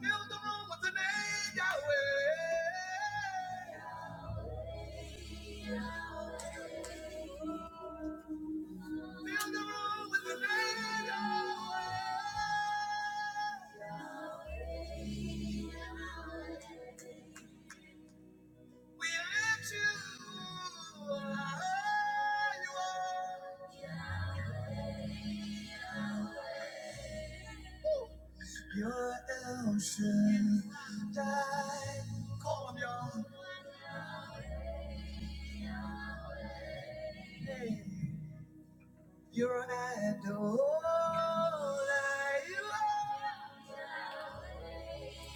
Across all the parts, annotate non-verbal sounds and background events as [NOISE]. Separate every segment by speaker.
Speaker 1: Fill the room with the name Yahweh. Fill the room with the name Yahweh. We lift you high. You are El Shaddai. Call him your name. You're Adonai. You are.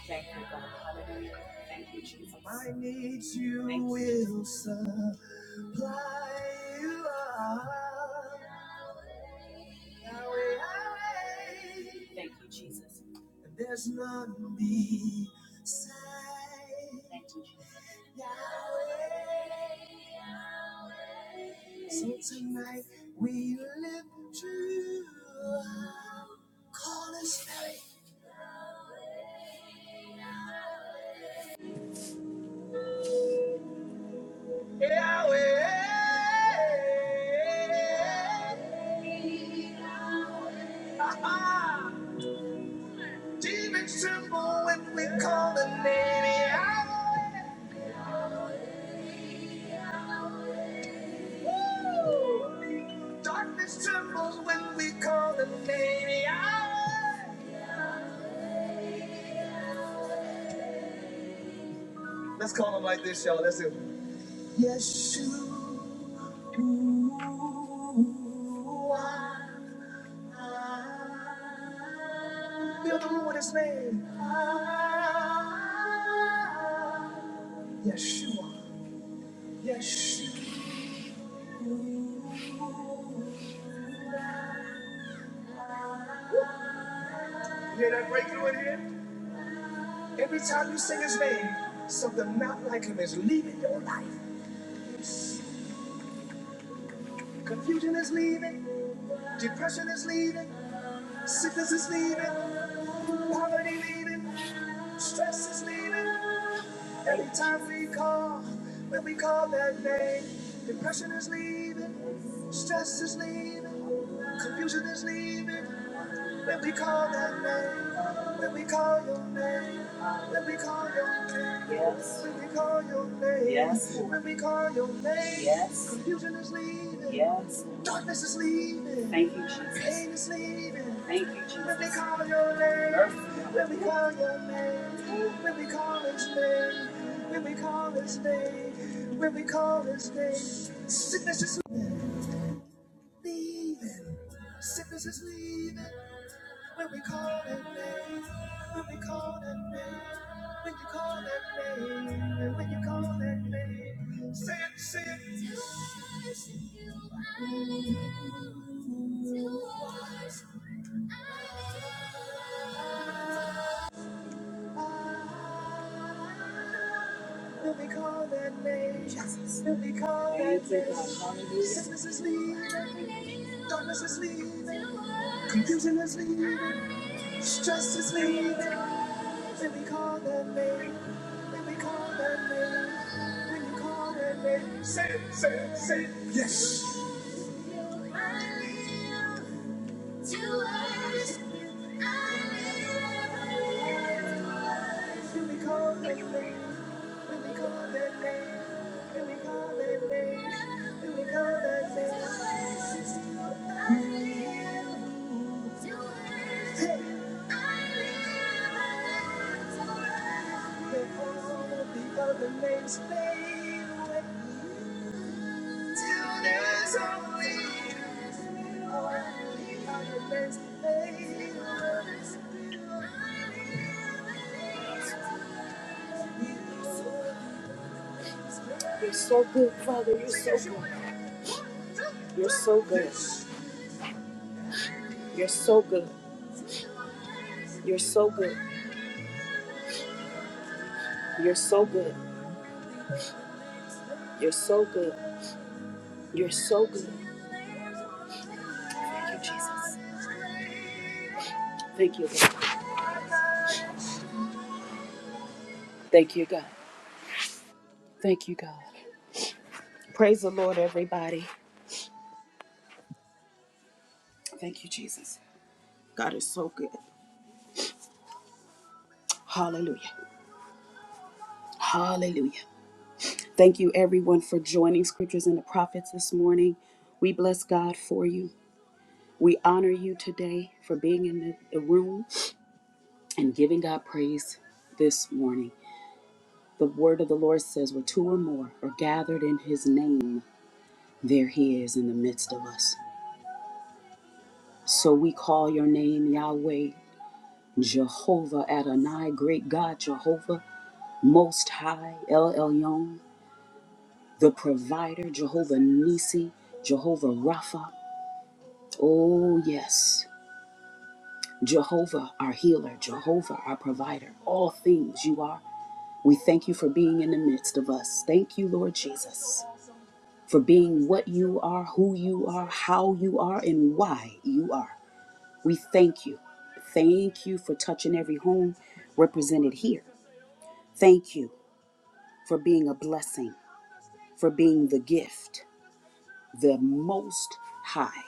Speaker 1: Thank you, God. Hallelujah. Thank you, Jesus. My needs you Thank you. will Jesus. supply. You are Yahweh, Yahweh. Thank you, Jesus. And there's none beside. Thank you, Jesus. Yahweh. So tonight we live true. Call us Yahweh. Deep and simple when we call the name Yahweh. Darkness trembles when we call the name Yahweh. Let's call him like this, y'all. Let's do it. Yeshua. Fill the room with his name. Yeshua. Yeshua. Hear that breakthrough in here? Every time you sing his name, something not like him is leaving your life. Confusion is leaving, depression is leaving, sickness is leaving, poverty leaving, stress is leaving. Every time we call, when we call that name, depression is leaving, stress is leaving, confusion is leaving, When we call that name, when we call your name, when we call your name, yes. when we call your name, yes. when we call your name, yes. confusion is leaving, yes. darkness is leaving, thank you, Jesus. pain is leaving, thank you, Jesus. When we call your name, Mercy. when we call your name, when we call his name, when we call his name, when we call his name, sickness is leaving, sickness is leaving. When we call that name, when we call that name, when you call that name, and when you call that name, say it, say it. To worship, I live to worship. When we call that name, Jesus. When we call that name, sickness is leaving, darkness is leaving, confusion is leaving, stress is leaving, When we call that name, when we call that name, when you call that name, say it, say it, say it. Yes. I live to worship you. I live When we call that name, when we call that name, when we call that name, when we call that name. to worship you. I live the names fade away till there's only you. The names fade away. You're so good, Father. You're so good. You're so good. You're so good. You're so good. You're so good. You're so good. You're so good. Thank you, Jesus. Thank you, God. Thank you, God. Thank you, God. Praise the Lord, everybody. Thank you, Jesus. God is so good. Hallelujah. Hallelujah. Thank you, everyone, for joining Scriptures and the Prophets this morning. We bless God for you. We honor you today for being in the the room and giving God praise this morning. The word of the Lord says, Where two or more are gathered in his name, there he is in the midst of us. So we call your name Yahweh, Jehovah Adonai, great God, Jehovah, Most High, El Elyon, the provider, Jehovah Nisi, Jehovah Rapha. Oh, yes, Jehovah, our healer, Jehovah, our provider. All things you are. We thank you for being in the midst of us. Thank you, Lord Jesus, for being what you are, who you are, how you are, and why you are. We thank you. Thank you for touching every home represented here. Thank you for being a blessing, for being the gift, the most high,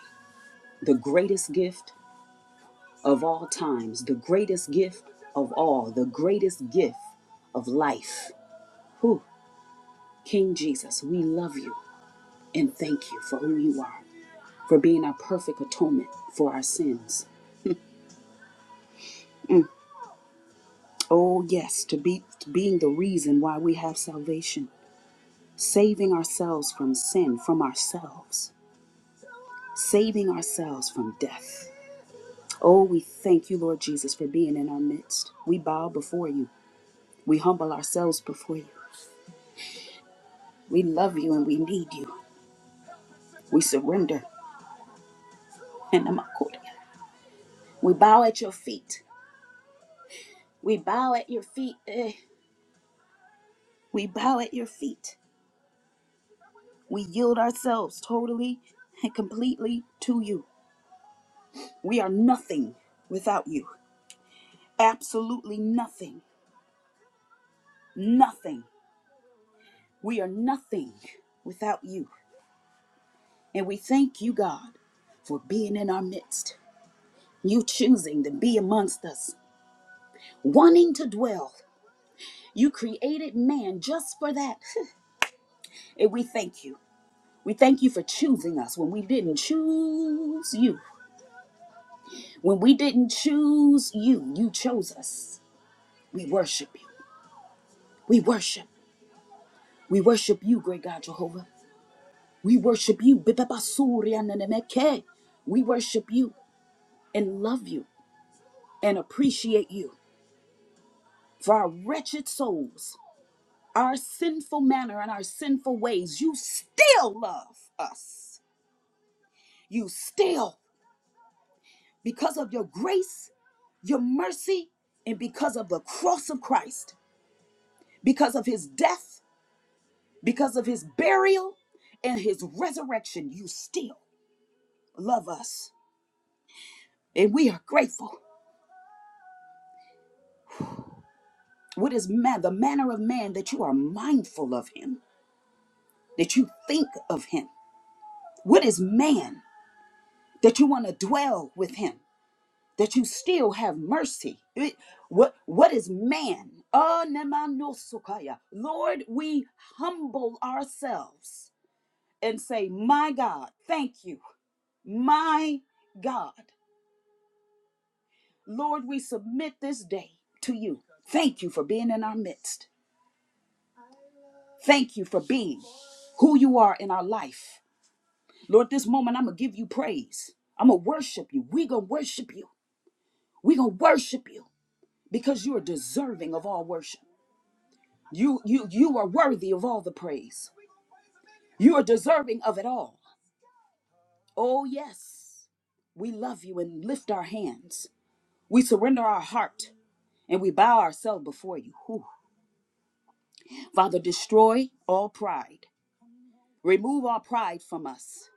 Speaker 1: the greatest gift of all times, the greatest gift of all, the greatest gift of life. Who? King Jesus, we love you and thank you for who you are, for being our perfect atonement for our sins. Oh, yes, to be to being the reason why we have salvation. saving ourselves from sin, from ourselves, saving ourselves from death. Oh, we thank you, Lord Jesus, for being in our midst. We bow before you. We humble ourselves before you. We love you and we need you. We surrender. And Namakodia. We bow at your feet. We bow at your feet. Eh. We bow at your feet. We yield ourselves totally and completely to you. We are nothing without you. Absolutely nothing. Nothing. We are nothing without you. And we thank you, God, for being in our midst, you choosing to be amongst us, wanting to dwell. You created man just for that. And we thank you. We thank you for choosing us when we didn't choose you. When we didn't choose you, you chose us. We worship you. We worship. We worship you, great God Jehovah. We worship you. Bibabasurianenemeke. We worship you and love you. and appreciate you for our wretched souls, our sinful manner, and our sinful ways. You still love us. You still, because of your grace, your mercy, and because of the cross of Christ, because of his death, because of his burial, and his resurrection, you still love us. And we are grateful. What is man, the manner of man that you are mindful of him, that you think of him? What is man that you want to dwell with him, that you still have mercy. It- What, what is man? Ah, nemanosukaya. Lord, we humble ourselves and say, My God, thank you. My God. Lord, we submit this day to you. Thank you for being in our midst. Thank you for being who you are in our life. Lord, this moment I'm going to give you praise. I'm going to worship you. we going to worship you. we going to worship you. because you are deserving of all worship. You you you are worthy of all the praise. You are deserving of it all. Oh yes. We love you and lift our hands. We surrender our heart and we bow ourselves before you. Whew. Father, destroy all pride. Remove all pride from us,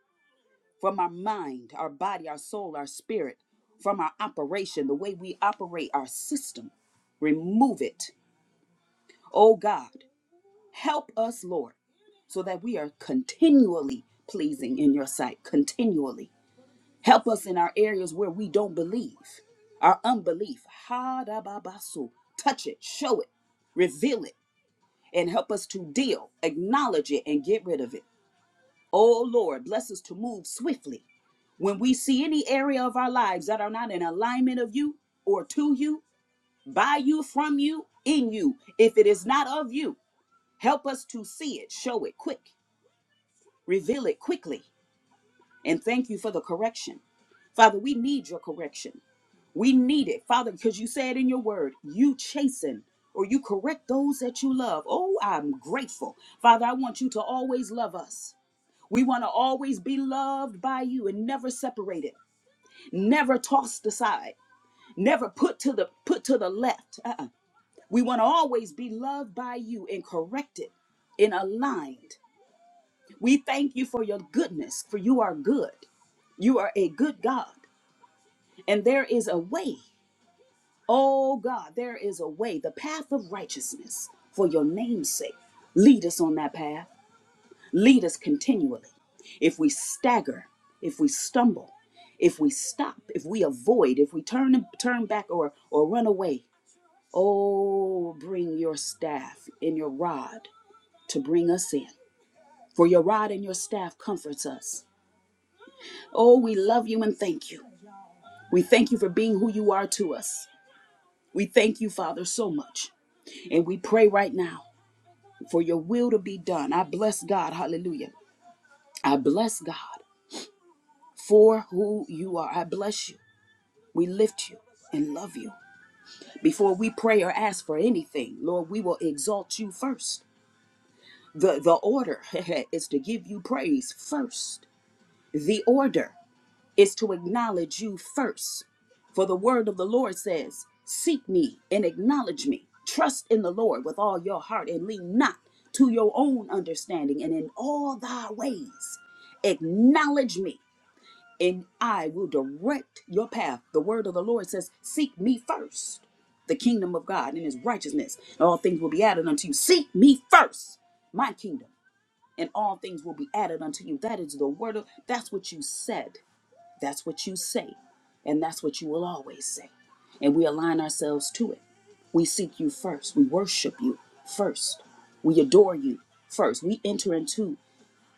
Speaker 1: from our mind, our body, our soul, our spirit, from our operation, the way we operate our system. Remove it. Oh God, help us, Lord. so that we are continually pleasing in your sight, continually. Help us in our areas where we don't believe, our unbelief. Ha da ba ba su. Touch it, show it, reveal it, and help us to deal, acknowledge it, and get rid of it. Oh Lord, bless us to move swiftly. When we see any area of our lives that are not in alignment of you or to you, by you, from you, in you, if it is not of you, help us to see it, show it quick, reveal it quickly And thank you for the correction. Father, we need your correction. We need it, Father, because you said in your word, you chasten or you correct those that you love. Oh, I'm grateful. Father, I want you to always love us. We want to always be loved by you and never separated, never tossed aside, never put to the put to the left. Uh-uh. We want to always be loved by you and corrected and aligned. We thank you for your goodness, for you are good. You are a good God. And there is a way. Oh God, there is a way, the path of righteousness for your name's sake. Lead us on that path. Lead us continually. If we stagger, if we stumble, if we stop, if we avoid, if we turn turn back or or run away, oh bring your staff and your rod to bring us in. For your rod and your staff comforts us. Oh, we love you and thank you. We thank you for being who you are to us. We thank you, Father, so much. And we pray right now for your will to be done. I bless God. Hallelujah. I bless God for who you are. I bless you. We lift you and love you. Before we pray or ask for anything, Lord, we will exalt you first. The, the order [LAUGHS] is to give you praise first. The order. is to acknowledge you first. For the word of the Lord says, Seek me and acknowledge me. Trust in the Lord with all your heart and lean not to your own understanding. And in all thy ways, acknowledge me, and I will direct your path. The word of the Lord says, Seek me first, the kingdom of God and his righteousness. and All things will be added unto you. Seek me first, my kingdom, and all things will be added unto you. That is the word of that's what you said that's what you say, and that's what you will always say. And we align ourselves to it. We seek you first. We worship you first. We adore you first. We enter into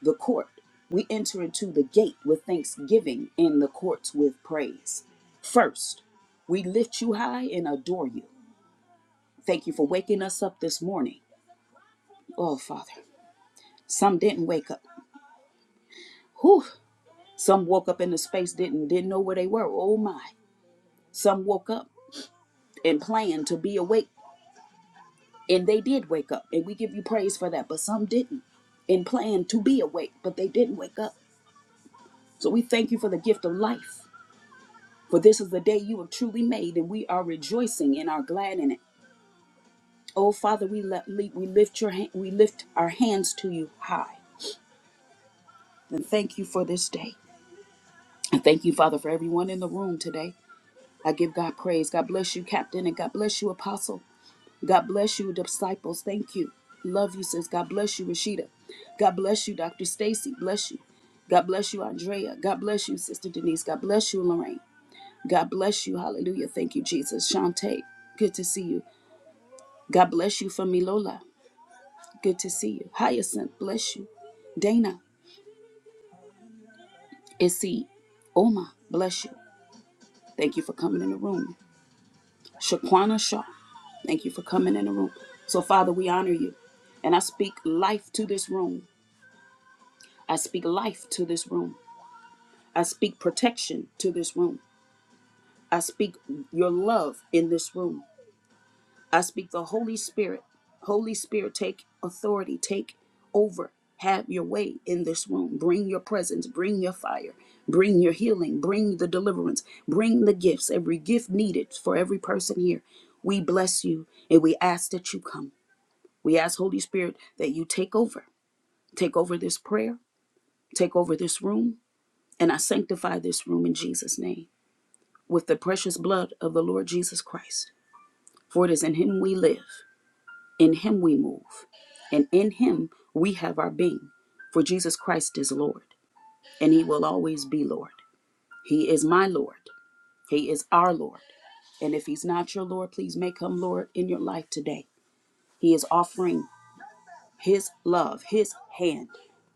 Speaker 1: the court. We enter into the gate with thanksgiving in the courts with praise. First, we lift you high and adore you. Thank you for waking us up this morning. Oh, Father, some didn't wake up. Whew. Some woke up in the space didn't didn't know where they were. Oh my. Some woke up and planned to be awake And they did wake up, and we give you praise for that, but some didn't and planned to be awake, but they didn't wake up. So we thank you for the gift of life, for this is the day you have truly made, and we are rejoicing and are glad in it. Oh Father, we let, we we lift your hand, we lift our hands to you high, and thank you for this day. And thank you, Father, for everyone in the room today. I give God praise. God bless you, Captain, and God bless you, Apostle. God bless you, disciples. Thank you. Love you, sis. God bless you, Rashida. God bless you, Dr. Stacy. Bless you. God bless you, Andrea. God bless you, Sister Denise. God bless you, Lorraine. God bless you. Hallelujah. Thank you, Jesus. Shantae, good to see you. God bless you from Milola. Good to see you. Hyacinth, bless you. Dana, Issy, Oma, bless you. Thank you for coming in the room. Shaquana Shaw, thank you for coming in the room. So, Father, we honor you. And I speak life to this room. I speak life to this room. I speak protection to this room. I speak your love in this room. I speak the Holy Spirit. Holy Spirit, take authority, take over, have your way in this room. Bring your presence, bring your fire, bring your healing, bring the deliverance, bring the gifts, every gift needed for every person here. We bless you and we ask that you come. We ask, Holy Spirit, that you take over. Take over this prayer, take over this room, And I sanctify this room in Jesus' name with the precious blood of the Lord Jesus Christ. For it is in him we live, in him we move, and in him we have our being. For Jesus Christ is Lord, and he will always be Lord. He is my Lord, he is our Lord. And if he's not your Lord, please make him Lord in your life today. He is offering his love, his hand,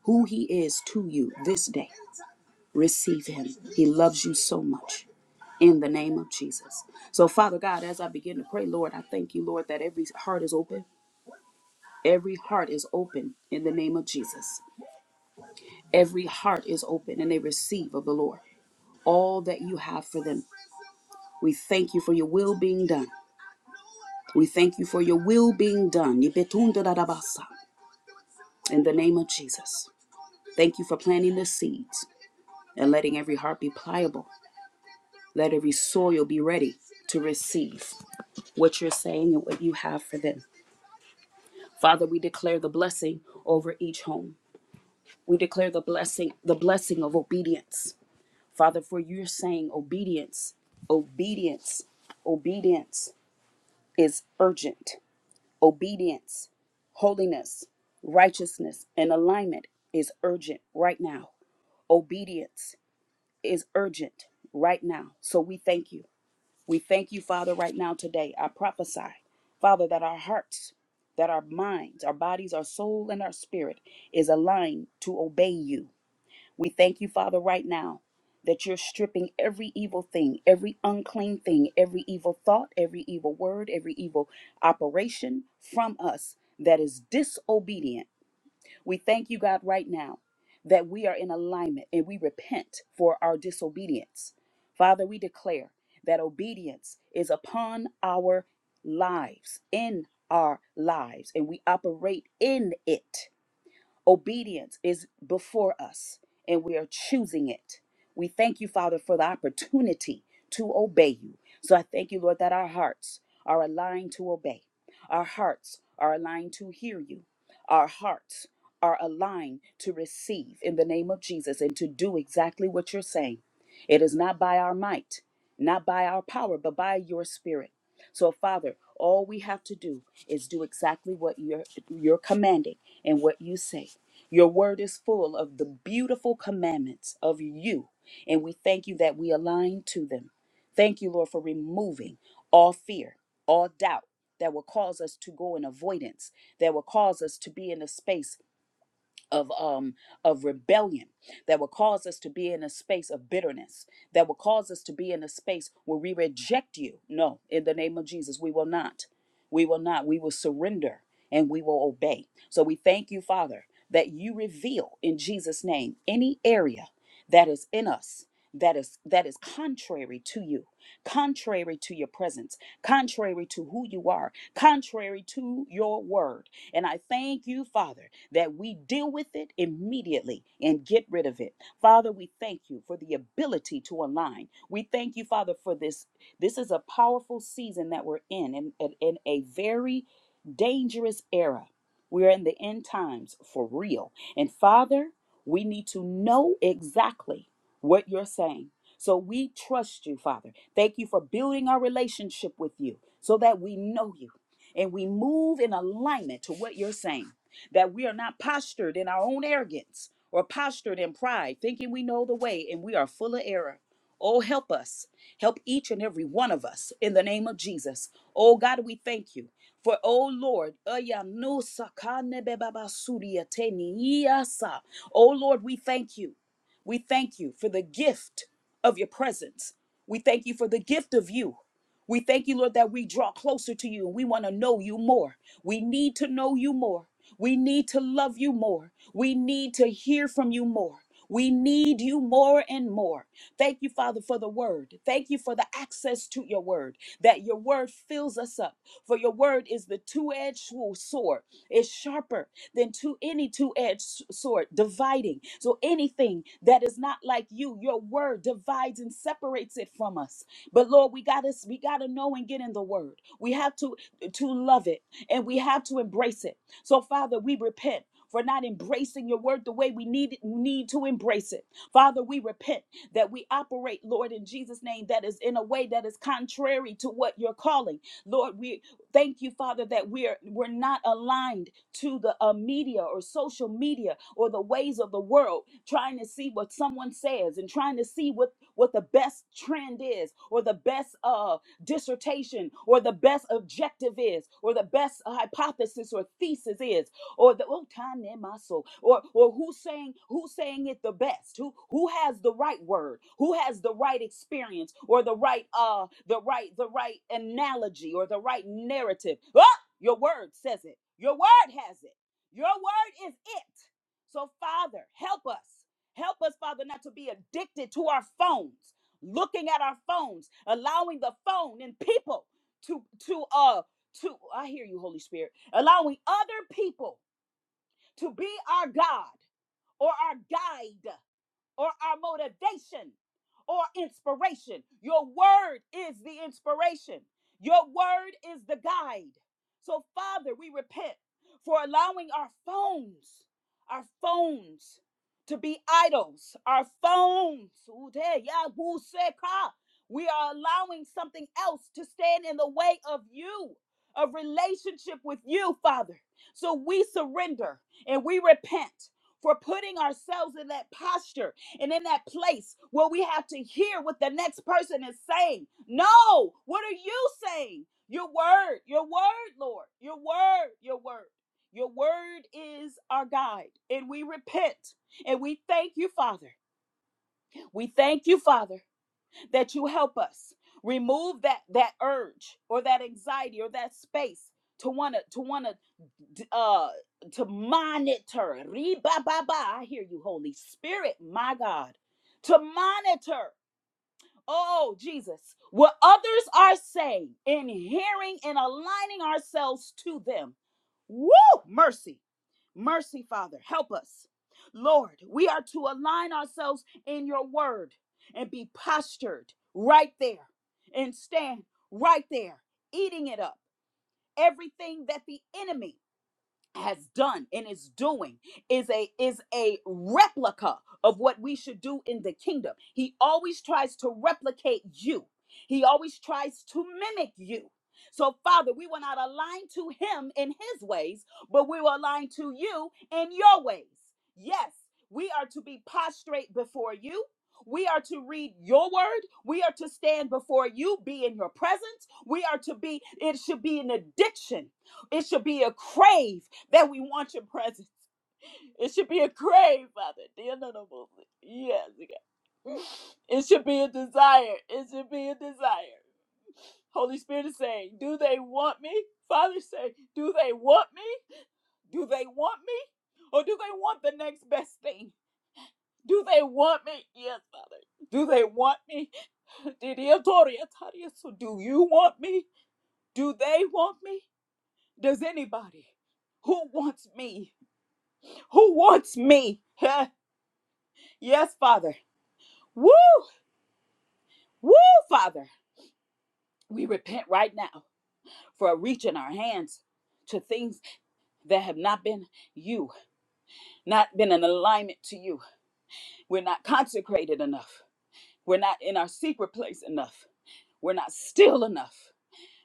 Speaker 1: who he is to you this day. Receive him. He loves you so much. in the name of Jesus. So, Father God, as I begin to pray, Lord, I thank you, Lord, that every heart is open. Every heart is open in the name of Jesus. Every heart is open and they receive of the Lord all that you have for them. We thank you for your will being done. We thank you for your will being done. Yipetundadadabasa, In the name of Jesus. Thank you for planting the seeds and letting every heart be pliable. Let every soil be ready to receive what you're saying and what you have for them. Father, we declare the blessing over each home. We declare the blessing, the blessing of obedience. Father, for you're saying obedience, obedience, obedience is urgent. Obedience, holiness, righteousness, and alignment is urgent right now. Obedience is urgent right now. So we thank you. We thank you, Father, right now today. I prophesy, Father, that our hearts, that our minds, our bodies, our soul, and our spirit is aligned to obey you. We thank you, Father, right now that you're stripping every evil thing, every unclean thing, every evil thought, every evil word, every evil operation from us that is disobedient we thank you, God, right now that we are in alignment and we repent for our disobedience. Father, we declare that obedience is upon our lives, in our lives, and we operate in it. Obedience is before us, and we are choosing it. We thank you, Father, for the opportunity to obey you. So I thank you, Lord, that our hearts are aligned to obey. Our hearts are aligned to hear you. Our hearts are aligned to receive in the name of Jesus and to do exactly what you're saying. It is not by our might, not by our power, but by your spirit. So, Father, all we have to do is do exactly what you're, you're commanding and what you say. Your word is full of the beautiful commandments of you, and we thank you that we align to them. Thank you, Lord, for removing all fear, all doubt that will cause us to go in avoidance, that will cause us to be in a space of um of rebellion that will cause us to be in a space of bitterness that will cause us to be in a space where we reject you no in the name of Jesus we will not we will not we will surrender and we will obey so we thank you father that you reveal in Jesus name any area that is in us that is that is contrary to you contrary to your presence contrary to who you are contrary to your word and i thank you father that we deal with it immediately and get rid of it. Father, we thank you for the ability to align. We thank you, Father, for this. This is a powerful season that we're in, and in, in a very dangerous era. We're in the end times for real. And Father, we need to know exactly what you're saying. So we trust you, Father. Thank you for building our relationship with you so that we know you and we move in alignment to what you're saying that we are not postured in our own arrogance or postured in pride, thinking we know the way and we are full of error. Oh, help us. Help each and every one of us in the name of Jesus. Oh, God, we thank you. For, oh Lord, oh Lord, we thank you. We thank you for the gift of your presence. We thank you for the gift of you. We thank you, Lord, that we draw closer to you. We want to know you more. We need to know you more. We need to love you more. We need to hear from you more. We need you more and more. Thank you, Father, for the word. Thank you for the access to your word, that your word fills us up. For your word is the two edged sword, it's sharper than to any two edged sword, dividing. So anything that is not like you, your word divides and separates it from us. But Lord, we gotta we gotta know and get in the word. We have to to love it and we have to embrace it. So Father, we repent. For not embracing your word the way we need need to embrace it. Father, we repent that we operate, Lord, in Jesus' name, that is in a way that is contrary to what you're calling. Lord, we thank you, Father, that we're we're not aligned to the uh, media or social media or the ways of the world, trying to see what someone says and trying to see what what the best trend is or the best uh, dissertation or the best objective is or the best hypothesis or thesis is or the oh, tanemaso, or or who's saying who's saying it the best who who has the right word who has the right experience or the right uh the right the right analogy or the right narrative oh, your word says it your word has it your word is it so father help us Help us, Father, not to be addicted to our phones, looking at our phones, allowing the phone and people to to uh to I hear you, Holy Spirit, allowing other people to be our God or our guide or our motivation or inspiration. Your word is the inspiration, your word is the guide. So, Father, we repent for allowing our phones, our phones to be idols, our phones. yeah, We are allowing something else to stand in the way of you, of relationship with you, Father. So we surrender and we repent for putting ourselves in that posture and in that place where we have to hear what the next person is saying. No, what are you saying? Your word, your word, Lord, your word, your word. Your word is our guide, and we repent and we thank you, Father. We thank you, Father, that you help us remove that that urge or that anxiety or that space to want to to want to uh to monitor. Re-ba-ba-ba. I hear you, Holy Spirit, my God. To monitor. Oh, Jesus, what others are saying and hearing and aligning ourselves to them. Woo! Mercy. Mercy, Father. Help us. Lord, we are to align ourselves in your word and be postured right there and stand right there, eating it up. Everything that the enemy has done and is doing is a is a replica of what we should do in the kingdom. He always tries to replicate you. He always tries to mimic you. So Father, we will not align to him in his ways, but we will align to you in your ways. Yes, we are to be prostrate before you. We are to read your word. We are to stand before you, be in your presence. We are to be, it should be an addiction it should be a crave that we want your presence. It should be a crave, Father. dear Lord of hosts. Yes, God. [SNIFFS] It should be a desire. It should be a desire. Holy Spirit is saying, Do they want me? Father say, Do they want me? Do they want me? Or do they want the next best thing? Do they want me? Yes, Father. Do they want me? [LAUGHS] Did you authority- authority, So do you want me? Do they want me? Does anybody? Who wants me? Who wants me? [LAUGHS] Huh? yes, Father. Woo! Woo, Father. We repent right now for reaching our hands to things that have not been you, not been in alignment to you. We're not consecrated enough. We're not in our secret place enough. We're not still enough.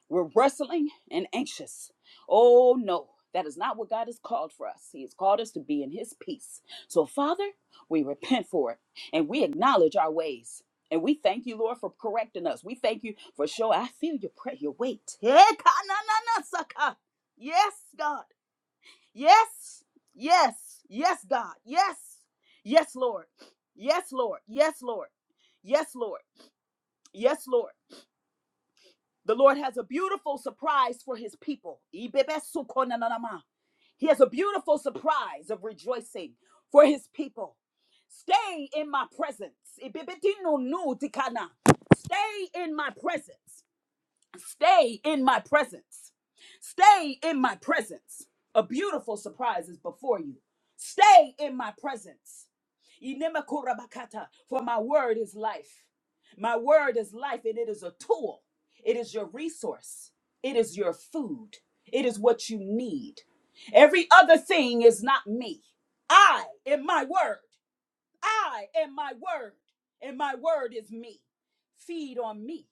Speaker 1: We're wrestling and anxious. Oh no, that is not what God has called for us. He has called us to be in His peace. So, Father, we repent for it and we acknowledge our ways. And we thank you, Lord, for correcting us. We thank you for sure. I feel your prayer, your weight. Hey, na- na- na- saka. Yes, God. Yes, yes, yes, God. Yes, yes, Lord. Yes, Lord. Yes, Lord. Yes, Lord. Yes, Lord. The Lord has a beautiful surprise for his people. Ibebesukonananama. He has a beautiful surprise of rejoicing for his people. Stay in my presence. Ibebedinonu dikana. Stay in my presence. Stay in my presence. Stay in my presence. A beautiful surprise is before you. Stay in my presence. Inemakorabakata, For my word is life. My word is life, and it is a tool. It is your resource. It is your food. It is what you need. Every other thing is not me. I am my word. I am my word, and my word is me. Feed on me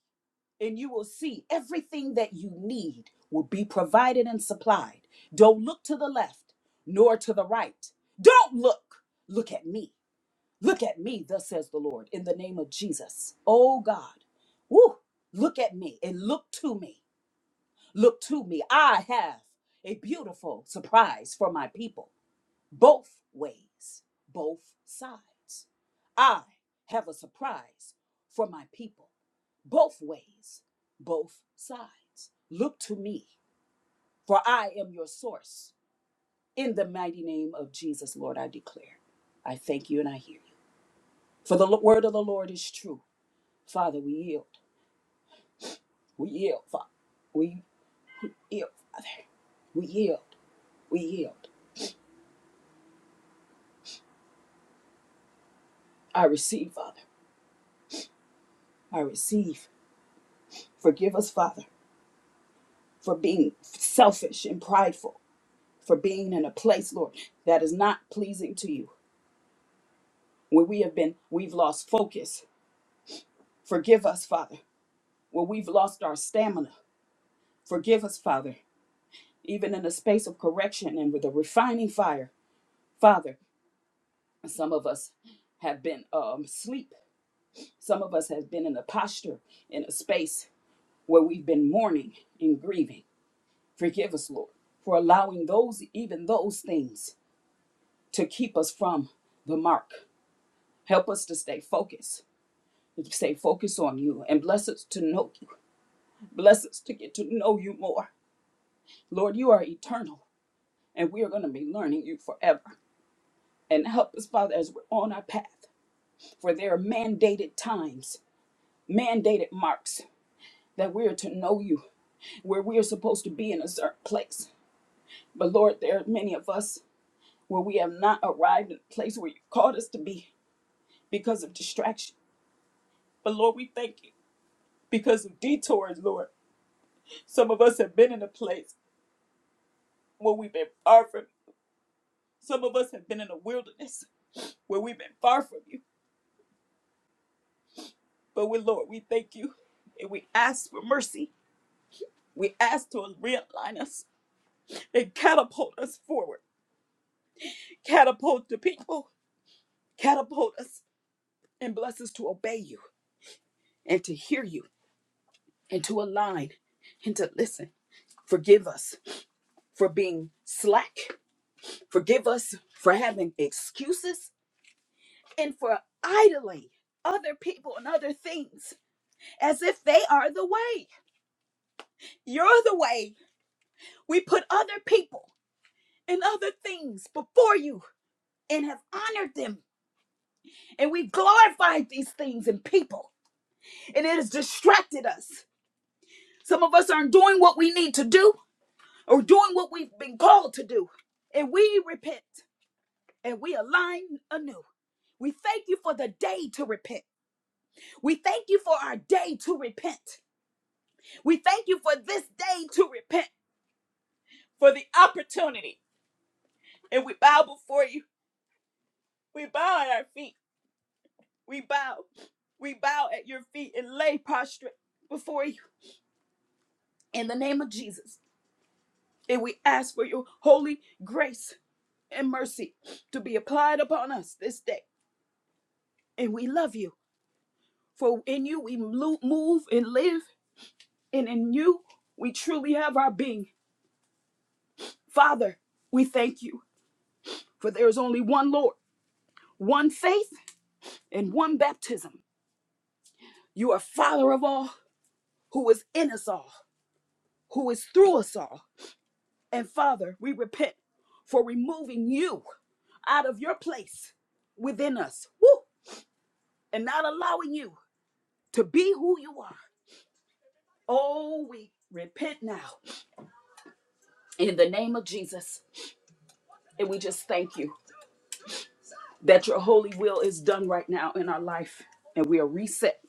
Speaker 1: and you will see everything that you need will be provided and supplied. Don't look to the left nor to the right. Don't look. Look at me. Look at me, thus says the Lord, in the name of Jesus. Oh God. Woo! Look at me and look to me. Look to me. I have a beautiful surprise for my people. Both ways, both sides. I have a surprise for my people both ways, both sides. Look to me, for I am your source. In the mighty name of Jesus, Lord, I declare. I thank you and I hear you. For the lo- word of the Lord is true. Father, we yield. We yield, Father. We yield, Father. We yield. We yield. I receive, Father. I receive. Forgive us, Father, for being selfish and prideful, for being in a place, Lord, that is not pleasing to you. When we have been, we've lost focus Forgive us, Father, where we've lost our stamina. Forgive us, Father, even in the space of correction and with the refining fire. Father, some of us have been um, asleep. Some of us have been in a posture, in a space where we've been mourning and grieving. Forgive us, Lord, for allowing those, even those things, to keep us from the mark. Help us to stay focused, to stay focused on you, and bless us to know you. Bless us to get to know you more. Lord, you are eternal. and we are going to be learning you forever. And help us, Father, as we're on our path. For there are mandated times, mandated marks that we are to know you, where we are supposed to be in a certain place. But Lord, there are many of us where we have not arrived in the place where you called us to be because of distraction. But Lord, we thank you because of detours, Lord. Some of us have been in a place where we've been far from you. Some of us have been in a wilderness where we've been far from you. But we, Lord, we thank you and we ask for mercy. We ask to realign us and catapult us forward, catapult the people, catapult us, and bless us to obey you and to hear you and to align and to listen. Forgive us for being slack. Forgive us for having excuses and for idling other people and other things as if they are the way. You're the way. We put other people and other things before you and have honored them. And we've glorified these things and people. And it has distracted us. Some of us aren't doing what we need to do or doing what we've been called to do. And we repent and we align anew. We thank you for the day to repent. We thank you for our day to repent. We thank you for this day to repent, for the opportunity. And we bow before you. We bow at our feet. We bow. We bow at your feet and lay prostrate before you in the name of Jesus. And we ask for your holy grace and mercy to be applied upon us this day. And we love you, for in you we lo- move and live, and in you we truly have our being. Father, we thank you, for there is only one Lord, one faith, and one baptism. You are Father of all, who is in us all, who is through us all. And Father, we repent for removing you out of your place within us. Woo! and not allowing you to be who you are. Oh, we repent now in the name of Jesus. And we just thank you that your holy will is done right now in our life and we are reset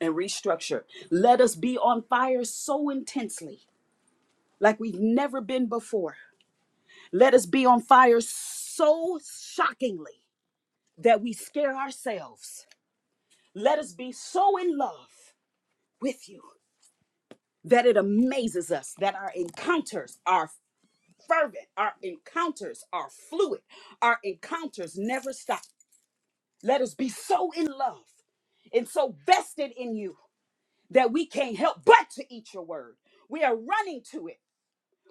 Speaker 1: and restructured. Let us be on fire so intensely like we've never been before. Let us be on fire so shockingly that we scare ourselves. Let us be so in love with you that it amazes us that our encounters are fervent. Our encounters are fluid. Our encounters never stop. Let us be so in love and so vested in you that we can't help but to eat your word. We are running to it.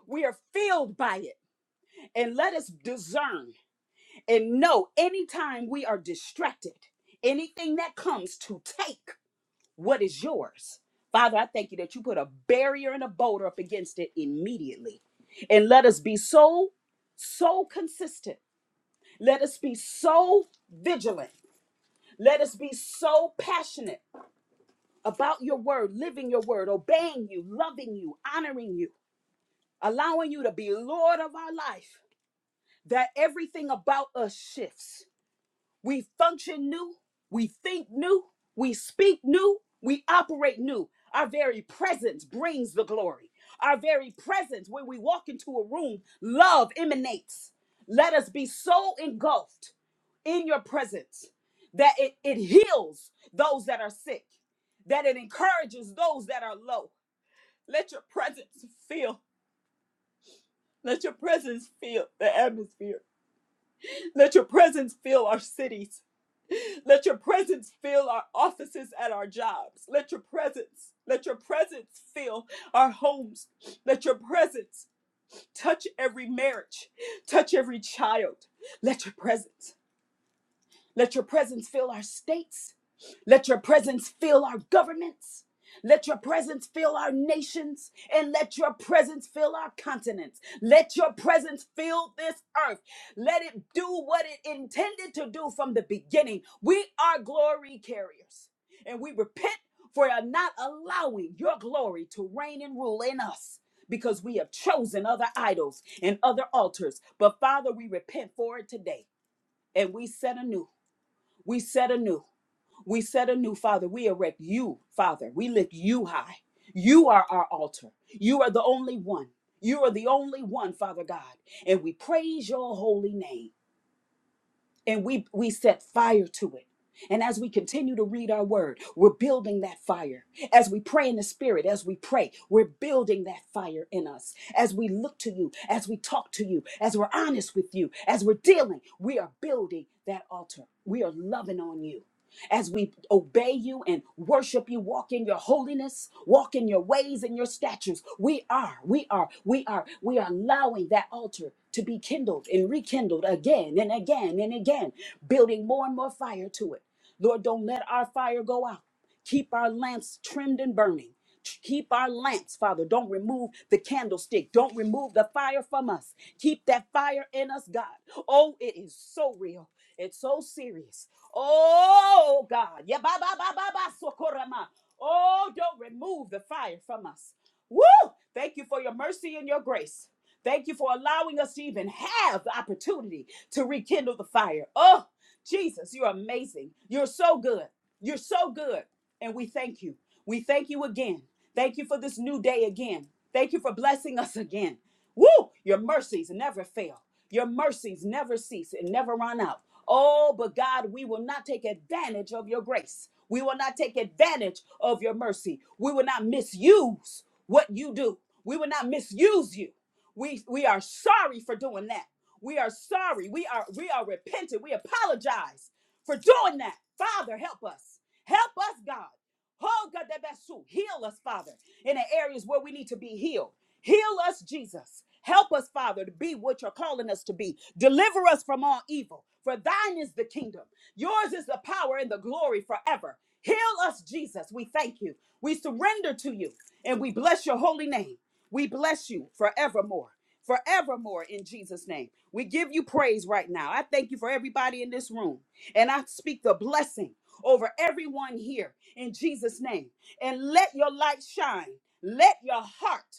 Speaker 1: We are filled by it. And let us discern and know anytime we are distracted, anything that comes to take what is yours. Father, I thank you that you put a barrier and a boulder up against it immediately. And let us be so, so consistent Let us be so vigilant. Let us be so passionate about your word, living your word, obeying you, loving you, honoring you, allowing you to be Lord of our life, that everything about us shifts. We function new, we think new, we speak new, we operate new. Our very presence brings the glory. Our very presence, when we walk into a room, love emanates. Let us be so engulfed in your presence, that it, it heals those that are sick, that it encourages those that are low. Let your presence fill. Let your presence fill the atmosphere. Let your presence fill our cities. Let your presence fill our offices at our jobs. Let your presence, let your presence fill our homes. Let your presence touch every marriage, touch every child. Let your presence. Let your presence fill our states. Let your presence fill our governments. Let your presence fill our nations and let your presence fill our continents. Let your presence fill this earth. Let it do what it intended to do from the beginning. We are glory carriers and we repent for not allowing your glory to reign and rule in us because we have chosen other idols and other altars. But Father, we repent for it today and we set anew. We set anew. We set anew, Father. We erect you, Father. We lift you high. You are our altar. You are the only one. You are the only one, Father God. And we praise your holy name. And we, we set fire to it. And as we continue to read our word, we're building that fire. As we pray in the spirit, as we pray, we're building that fire in us. As we look to you, as we talk to you, as we're honest with you, as we're dealing, we are building that altar. We are loving on you as we obey you and worship you, walk in your holiness, walk in your ways and your statutes. We are, we are, we are, we are allowing that altar to be kindled and rekindled again and again and again, building more and more fire to it. Lord, don't let our fire go out. Keep our lamps trimmed and burning. Keep our lamps, Father. Don't remove the candlestick. Don't remove the fire from us. Keep that fire in us, God. Oh, it is so real. It's so serious. Oh God. Yeah, ba ba ba ba ba socorama. Oh, don't remove the fire from us. Woo! Thank you for your mercy and your grace. Thank you for allowing us to even have the opportunity to rekindle the fire. Oh, Jesus, you're amazing. You're so good. You're so good. And we thank you. We thank you again. Thank you for this new day again. Thank you for blessing us again. Woo! Your mercies never fail. Your mercies never cease and never run out. Oh, but God, we will not take advantage of your grace. We will not take advantage of your mercy. We will not misuse what you do. We will not misuse you. We we are sorry for doing that. We are sorry. We are we are repentant. We apologize for doing that. Father, help us. Help us, God. Oh, God, that best suit. Heal us, Father, in the areas where we need to be healed. Heal us, Jesus. Help us, Father, to be what you're calling us to be. Deliver us from all evil. For thine is the kingdom. Yours is the power and the glory forever. Heal us, Jesus. We thank you. We surrender to you and we bless your holy name. We bless you forevermore forevermore in Jesus' name. We give you praise right now. I thank you for everybody in this room. And I speak the blessing over everyone here in Jesus' name. And let your light shine. Let your heart,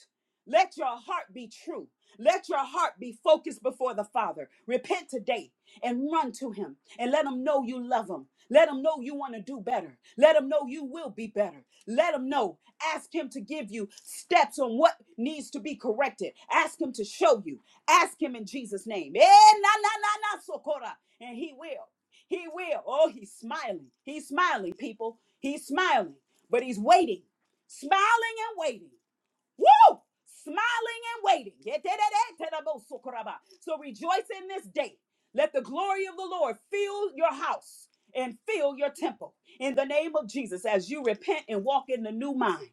Speaker 1: let your heart be true. Let your heart be focused before the Father. Repent today and run to Him and let Him know you love Him. Let Him know you want to do better. Let Him know you will be better. Let Him know. Ask Him to give you steps on what needs to be corrected. Ask Him to show you. Ask Him in Jesus' name. Eh, na, na, na, na, sokora. And He will. He will. Oh, he's smiling. He's smiling, people. He's smiling, but he's waiting, smiling and waiting. Woo! Smiling and waiting. So rejoice in this day. Let the glory of the Lord fill your house and fill your temple in the name of Jesus as you repent and walk in the new mind.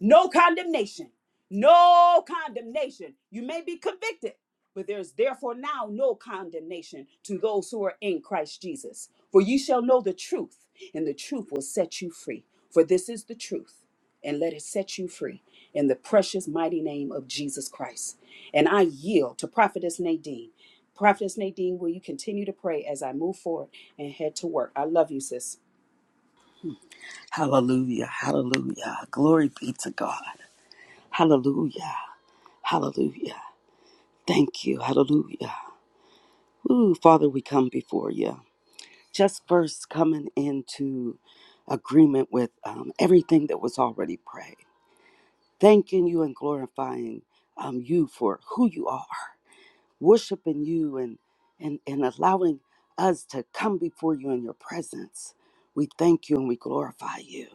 Speaker 1: No condemnation. No condemnation. You may be convicted, but there's therefore now no condemnation to those who are in Christ Jesus. For you shall know the truth, and the truth will set you free. For this is the truth and let it set you free in the precious mighty name of Jesus Christ. And I yield to Prophetess Nadine. Prophetess Nadine, will you continue to pray as I move forward and head to work? I love you, sis.
Speaker 2: Hallelujah. Hallelujah. Glory be to God. Hallelujah. Hallelujah. Thank you. Hallelujah. Ooh, Father, we come before you. Just first coming into agreement with um, everything that was already prayed, thanking you and glorifying um, you for who you are, worshiping you and, and, and allowing us to come before you in your presence. We thank you and we glorify you.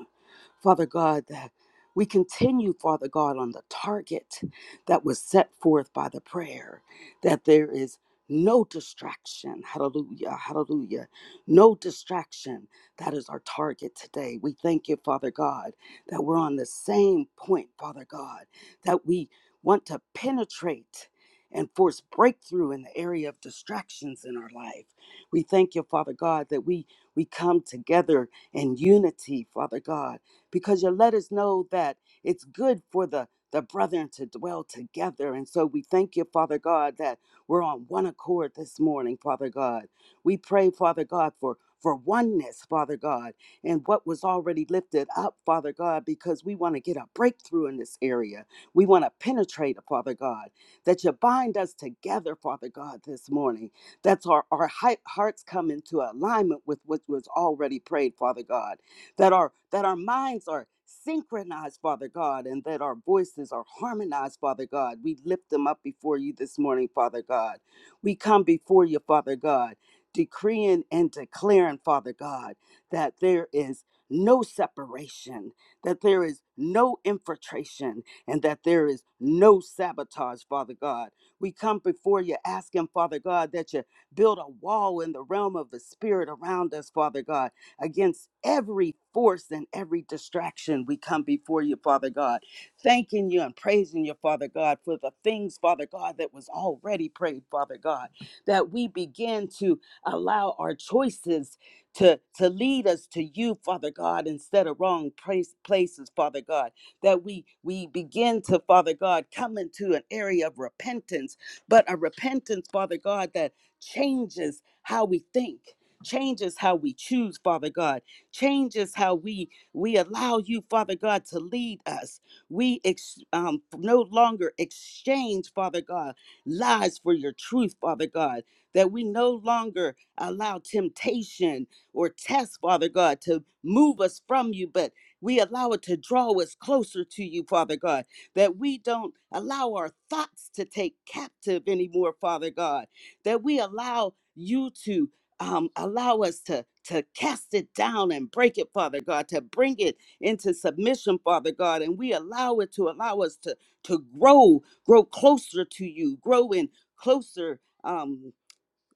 Speaker 2: Father God, that we continue, Father God, on the target that was set forth by the prayer, that there is no distraction. Hallelujah, hallelujah. No distraction. That is our target today. We thank you, Father God, that we're on the same point, Father God, that we want to penetrate and force breakthrough in the area of distractions in our life. We thank you, Father God, that we we come together in unity, Father God because you let us know that it's good for the the brethren to dwell together. And so we thank you, Father God, that we're on one accord this morning, Father God. We pray, Father God, for for oneness, Father God, and what was already lifted up, Father God, because we want to get a breakthrough in this area. We want to penetrate, Father God, that you bind us together, Father God, this morning. That's our, our hi- hearts come into alignment with what was already prayed, Father God that our that our minds are synchronized father god and that our voices are harmonized father god we lift them up before you this morning father god we come before you father god decreeing and declaring father god that there is no separation that there is no infiltration and that there is no sabotage father god we come before you asking father god that you build a wall in the realm of the spirit around us father god against every force and every distraction. We come before you, Father God, thanking you and praising you, Father God, for the things, Father God, that was already prayed, Father God, that we begin to allow our choices to, to lead us to you, Father God, instead of wrong place, places, Father God, that we, we begin to, Father God, come into an area of repentance, but a repentance, Father God, that changes how we think Changes how we choose, Father God. Changes how we we allow you, Father God, to lead us. We ex- um, no longer exchange, Father God, lies for your truth, Father God. That we no longer allow temptation or test, Father God, to move us from you, but we allow it to draw us closer to you, Father God that we don't allow our thoughts to take captive anymore, Father God, that we allow you to um, allow us to to cast it down and break it, Father God, to bring it into submission, Father God, and we allow it to allow us to to grow, grow closer to you, grow in closer. Um,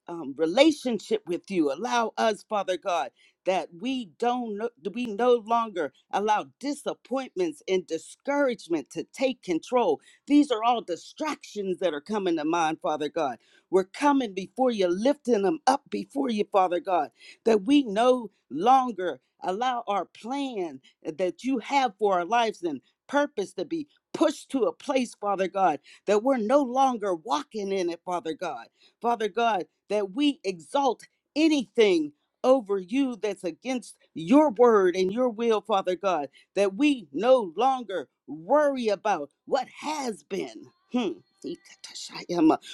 Speaker 2: um, relationship with you. Allow us, Father God, that we don't no- we no longer allow disappointments and discouragement to take control. These are all distractions that are coming to mind, Father God. We're coming before you, lifting them up before you, Father God, that we no longer allow our plan that you have for our lives and purpose to be pushed to a place, Father God, that we're no longer walking in it, Father God. Father God, that we exalt anything over you that's against your word and your will, Father God, that we no longer worry about what has been. Hmm.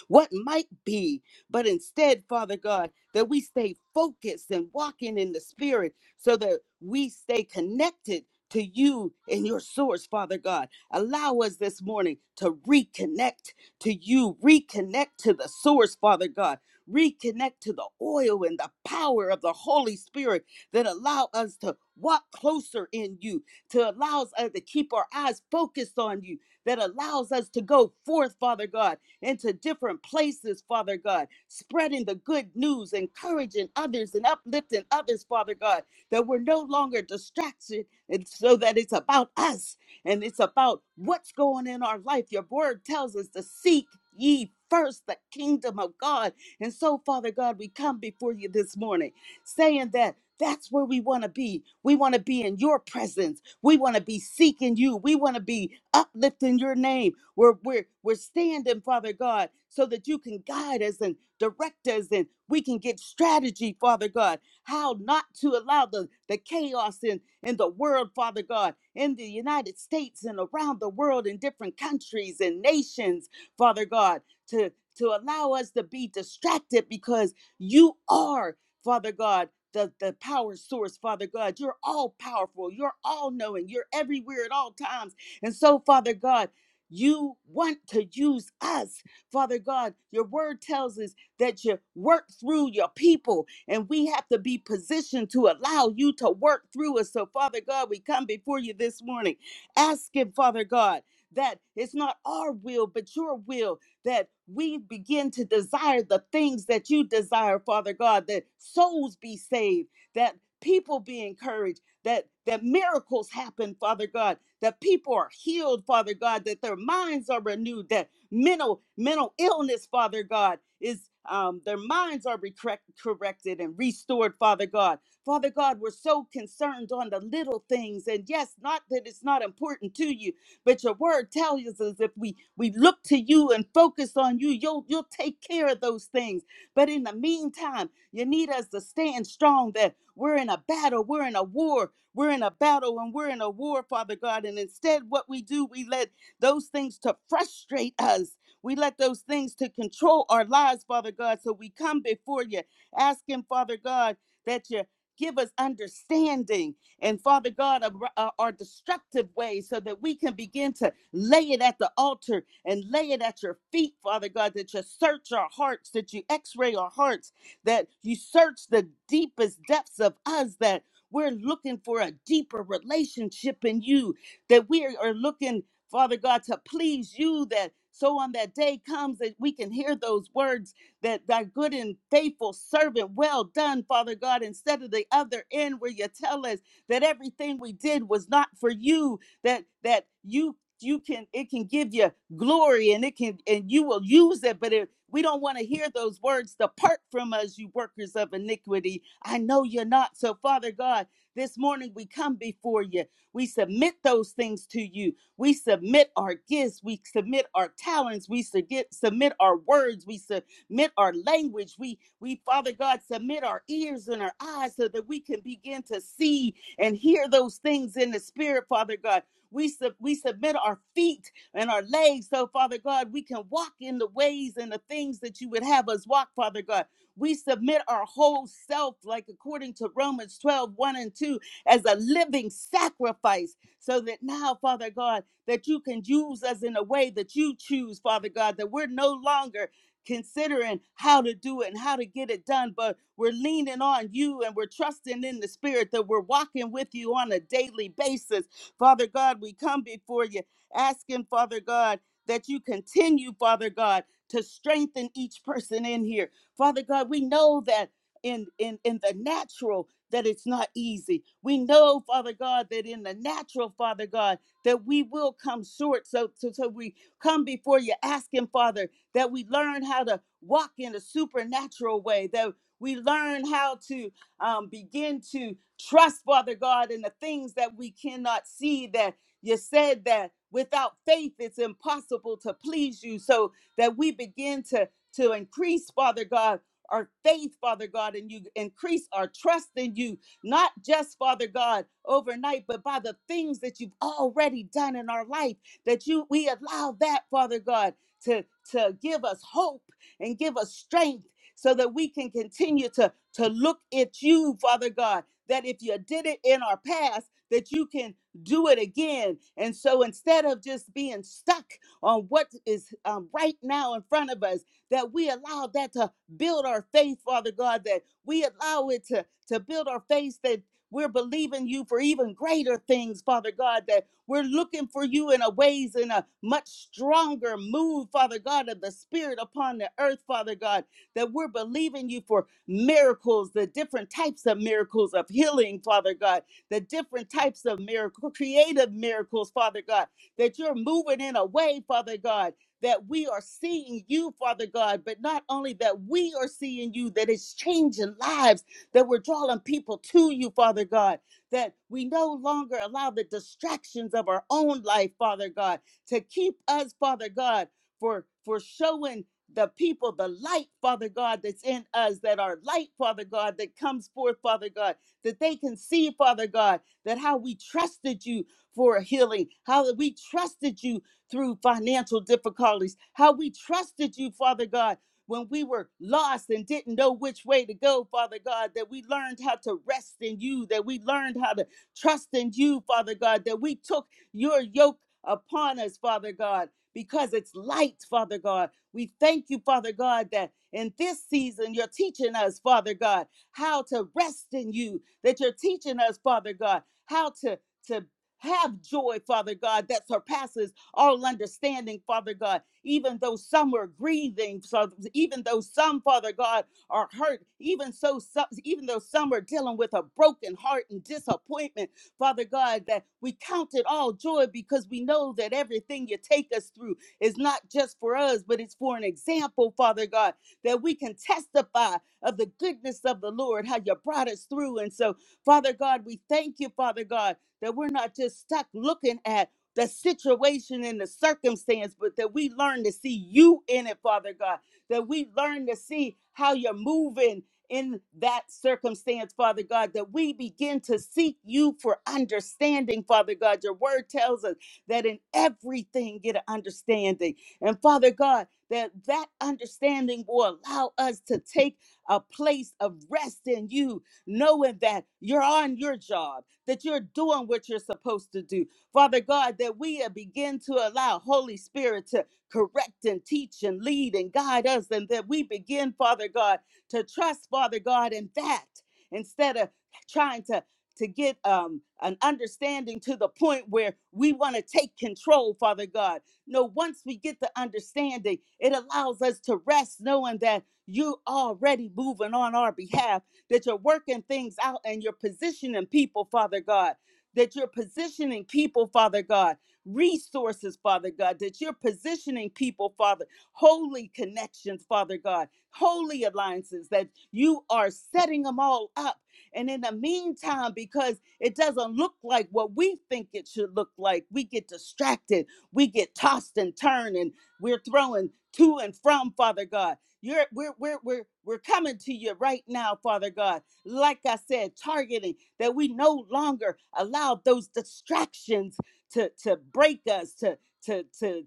Speaker 2: What might be, but instead, Father God, that we stay focused and walking in the Spirit so that we stay connected to you and your source, Father God. Allow us this morning to reconnect to you. Reconnect to the source, Father God. Reconnect to the oil and the power of the Holy Spirit that allow us to walk closer in you, to allows us uh, to keep our eyes focused on you, that allows us to go forth, Father God, into different places, Father God, spreading the good news, encouraging others and uplifting others, Father God, that we're no longer distracted and so that it's about us and it's about what's going in our life. Your word tells us to seek ye first the kingdom of God. And so, Father God, we come before you this morning saying that. That's where we want to be. We want to be in your presence. We want to be seeking you. We want to be uplifting your name. We're, we're, we're standing, Father God, so that you can guide us and direct us and we can get strategy, Father God how not to allow the, the chaos in, in the world, Father God, in the United States and around the world in different countries and nations, Father God, to, to allow us to be distracted because you are, Father God. The, the power source, Father God. You're all powerful. You're all knowing. You're everywhere at all times. And so, Father God, you want to use us, Father God. Your word tells us that you work through your people, and we have to be positioned to allow you to work through us. So, Father God, we come before you this morning asking, Father God, that it's not our will, but your will, that we begin to desire the things that you desire, Father God, that souls be saved, that people be encouraged, that that miracles happen, Father God, that people are healed, Father God, that their minds are renewed, that mental mental illness father god is um, their minds are recorrect, corrected and restored father god father god we're so concerned on the little things and yes not that it's not important to you but your word tells us if we we look to you and focus on you you'll you'll take care of those things but in the meantime you need us to stand strong that we're in a battle we're in a war we're in a battle and we're in a war father god and instead what we do we let those things to frustrate us. We let those things to control our lives, Father God. So we come before you asking, Father God, that you give us understanding and Father God, of uh, our destructive ways so that we can begin to lay it at the altar and lay it at your feet, Father God, that you search our hearts, that you x ray our hearts, that you search the deepest depths of us, that we're looking for a deeper relationship in you, that we are looking Father God, to please you that so on that day comes that we can hear those words that thy good and faithful servant, well done, Father God, instead of the other end where you tell us that everything we did was not for you, that that you you can it can give you glory and it can and you will use it, but it we don't want to hear those words, depart from us, you workers of iniquity. I know you're not. So, Father God, this morning we come before you. We submit those things to you. We submit our gifts, we submit our talents, we submit, our words, we submit our language, we, we, Father God, submit our ears and our eyes so that we can begin to see and hear those things in the spirit, Father God. We, sub, we submit our feet and our legs so, Father God, we can walk in the ways and the things that you would have us walk, Father God. We submit our whole self, like according to Romans twelve one and 2, as a living sacrifice, so that now, Father God, that you can use us in a way that you choose, Father God, that we're no longer considering how to do it and how to get it done, but we're leaning on you and we're trusting in the Spirit that we're walking with you on a daily basis. Father God, we come before you asking, Father God, that you continue, Father God, to strengthen each person in here. Father God, we know that in in in the natural that it's not easy. We know, Father God, that in the natural, Father God, that we will come short. So, so, so we come before you asking, Father, that we learn how to walk in a supernatural way, that we learn how to um, begin to trust, Father God, in the things that we cannot see, that you said that without faith it's impossible to please you, so that we begin to, to increase, Father God, our faith, Father God, and you increase our trust in you not just, Father God, overnight, but by the things that you've already done in our life, that you we allow that, Father God, to, to give us hope and give us strength so that we can continue to, to look at you, Father God, that if you did it in our past, that you can do it again. And so instead of just being stuck on what is um, right now in front of us, that we allow that to build our faith, Father God, that we allow it to to build our faith that we're believing you for even greater things, Father God, that we're looking for you in a ways in a much stronger move, Father God, of the Spirit upon the earth, Father God, that we're believing you for miracles, the different types of miracles of healing, Father God, the different types of miracle, creative miracles, Father God, that you're moving in a way, Father God, that we are seeing you, Father God, but not only that we are seeing you, that it's changing lives that we're drawing people to you, Father God, that we no longer allow the distractions of our own life, Father God, to keep us, Father God, for for showing the people the light, Father God, that's in us, that our light, Father God, that comes forth, Father God, that they can see, Father God, that how we trusted you for healing, how that we trusted you through financial difficulties, how we trusted you, Father God, when we were lost and didn't know which way to go, Father God, that we learned how to rest in you, that we learned how to trust in you, Father God, that we took your yoke upon us, Father God, because it's light, Father God. We thank you, Father God, that in this season you're teaching us, Father God, how to rest in you, that you're teaching us, Father God, how to, to have joy, Father God, that surpasses all understanding, Father God. Even though some are grieving, so even though some, Father God, are hurt, even so, so even though some are dealing with a broken heart and disappointment, Father God, that we count it all joy because we know that everything you take us through is not just for us, but it's for an example, Father God, that we can testify of the goodness of the Lord, how you brought us through. And so, Father God, we thank you, Father God, that we're not just stuck looking at the situation and the circumstance, but that we learn to see you in it, Father God, that we learn to see how you're moving in that circumstance, Father God, that we begin to seek you for understanding, Father God. Your word tells us that in everything get an understanding. And Father God, that that understanding will allow us to take a place of rest in you, knowing that you're on your job, that you're doing what you're supposed to do, Father God, that we uh, begin to allow Holy Spirit to correct and teach and lead and guide us, and that we begin, Father God, to trust, Father God, in that instead of trying to to get um, an understanding to the point where we want to take control, Father God. No, once we get the understanding, it allows us to rest knowing that you already moving on our behalf, that you're working things out and you're positioning people, Father God that you're positioning people, Father God, resources, Father God, that you're positioning people, Father, holy connections, Father God, holy alliances, that you are setting them all up. And in the meantime, because it doesn't look like what we think it should look like, we get distracted, we get tossed and turned, and we're throwing to and from, Father God. You're, we're, we're, we're, we're coming to you right now, Father God like I said, targeting, that we no longer allow those distractions to, to break us, to, to, to,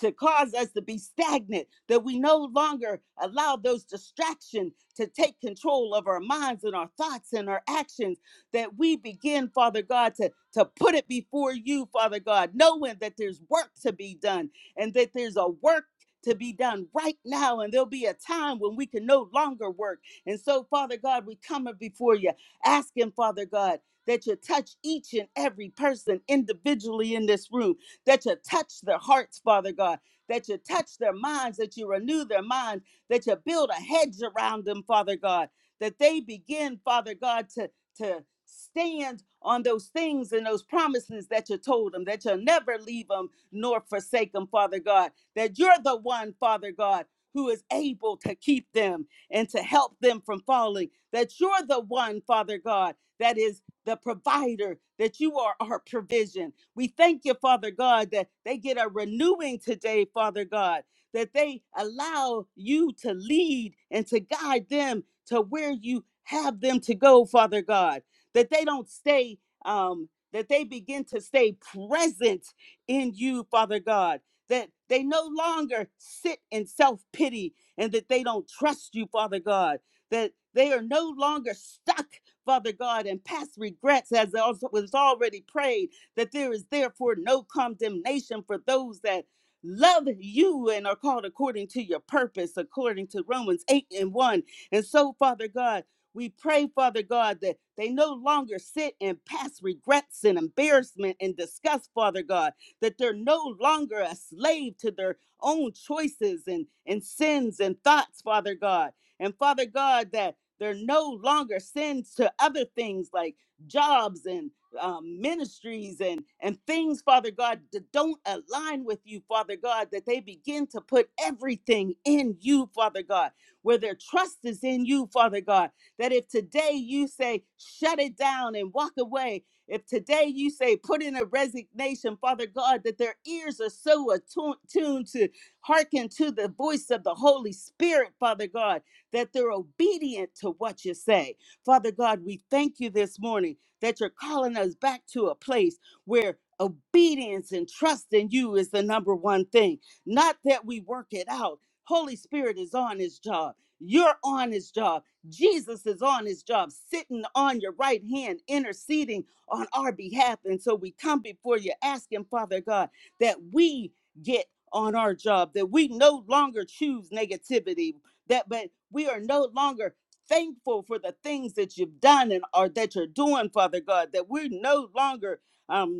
Speaker 2: to cause us to be stagnant, that we no longer allow those distractions to take control of our minds and our thoughts and our actions, that we begin, Father God, to, to put it before you, Father God, knowing that there's work to be done and that there's a work to be done right now. And there'll be a time when we can no longer work and so, Father God, we come before you, asking, Father God, that you touch each and every person individually in this room, that you touch their hearts, Father God, that you touch their minds, that you renew their minds, that you build a hedge around them, Father God, that they begin, Father God, to, to stand on those things and those promises that you told them, that you'll never leave them nor forsake them, Father God, that you're the one, Father God, who is able to keep them and to help them from falling. That you're the one, Father God, that is the provider, that you are our provision. We thank you, Father God, that they get a renewing today, Father God, that they allow you to lead and to guide them to where you have them to go, Father God, that they don't stay, um, that they begin to stay present in you, Father God, that they no longer sit in self pity, and that they don't trust you, Father God, that they are no longer stuck, Father God, in past regrets, as was already prayed, that there is therefore no condemnation for those that love you and are called according to your purpose, according to Romans 8 and 1. And so, Father God, we pray, Father God, that they no longer sit in past regrets and embarrassment and disgust, Father God, that they're no longer a slave to their own choices and, and sins and thoughts, Father God. And Father God, that they're no longer sins to other things like jobs and um, ministries and, and things, Father God, that don't align with you, Father God, that they begin to put everything in you, Father God, where their trust is in you, Father God. That if today you say, shut it down and walk away, if today you say, put in a resignation, Father God, that their ears are so attuned to Hearken to the voice of the Holy Spirit, Father God, that they're obedient to what you say. Father God, we thank you this morning that you're calling us back to a place where obedience and trust in you is the number one thing. Not that we work it out. Holy Spirit is on his job. You're on his job. Jesus is on his job, sitting on your right hand, interceding on our behalf. And so we come before you asking, Father God, that we get on our job that we no longer choose negativity that but we are no longer thankful for the things that you've done and are that you're doing father god that we're no longer um,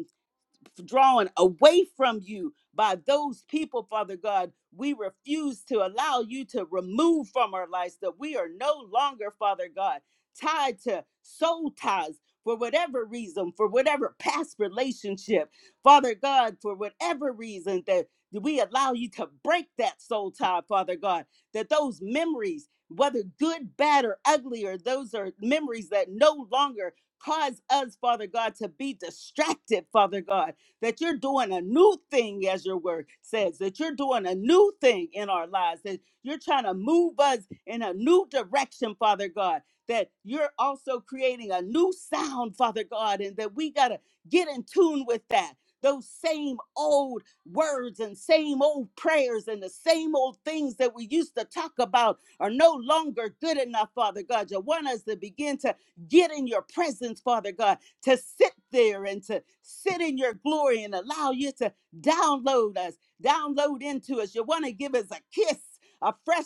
Speaker 2: drawn away from you by those people, Father God. We refuse to allow you to remove from our lives that we are no longer, Father God, tied to soul ties for whatever reason, for whatever past relationship, Father God, for whatever reason that we allow you to break that soul tie, Father God, that those memories, whether good, bad, or ugly, or those are memories that no longer cause us, Father God, to be distracted, Father God that you're doing a new thing, as your word says, that you're doing a new thing in our lives, that you're trying to move us in a new direction, Father God, that you're also creating a new sound, Father God, and that we got to get in tune with that. Those same old words and same old prayers and the same old things that we used to talk about are no longer good enough, Father God. You want us to begin to get in your presence, Father God, to sit there and to sit in your glory and allow you to download us, download into us. You want to give us a kiss, a fresh,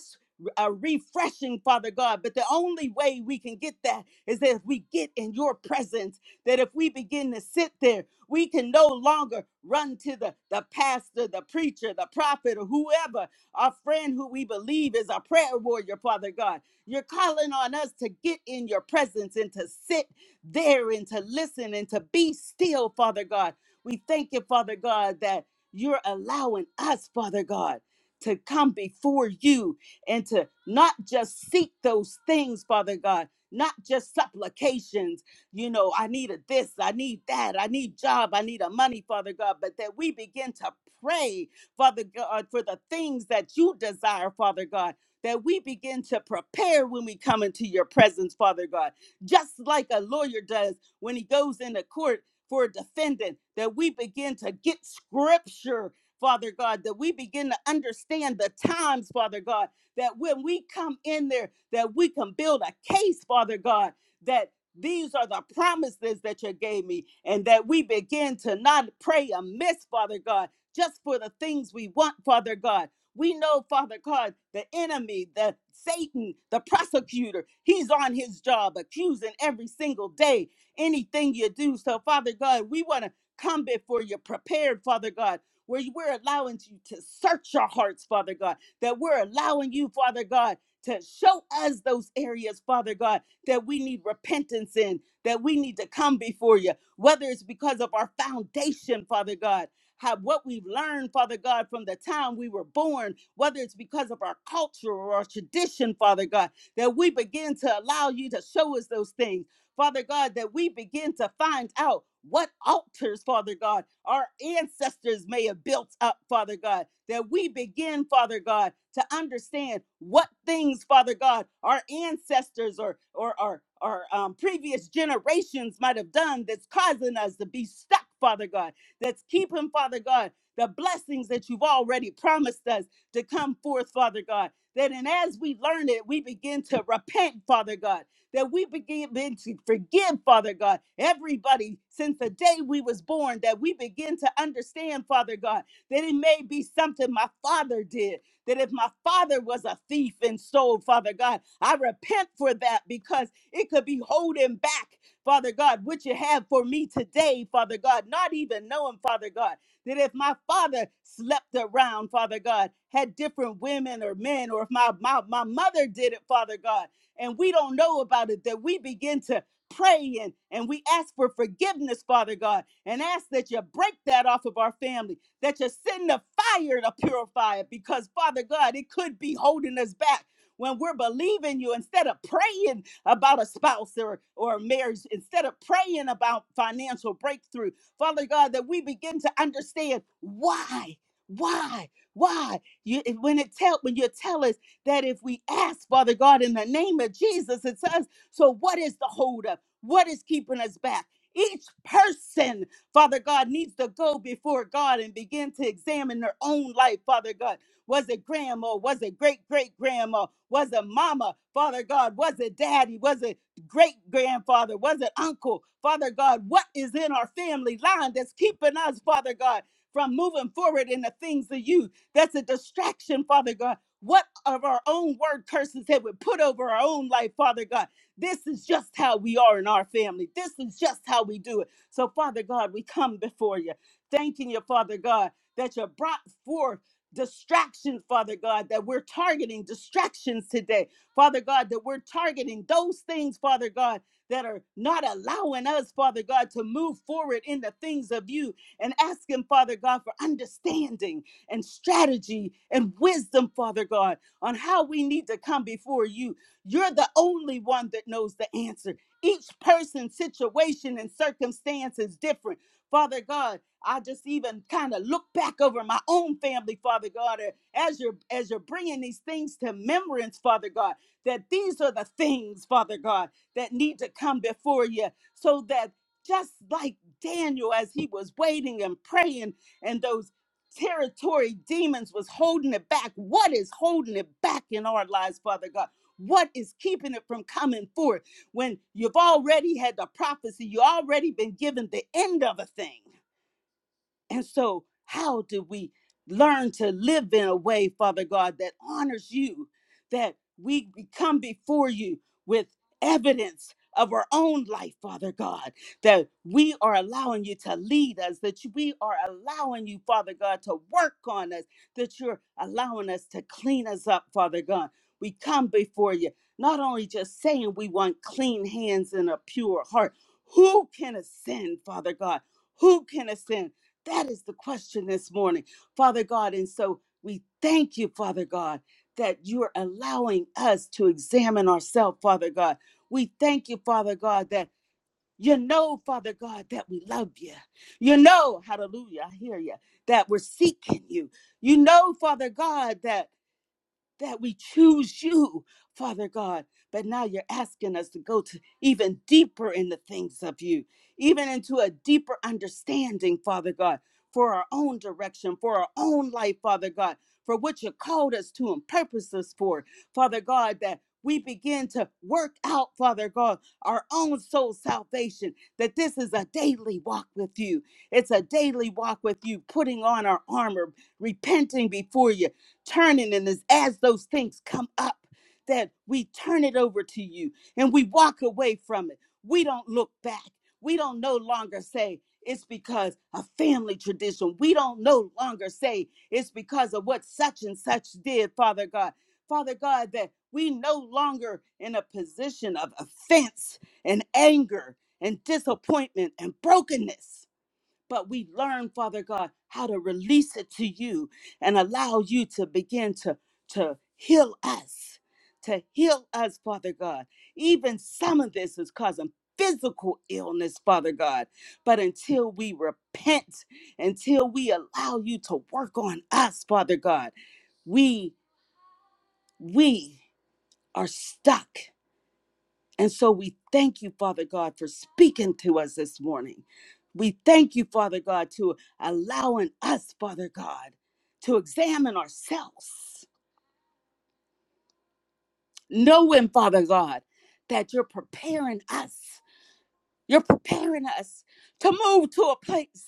Speaker 2: a refreshing, Father God. But the only way we can get that is that if we get in your presence, that if we begin to sit there, we can no longer run to the, the pastor, the preacher, the prophet, or whoever, our friend who we believe is a prayer warrior, Father God. You're calling on us to get in your presence and to sit therein to listen and to be still, Father God. We thank you, Father God, that you're allowing us, Father God, to come before you and to not just seek those things, Father God, not just supplications. You know, I need a this, I need that, I need job, I need a money, Father God, but that we begin to pray, Father God, for the things that you desire, Father God. That we begin to prepare when we come into your presence, Father God just like a lawyer does when he goes into court for a defendant, that we begin to get scripture, Father God, that we begin to understand the times, Father God, that when we come in there, that we can build a case, Father God, that these are the promises that you gave me, and that we begin to not pray amiss, Father God, just for the things we want, Father God we know, Father God, the enemy, the Satan, the prosecutor, he's on his job accusing every single day anything you do. So, Father God, we want to come before you prepared, Father God, where you- we're allowing you to search our hearts, Father God, that we're allowing you, Father God, to show us those areas, Father God, that we need repentance in, that we need to come before you, whether it's because of our foundation, Father God how what we've learned, Father God, from the time we were born, whether it's because of our culture or our tradition, Father God, that we begin to allow you to show us those things. Father God, that we begin to find out what altars, Father God, our ancestors may have built up, Father God, that we begin, Father God, to understand what things, Father God, our ancestors or or our our um, previous generations might have done that's causing us to be stuck, Father God. That's keeping, Father God, the blessings that you've already promised us to come forth, Father God. That and as we learn it, we begin to repent, Father God. That we begin begin to forgive, Father God, everybody since the day we was born. That we begin to understand, Father God, that it may be something my father did. That if my father was a thief and stole, Father God, I repent for that because it could be holding back. Father God, what you have for me today, Father God, not even knowing, Father God, that if my father slept around, Father God, had different women or men, or if my, my, my mother did it, Father God, and we don't know about it, that we begin to pray and, and we ask for forgiveness, Father God, and ask that you break that off of our family, that you send the fire to purify it, because Father God, it could be holding us back when we're believing you instead of praying about a spouse or, or a marriage, instead of praying about financial breakthrough, Father God, that we begin to understand why, why, why. You, when it tell when you tell us that if we ask, Father God, in the name of Jesus, it says, so what is the holdup? What is keeping us back? Each person, Father God, needs to go before God and begin to examine their own life, Father God was it grandma? Was it great great grandma? Was it mama? Father God, was it daddy? Was it great grandfather? Was it uncle? Father God, what is in our family line that's keeping us, Father God, from moving forward in the things of you? That's a distraction, Father God. What of our own word curses that we put over our own life, Father God? This is just how we are in our family. This is just how we do it. So, Father God, we come before you, thanking you, Father God, that you brought forth distractions, Father God, that we're targeting distractions today, Father God, that we're targeting those things, Father God, that are not allowing us, Father God, to move forward in the things of you and asking, Father God, for understanding and strategy and wisdom, Father God, on how we need to come before you. You're the only one that knows the answer. Each person's situation and circumstance is different. Father God, I just even kind of look back over my own family, Father God, as you're as you're bringing these things to remembrance, Father God, that these are the things, Father God, that need to come before you, so that just like Daniel, as he was waiting and praying, and those territory demons was holding it back. What is holding it back in our lives, Father God? What is keeping it from coming forth when you've already had the prophecy? You already been given the end of a thing. And so, how do we learn to live in a way, Father God, that honors you, that we come before you with evidence of our own life, Father God, that we are allowing you to lead us, that you- we are allowing you, Father God, to work on us, that you're allowing us to clean us up, Father God. We come before you, not only just saying we want clean hands and a pure heart. Who can ascend, Father God? Who can ascend? That is the question this morning, Father God. And so we thank you, Father God, that you're allowing us to examine ourselves, Father God. We thank you, Father God, that you know, Father God, that we love you. You know, hallelujah, I hear you, that we're seeking you. You know, Father God, that that we choose you, Father God. But now you're asking us to go to even deeper in the things of you, even into a deeper understanding, Father God, for our own direction, for our own life, Father God, for what you called us to and purposed us for, Father God, that we begin to work out, Father God, our own soul salvation, that this is a daily walk with you. It's a daily walk with you, putting on our armor, repenting before you, turning. And as, as those things come up, that we turn it over to you and we walk away from it. We don't look back. We don't no longer say it's because a family tradition. We don't no longer say it's because of what such and such did, Father God. Father God, that we no longer in a position of offense and anger and disappointment and brokenness but we learn, Father God, how to release it to you and allow you to begin to, to heal us, to heal us, Father God. Even some of this is causing physical illness, Father God. But until we repent, until we allow you to work on us, Father God, we, we are stuck. And so we thank you, Father God, for speaking to us this morning. We thank you, Father God, to allowing us, Father God, to examine ourselves, knowing, Father God, that you're preparing us. You're preparing us to move to a place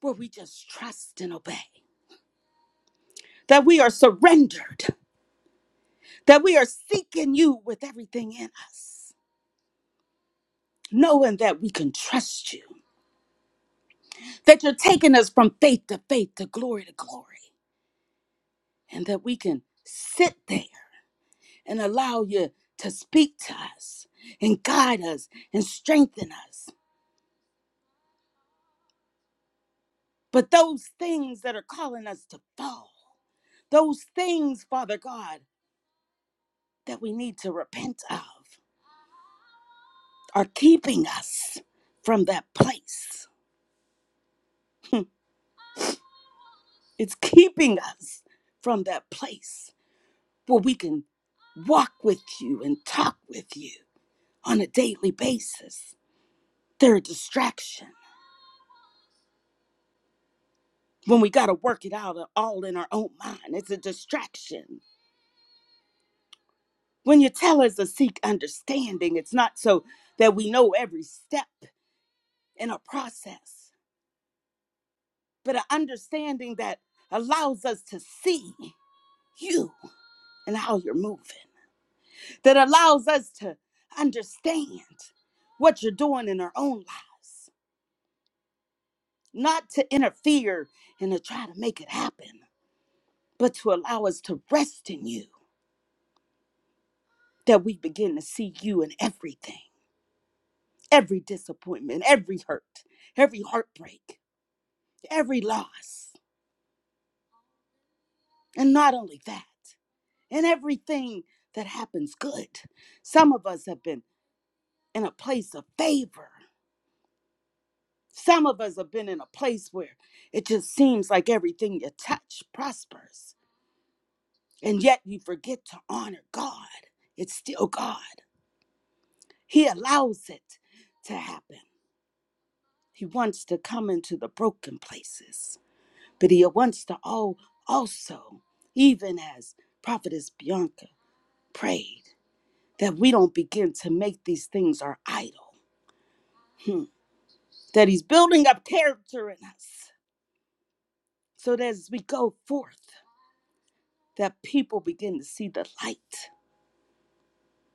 Speaker 2: where we just trust and obey, that we are surrendered, that we are seeking you with everything in us, knowing that we can trust you, that you're taking us from faith to faith to glory to glory and that we can sit there and allow you to speak to us and guide us and strengthen us. But those things that are calling us to fall, those things, Father God, that we need to repent of, are keeping us from that place. It's keeping us from that place where we can walk with you and talk with you on a daily basis. They're a distraction when we got to work it out uh, all in our own mind. It's a distraction. When you tell us to seek understanding, it's not so that we know every step in a process, but an understanding that allows us to see you and how you're moving, that allows us to understand what you're doing in our own lives, not to interfere and to try to make it happen, but to allow us to rest in you, that we begin to see you in everything every disappointment, every hurt, every heartbreak, every loss. And not only that, and everything that happens good. Some of us have been in a place of favor. Some of us have been in a place where it just seems like everything you touch prospers. And yet you forget to honor God. It's still God. He allows it to happen. He wants to come into the broken places. But he wants to all also, even as Prophetess Bianca prayed, that we don't begin to make these things our idol. Hmm. That he's building up character in us. So that as we go forth, that people begin to see the light,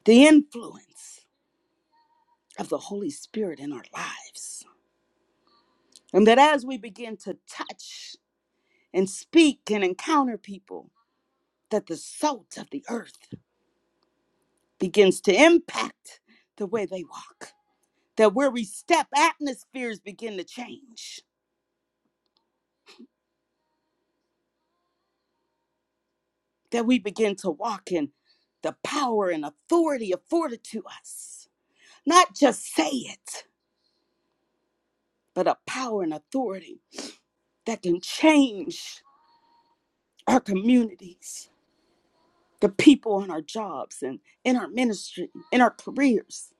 Speaker 2: the influence of the Holy Spirit in our lives. And that as we begin to touch and speak and encounter people, that the salt of the earth begins to impact the way they walk that where we step, atmospheres begin to change, that we begin to walk in the power and authority afforded to us. Not just say it, but a power and authority that can change our communities, the people on our jobs and in our ministry, in our careers,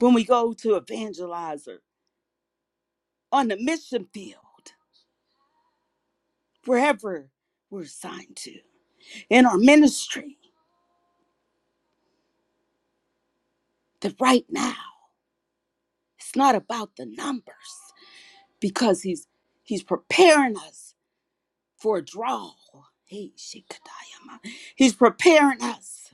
Speaker 2: when we go to evangelize or on the mission field, wherever we're assigned to, in our ministry, that right now, it's not about the numbers. because he's he's preparing us for a draw. Hey, Shikadayama. He's preparing us.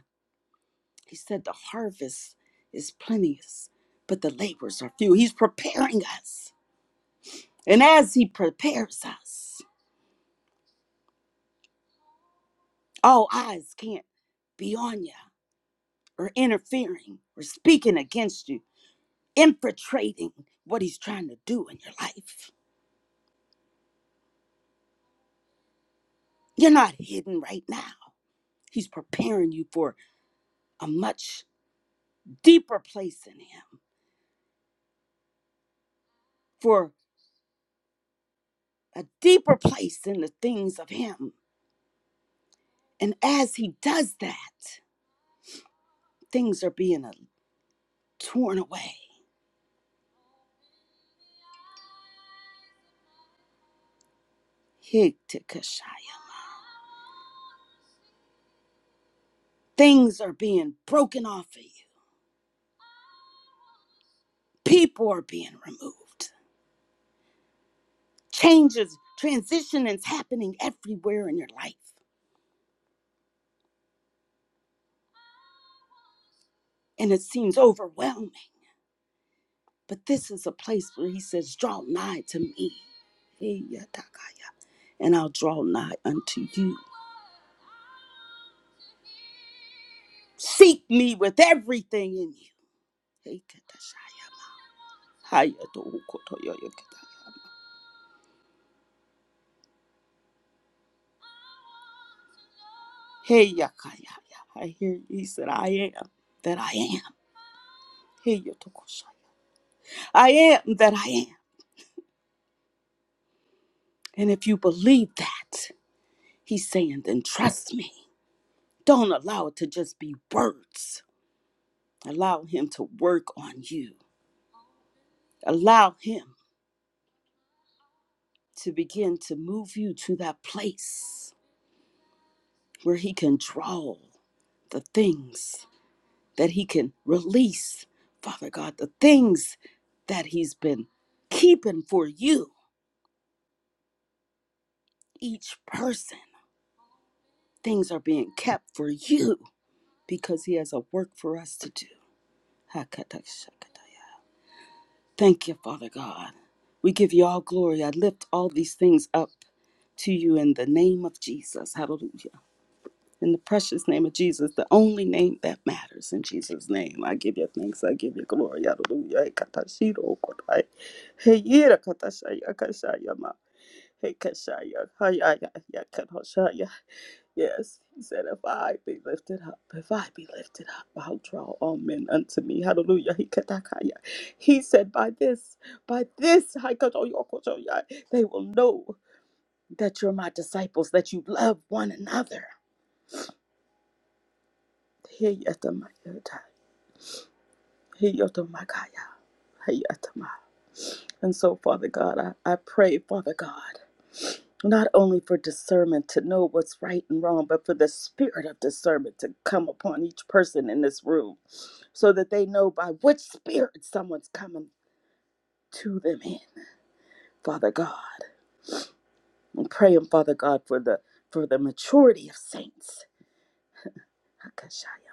Speaker 2: He said the harvest is plenteous, but the labors are few. He's preparing us. And as he prepares us, all eyes can't be on you or interfering or speaking against you, infiltrating what he's trying to do in your life. You're not hidden right now. He's preparing you for a much deeper place in him for a deeper place in the things of Him. And as He does that, things are being uh, torn away. Hiktikashaya. Things are being broken off of you, people are being removed. Changes, transition is happening everywhere in your life, and it seems overwhelming. But this is a place where He says, Draw nigh to me. Hiyatakaya, And I'll draw nigh unto you. Seek me with everything in you. Hiktikashaya. Haya to ukoto yo yo kataya. Hey ya I hear he said, I am that I am. Hey yo I am that I am. And if you believe that, he's saying, then trust me. Don't allow it to just be words. Allow him to work on you. Allow him to begin to move you to that place where he can draw the things that he can release, Father God, the things that he's been keeping for you, each person. Things are being kept for you because he has a work for us to do. Thank you, Father God. We give you all glory. I lift all these things up to you in the name of Jesus. Hallelujah. In the precious name of Jesus, the only name that matters. In Jesus' name, I give you thanks. I give you glory. Hallelujah. Hey, katashiro kotai. Hey, yira katashaya kashaya ma. Hey, kashaya. Hi, hi, Yes, he said, if I be lifted up, if I be lifted up, I'll draw all men unto me. Hallelujah. He katakaya. He said, by this, by this, hi, they will know that you're my disciples, that you love one another. Hey, yata Hey, Yotomakaya. Hey, Yotoma. And so, Father God, I, I pray, Father God, not only for discernment to know what's right and wrong, but for the spirit of discernment to come upon each person in this room so that they know by which spirit someone's coming to them in, Father God. I'm praying, Father God, for the for the maturity of saints. Hakashaya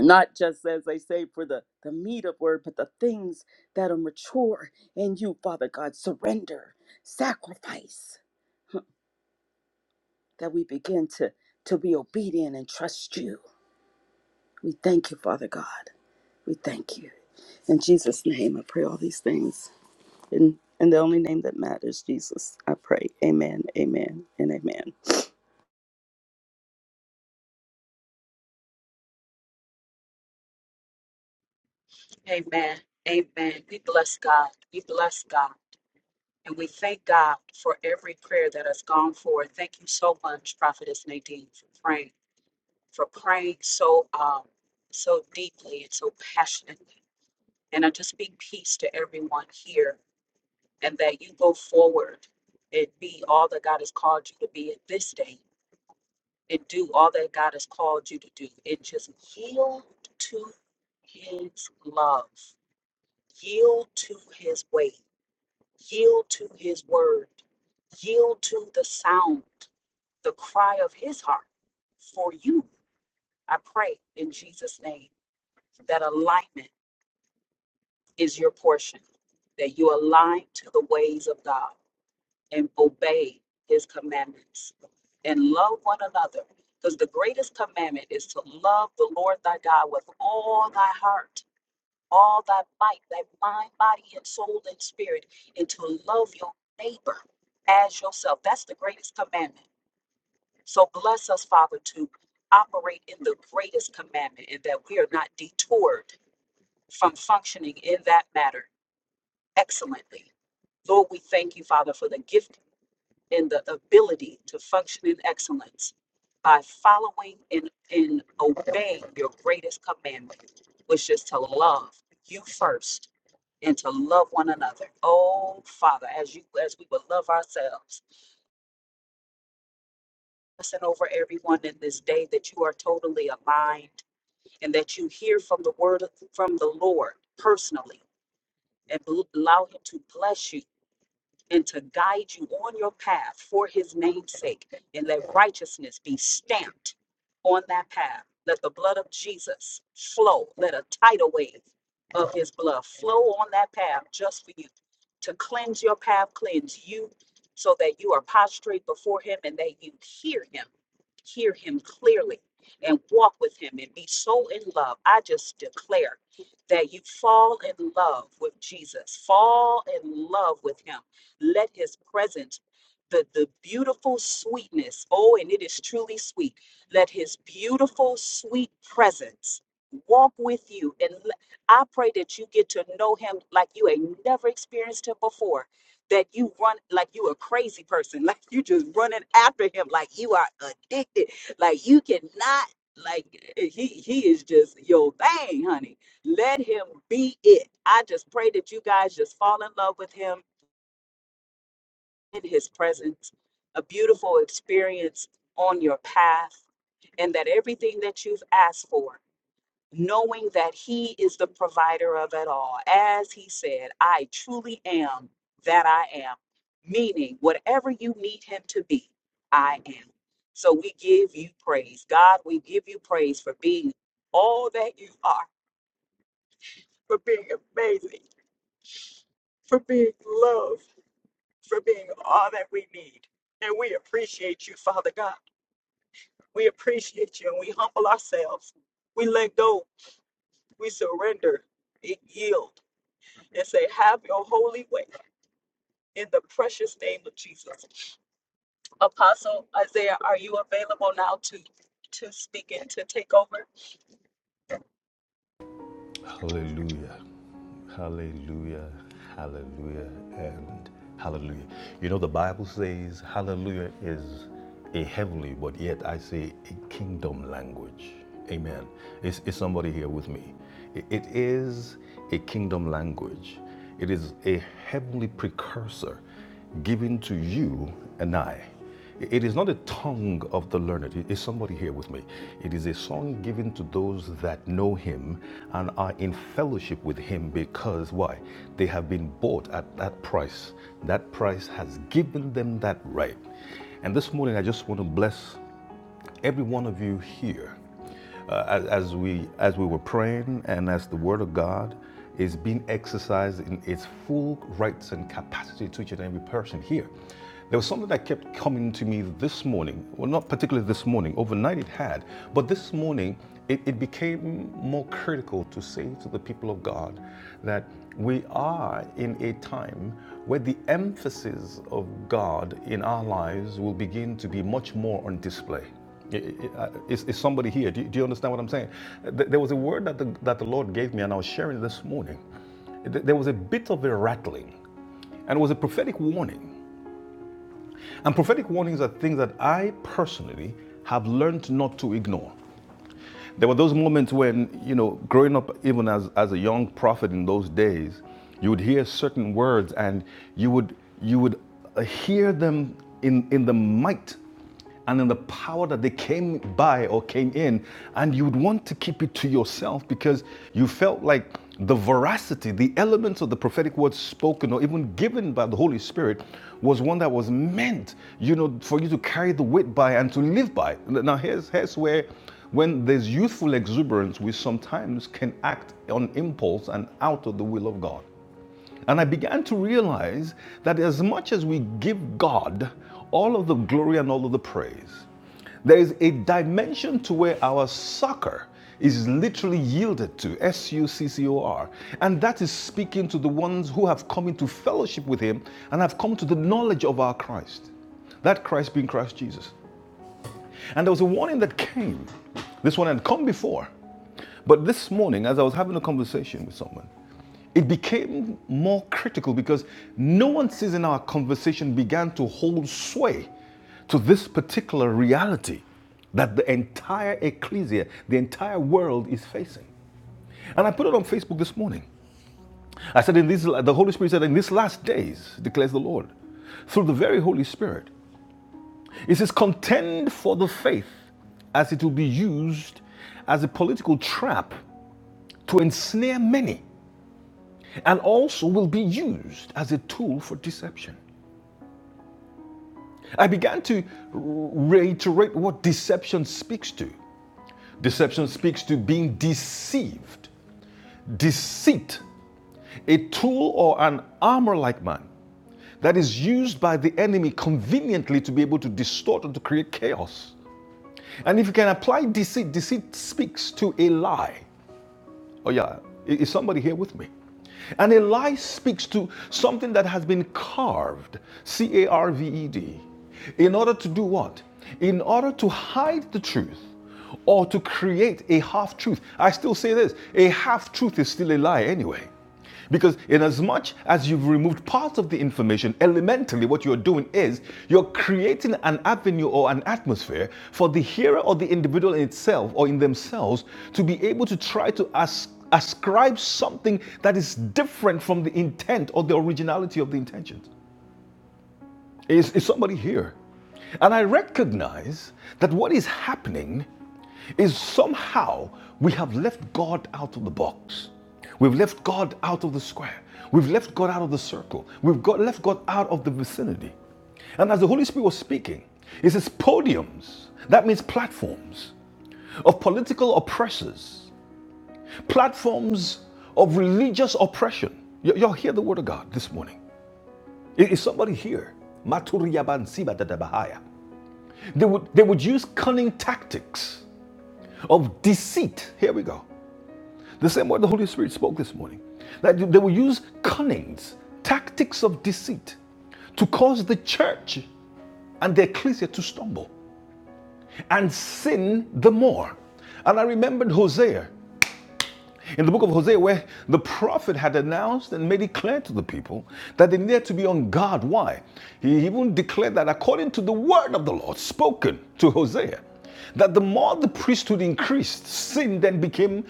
Speaker 2: not just as they say for the, the meat of word, but the things that are mature in you, Father God, surrender, sacrifice, that we begin to, to be obedient and trust you. We thank you, Father God. We thank you. In Jesus' name, I pray all these things. In, in the only name that matters, Jesus, I pray. Amen, amen, and amen.
Speaker 1: Amen. Amen. We bless God. We bless God. And we thank God for every prayer that has gone forward. Thank you so much, Prophetess Nadine, for praying, for praying so um so deeply and so passionately. And I just speak peace to everyone here and that you go forward and be all that God has called you to be in this day and do all that God has called you to do and just yield to his love, yield to his way, yield to his word, yield to the sound, the cry of his heart for you. I pray in Jesus' name that alignment is your portion, that you align to the ways of God and obey his commandments and love one another. Because the greatest commandment is to love the Lord thy God with all thy heart, all thy might, thy mind, body, and soul and spirit, and to love your neighbor as yourself. That's the greatest commandment. So bless us, Father, to operate in the greatest commandment and that we are not detoured from functioning in that matter excellently. Lord, we thank you, Father, for the gift and the ability to function in excellence by following and, and obeying your greatest commandment, which is to love you first and to love one another. Oh Father, as you as we would love ourselves, listen over everyone in this day that you are totally aligned and that you hear from the word of- from the Lord personally and bl- allow him to bless you and to guide you on your path for his name's sake. And let righteousness be stamped on that path. Let the blood of Jesus flow. Let a tidal wave of his blood flow on that path just for you to cleanse your path, cleanse you so that you are prostrate before him and that you hear him, hear him clearly and walk with him and be so in love. I just declare that you fall in love with Jesus, fall in love with him let his presence, the, the beautiful sweetness, oh, and it is truly sweet. Let his beautiful, sweet presence walk with you. And le- I pray that you get to know him like you ain't never experienced him before. That you run like you a crazy person, [LAUGHS] like you just running after him, like you are addicted, like you cannot, like eh, he he is just your thing, honey. Let him be it. I just pray that you guys just fall in love with him in his presence, a beautiful experience on your path, and that everything that you've asked for, knowing that he is the provider of it all. As he said, I truly am that I am, meaning whatever you need him to be, I am. So we give you praise. God, we give you praise for being all that you are, for being amazing, for being love, for being all that we need. And we appreciate you, Father God. We appreciate you and we humble ourselves. We let go. We surrender and yield and say, Have your holy way in the precious name of Jesus. Apostle Isaiah, are you available now to, to speak and to take over?
Speaker 3: Hallelujah. Hallelujah. Hallelujah. And hallelujah. You know, the Bible says hallelujah is a heavenly, but yet I say a kingdom language. Amen. Is, is somebody here with me? I- it is a kingdom language, it is a heavenly precursor given to you and I. It is not the tongue of the learned. Is somebody here with me? It is a song given to those that know him and are in fellowship with him because why? They have been bought at that price. That price has given them that right. And this morning, I just want to bless every one of you here uh, as, as we as we were praying and as the word of God is being exercised in its full rights and capacity to each and every person here. There was something that kept coming to me this morning. Well, not particularly this morning. Overnight it had, but this morning it, it became more critical to say to the people of God that we are in a time where the emphasis of God in our lives will begin to be much more on display. Is, is somebody here? Do you, do you understand what I'm saying? There was a word that the, that the Lord gave me, and I was sharing it this morning. There was a bit of a rattling, and it was a prophetic warning. And prophetic warnings are things that I personally have learned not to ignore there were those moments when, you know, growing up even as, as a young prophet in those days, you would hear certain words and you would you would uh, hear them in, in the might and in the power that they came by or came in, and you would want to keep it to yourself because you felt like the veracity, the elements of the prophetic words spoken or even given by the Holy Spirit was one that was meant, you know, for you to carry the weight by and to live by. Now here's here's where when there's youthful exuberance, we sometimes can act on impulse and out of the will of God. And I began to realize that as much as we give God all of the glory and all of the praise, there is a dimension to where our succor is literally yielded to, S U C C O R. And that is speaking to the ones who have come into fellowship with Him and have come to the knowledge of our Christ. That Christ being Christ Jesus. And there was a warning that came. This one had come before. But this morning, as I was having a conversation with someone, it became more critical because no one sees in our conversation began to hold sway to this particular reality that the entire ecclesia, the entire world is facing. And I put it on Facebook this morning. I said, in these, the Holy Spirit said, in these last days, declares the Lord, through the very Holy Spirit, it says, contend for the faith as it will be used as a political trap to ensnare many and also will be used as a tool for deception. I began to reiterate what deception speaks to. Deception speaks to being deceived, deceit, a tool or an armor like man that is used by the enemy conveniently to be able to distort and to create chaos And if you can apply deceit, deceit speaks to a lie. Oh, yeah. Is somebody here with me? And a lie speaks to something that has been carved, C A R V E D, in order to do what? In order to hide the truth or to create a half truth. I still say this a half truth is still a lie anyway. Because, in as much as you've removed parts of the information, elementally what you're doing is you're creating an avenue or an atmosphere for the hearer or the individual in itself or in themselves to be able to try to as- ascribe something that is different from the intent or the originality of the intentions. Is, is somebody here? And I recognize that what is happening is somehow we have left God out of the box. We've left God out of the square. We've left God out of the circle. We've got, left God out of the vicinity. And as the Holy Spirit was speaking, it says podiums, that means platforms of political oppressors, platforms of religious oppression. Y- y'all hear the word of God this morning. Is, somebody here? Maturiyabansibatadabahaya. They would, they would use cunning tactics of deceit. Here we go. The same word the Holy Spirit spoke this morning. That they will use cunnings, tactics of deceit to cause the church and the ecclesia to stumble and sin the more. And I remembered Hosea in the book of Hosea, where the prophet had announced and made it clear to the people that they needed to be on guard. Why? He even declared that according to the word of the Lord spoken to Hosea, that the more the priesthood increased, sin then became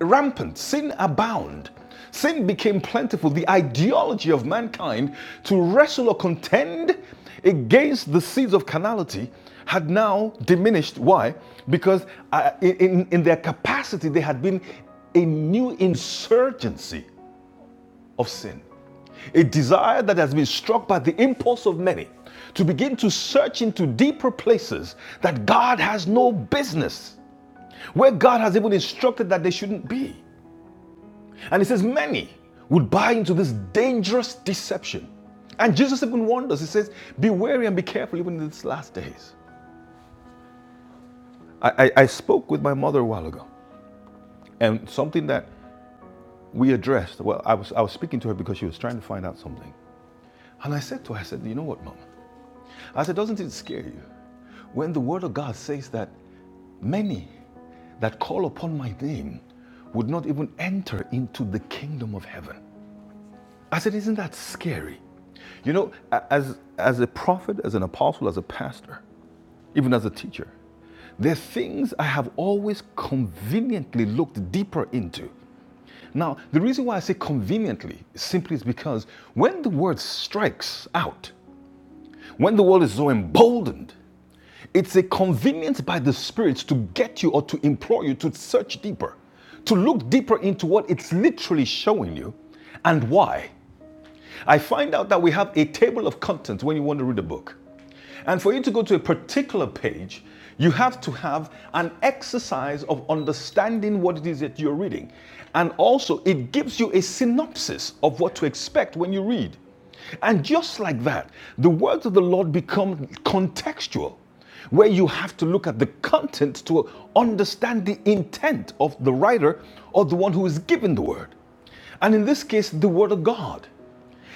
Speaker 3: rampant, sin abound. Sin became plentiful, the ideology of mankind to wrestle or contend against the seeds of carnality had now diminished. Why? Because uh, in, in in their capacity, there had been a new insurgency of sin. A desire that has been struck by the impulse of many to begin to search into deeper places that God has no business, where God has even instructed that they shouldn't be. And he says, Many would buy into this dangerous deception. And Jesus even warned us. He says, Be wary and be careful even in these last days. I, I, I spoke with my mother a while ago, and something that we addressed, well, I was, I was speaking to her because she was trying to find out something. And I said to her, I said, You know what, Mom? I said, Doesn't it scare you when the Word of God says that many that call upon my name would not even enter into the kingdom of heaven? I said, Isn't that scary? You know, as, as a prophet, as an apostle, as a pastor, even as a teacher, there are things I have always conveniently looked deeper into. Now, the reason why I say conveniently simply is because when the word strikes out, when the world is so emboldened, it's a convenience by the spirits to get you or to implore you to search deeper, to look deeper into what it's literally showing you and why I find out that we have a table of contents when you want to read a book. And for you to go to a particular page, you have to have an exercise of understanding what it is that you're reading. And also, it gives you a synopsis of what to expect when you read. And just like that, the words of the Lord become contextual, where you have to look at the content to understand the intent of the writer or the one who is given the word. And in this case, the word of God.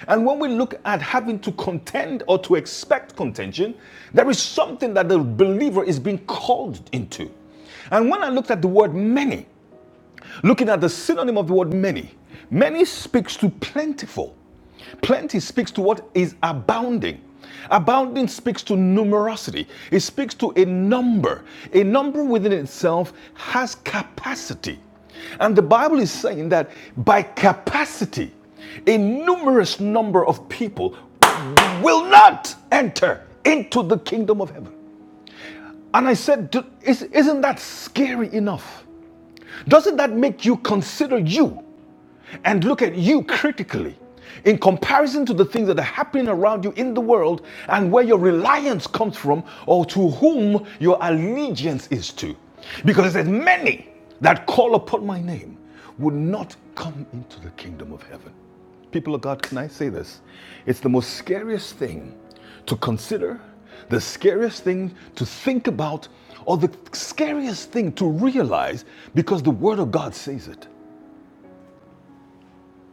Speaker 3: And when we look at having to contend or to expect contention, there is something that the believer is being called into. And when I looked at the word many, Looking at the synonym of the word many, many speaks to plentiful. Plenty speaks to what is abounding. Abounding speaks to numerosity. It speaks to a number. A number within itself has capacity. And the Bible is saying that by capacity, a numerous number of people will not enter into the kingdom of heaven. And I said, Isn't that scary enough? Doesn't that make you consider you? and look at you critically in comparison to the things that are happening around you in the world and where your reliance comes from or to whom your allegiance is to. Because it says, Many that call upon my name would not come into the kingdom of heaven. People of God, can I say this? It's the most scariest thing to consider, the scariest thing to think about, or the scariest thing to realize because the Word of God says it.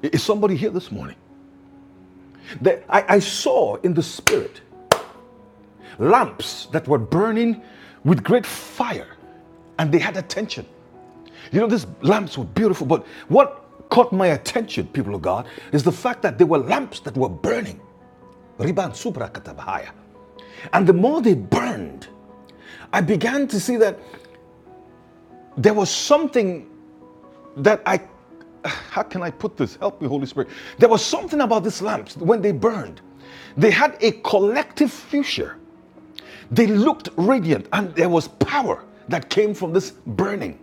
Speaker 3: Is somebody here this morning? That I, I saw in the spirit lamps that were burning with great fire and they had attention. You know, these lamps were beautiful, but what caught my attention, people of God, is the fact that they were lamps that were burning. Riban supra katabahaya. And the more they burned, I began to see that there was something that I, [SIGHS] how can I put this? Help me, Holy Spirit. There was something about these lamps when they burned, they had a collective future. They looked radiant, and there was power that came from this burning.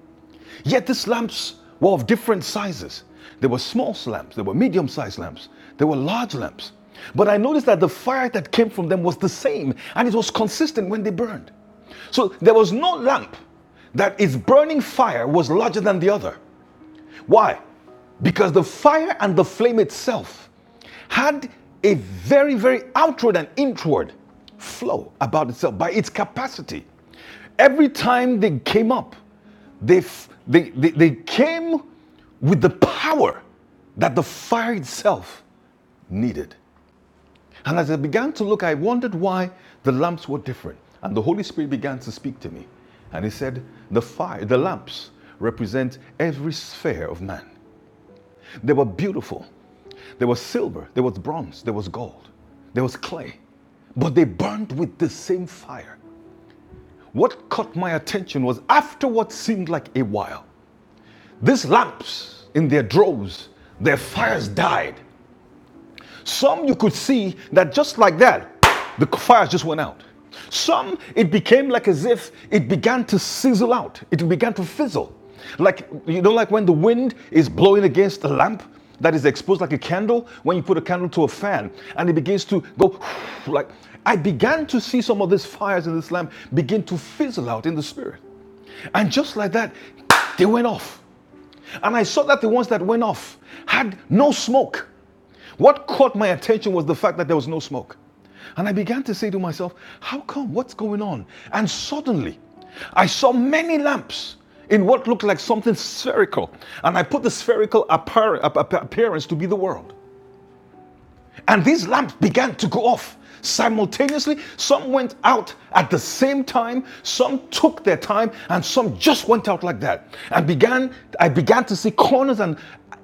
Speaker 3: Yet these lamps were of different sizes. There were small lamps, there were medium sized lamps, there were large lamps. But I noticed that the fire that came from them was the same and it was consistent when they burned. So there was no lamp that its burning fire was larger than the other. Why? Because the fire and the flame itself had a very, very outward and inward flow about itself by its capacity. Every time they came up, they, they, they, they came with the power that the fire itself needed. And as I began to look, I wondered why the lamps were different. And the Holy Spirit began to speak to me. And he said, The fire, the lamps represent every sphere of man. They were beautiful. There was silver, there was bronze, there was gold, there was clay, but they burned with the same fire. What caught my attention was after what seemed like a while, these lamps in their droves, their fires died, some you could see that just like that, the fires just went out. Some it became like as if it began to sizzle out, it began to fizzle. Like, you know, like when the wind is blowing against a lamp that is exposed like a candle, when you put a candle to a fan and it begins to go [SIGHS] like. I began to see some of these fires in this lamp begin to fizzle out in the spirit. And just like that, they went off. And I saw that the ones that went off had no smoke. What caught my attention was the fact that there was no smoke. And I began to say to myself, How come? What's going on? And suddenly, I saw many lamps in what looked like something spherical. And I put the spherical appearance to be the world. And these lamps began to go off simultaneously. Some went out at the same time, some took their time, and some just went out like that. And began I began to see corners and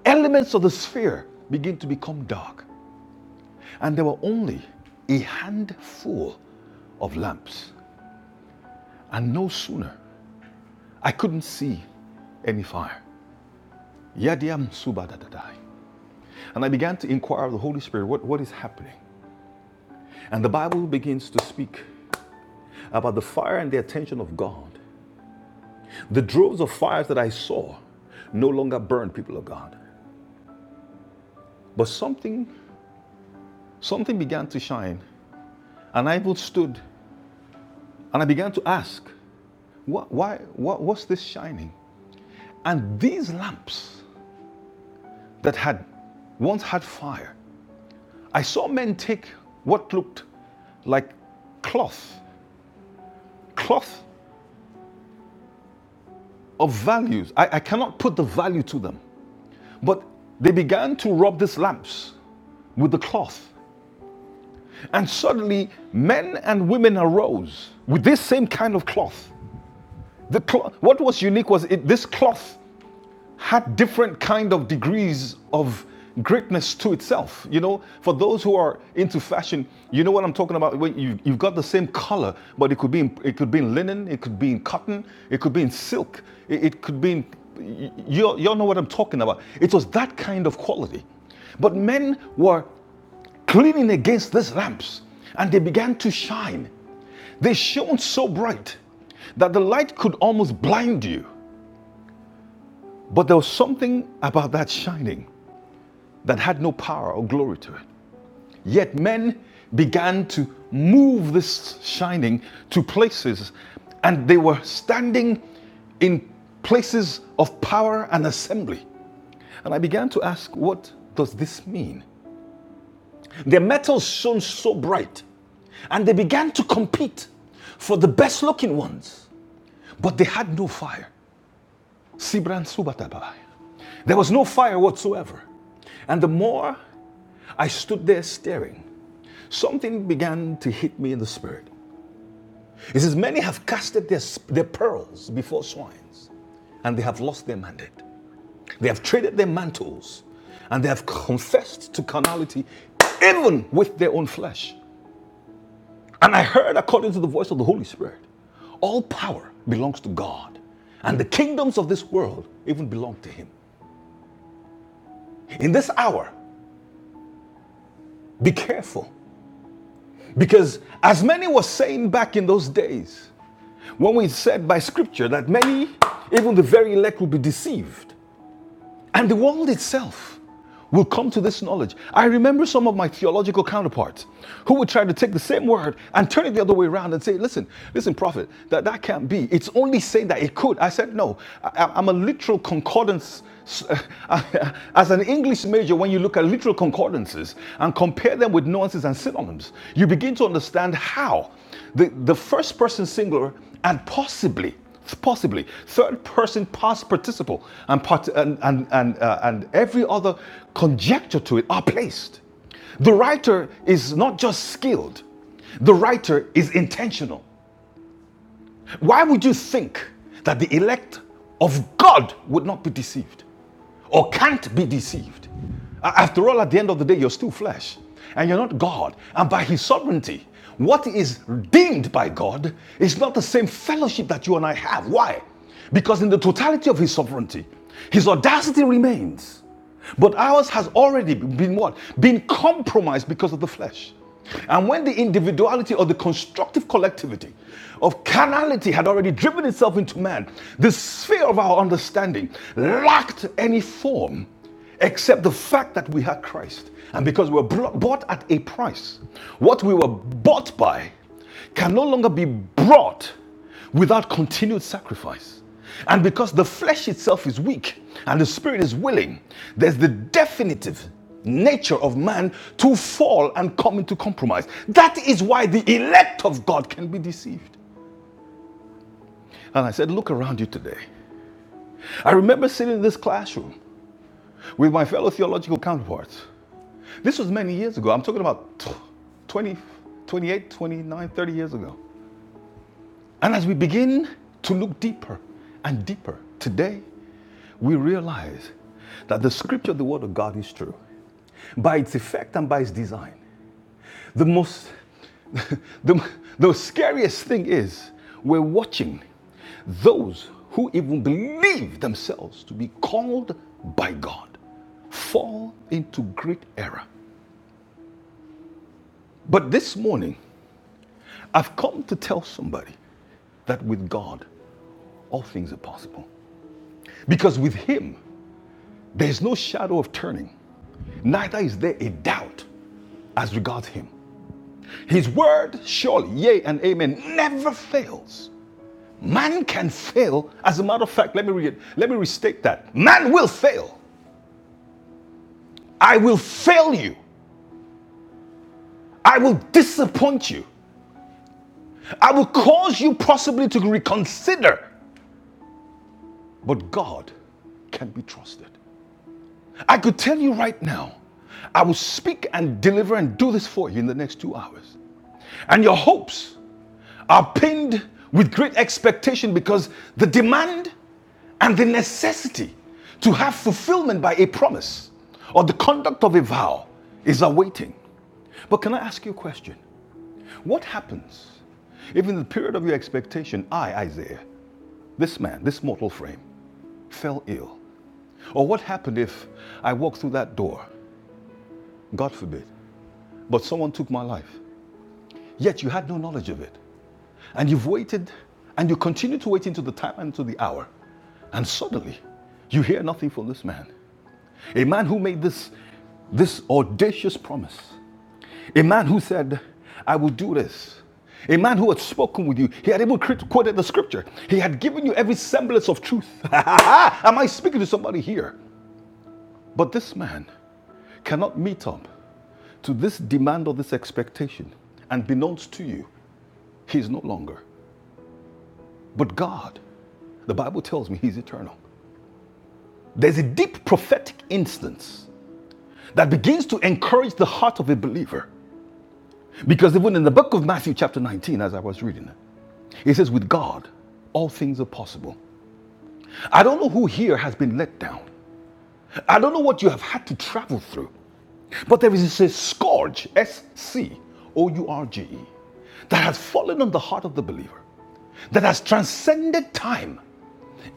Speaker 3: elements of the sphere begin to become dark. And there were only a handful of lamps. And no sooner I couldn't see any fire. Yadiam subadadadai. And I began to inquire of the Holy Spirit, what, what is happening? And the Bible begins to speak about the fire and the attention of God. The droves of fires that I saw no longer burned, people of God. But something, something began to shine, and I even stood and I began to ask, what, why, what what's this shining? And these lamps that had once had fire, I saw men take what looked like cloth, cloth of values. I, I cannot put the value to them. But they began to rub these lamps with the cloth And suddenly, men and women arose with this same kind of cloth. The cloth, what was unique was it, this cloth had different kind of degrees of greatness to itself. You know, for those who are into fashion, you know what I'm talking about. When you, you've got the same color, but it could be in, it could be in linen, it could be in cotton, it could be in silk, it, it could be in. You, you all know what I'm talking about. It was that kind of quality. But men were cleaning against these lamps, and they began to shine. They shone so bright that the light could almost blind you. But there was something about that shining that had no power or glory to it. Yet men began to move this shining to places, and they were standing in places of power and assembly. And I began to ask, what does this mean? The metals shone so bright, and they began to compete for the best looking ones, but they had no fire. Sibran There was no fire whatsoever. And the more I stood there staring, something began to hit me in the spirit. It says, Many have casted their, their pearls before swines, and they have lost their mandate. They have traded their mantles, and they have confessed to carnality even with their own flesh. And I heard, according to the voice of the Holy Spirit, all power belongs to God, and the kingdoms of this world even belong to Him. In this hour, be careful, because as many were saying back in those days, when we said by scripture that many, even the very elect, will be deceived, And the world itself will come to this knowledge. I remember some of my theological counterparts who would try to take the same word and turn it the other way around and say, listen, listen, prophet, that, that can't be. It's only saying that it could. I said, no, I, am a literal concordance. [LAUGHS] As an English major, when you look at literal concordances and compare them with nuances and synonyms, you begin to understand how the, the first person singular and possibly, possibly third person past participle and, part, and, and, and, uh, and every other conjecture to it are placed. The writer is not just skilled, the writer is intentional. Why would you think that the elect of God would not be deceived or can't be deceived? After all, at the end of the day, you're still flesh and you're not God. And by His sovereignty, what is deemed by God is not the same fellowship that you and I have. Why? Because in the totality of His sovereignty, His audacity remains. But ours has already been what? Been compromised because of the flesh. And when the individuality or the constructive collectivity of carnality had already driven itself into man, the sphere of our understanding lacked any form except the fact that we had Christ. And because we were bought at a price, what we were bought by can no longer be brought without continued sacrifice. And because the flesh itself is weak and the spirit is willing, there's the definitive nature of man to fall and come into compromise. That is why the elect of God can be deceived. And I said, Look around you today. I remember sitting in this classroom with my fellow theological counterparts. This was many years ago. I'm talking about 20, 28, 29, thirty years ago. And as we begin to look deeper and deeper today, we realize that the scripture, the word of God, is true by its effect and by its design. The most, [LAUGHS] the, the scariest thing is we're watching those who even believe themselves to be called by God fall into great error. But this morning, I've come to tell somebody that with God, all things are possible. Because with Him, There's no shadow of turning, neither is there a doubt as regards him. His word, surely, yea and amen, never fails. Man can fail. As a matter of fact, let me read it. Let me restate that. Man will fail. I will fail you. I will disappoint you. I will cause you possibly to reconsider. But God can be trusted. I could tell you right now, I will speak and deliver and do this for you in the next two hours. And your hopes are pinned with great expectation because the demand and the necessity to have fulfillment by a promise or the conduct of a vow is awaiting. But can I ask you a question? What happens if, in the period of your expectation, I, Isaiah, this man, this mortal frame, fell ill? Or what happened if I walked through that door, God forbid, but someone took my life? Yet you had no knowledge of it. And you've waited and you continue to wait into the time and to the hour. And suddenly you hear nothing from this man. A man who made this, this audacious promise. A man who said, I will do this. A man who had spoken with you, he had even quoted the scripture. He had given you every semblance of truth. [LAUGHS] Am I speaking to somebody here? But this man cannot meet up to this demand or this expectation. And beknownst to you, he is no longer. But God, the Bible tells me he's eternal. There's a deep prophetic instance that begins to encourage the heart of a believer. Because even in the book of Matthew, chapter 19, as I was reading it, it says, With God, all things are possible. I don't know who here has been let down. I don't know what you have had to travel through. But there is a scourge, S C O U R G E, that has fallen on the heart of the believer, that has transcended time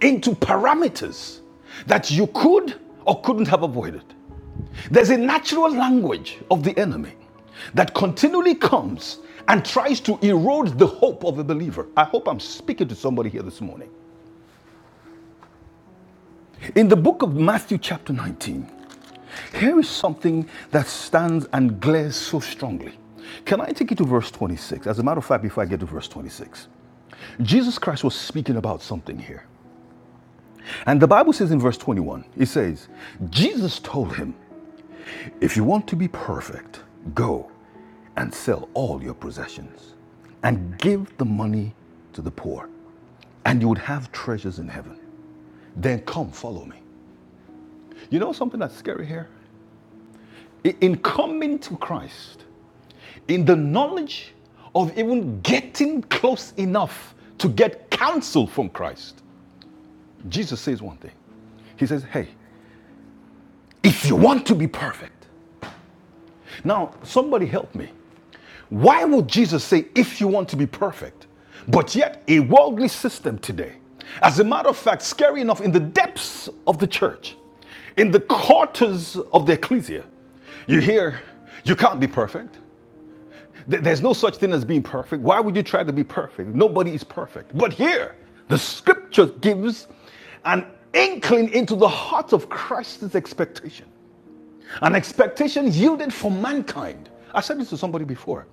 Speaker 3: into parameters that you could or couldn't have avoided. There's a natural language of the enemy that continually comes and tries to erode the hope of a believer. I hope I'm speaking to somebody here this morning. In the book of Matthew, chapter 19, here is something that stands and glares so strongly. Can I take you to verse 26? As a matter of fact, before I get to verse 26, Jesus Christ was speaking about something here. And the Bible says in verse 21, it says, Jesus told him, If you want to be perfect, go and sell all your possessions and give the money to the poor, and you would have treasures in heaven. Then come, follow me. You know something that's scary here? in coming to Christ, in the knowledge of even getting close enough to get counsel from Christ, Jesus says one thing. He says, Hey, if you want to be perfect, now somebody help me. Why would Jesus say, if you want to be perfect? But yet, a worldly system today, as a matter of fact, scary enough, in the depths of the church, in the quarters of the ecclesia, you hear, you can't be perfect. There's no such thing as being perfect. Why would you try to be perfect? Nobody is perfect. But here, the scripture gives an inkling into the heart of Christ's expectation, an expectation yielded for mankind. I said this to somebody before.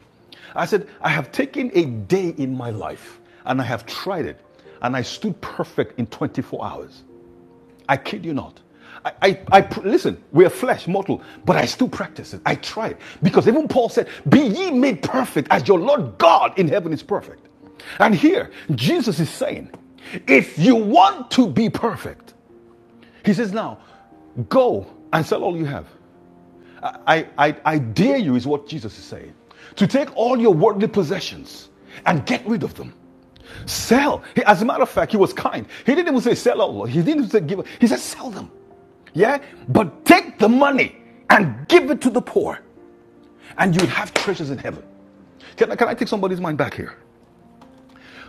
Speaker 3: I said, I have taken a day in my life and I have tried it, and I stood perfect in 24 hours. I kid you not. I, I, I listen, we are flesh, mortal, but I still practice it. I try it. Because even Paul said, Be ye made perfect as your Lord God in heaven is perfect. And here, Jesus is saying, If you want to be perfect, he says, Now go and sell all you have. I, I I dare you, is what Jesus is saying, to take all your worldly possessions and get rid of them Sell. He- as a matter of fact, he was kind. He didn't even say sell all. He didn't even say give. He said sell them. Yeah? But take the money and give it to the poor, and you'll have treasures in heaven. Can I, can I take somebody's mind back here?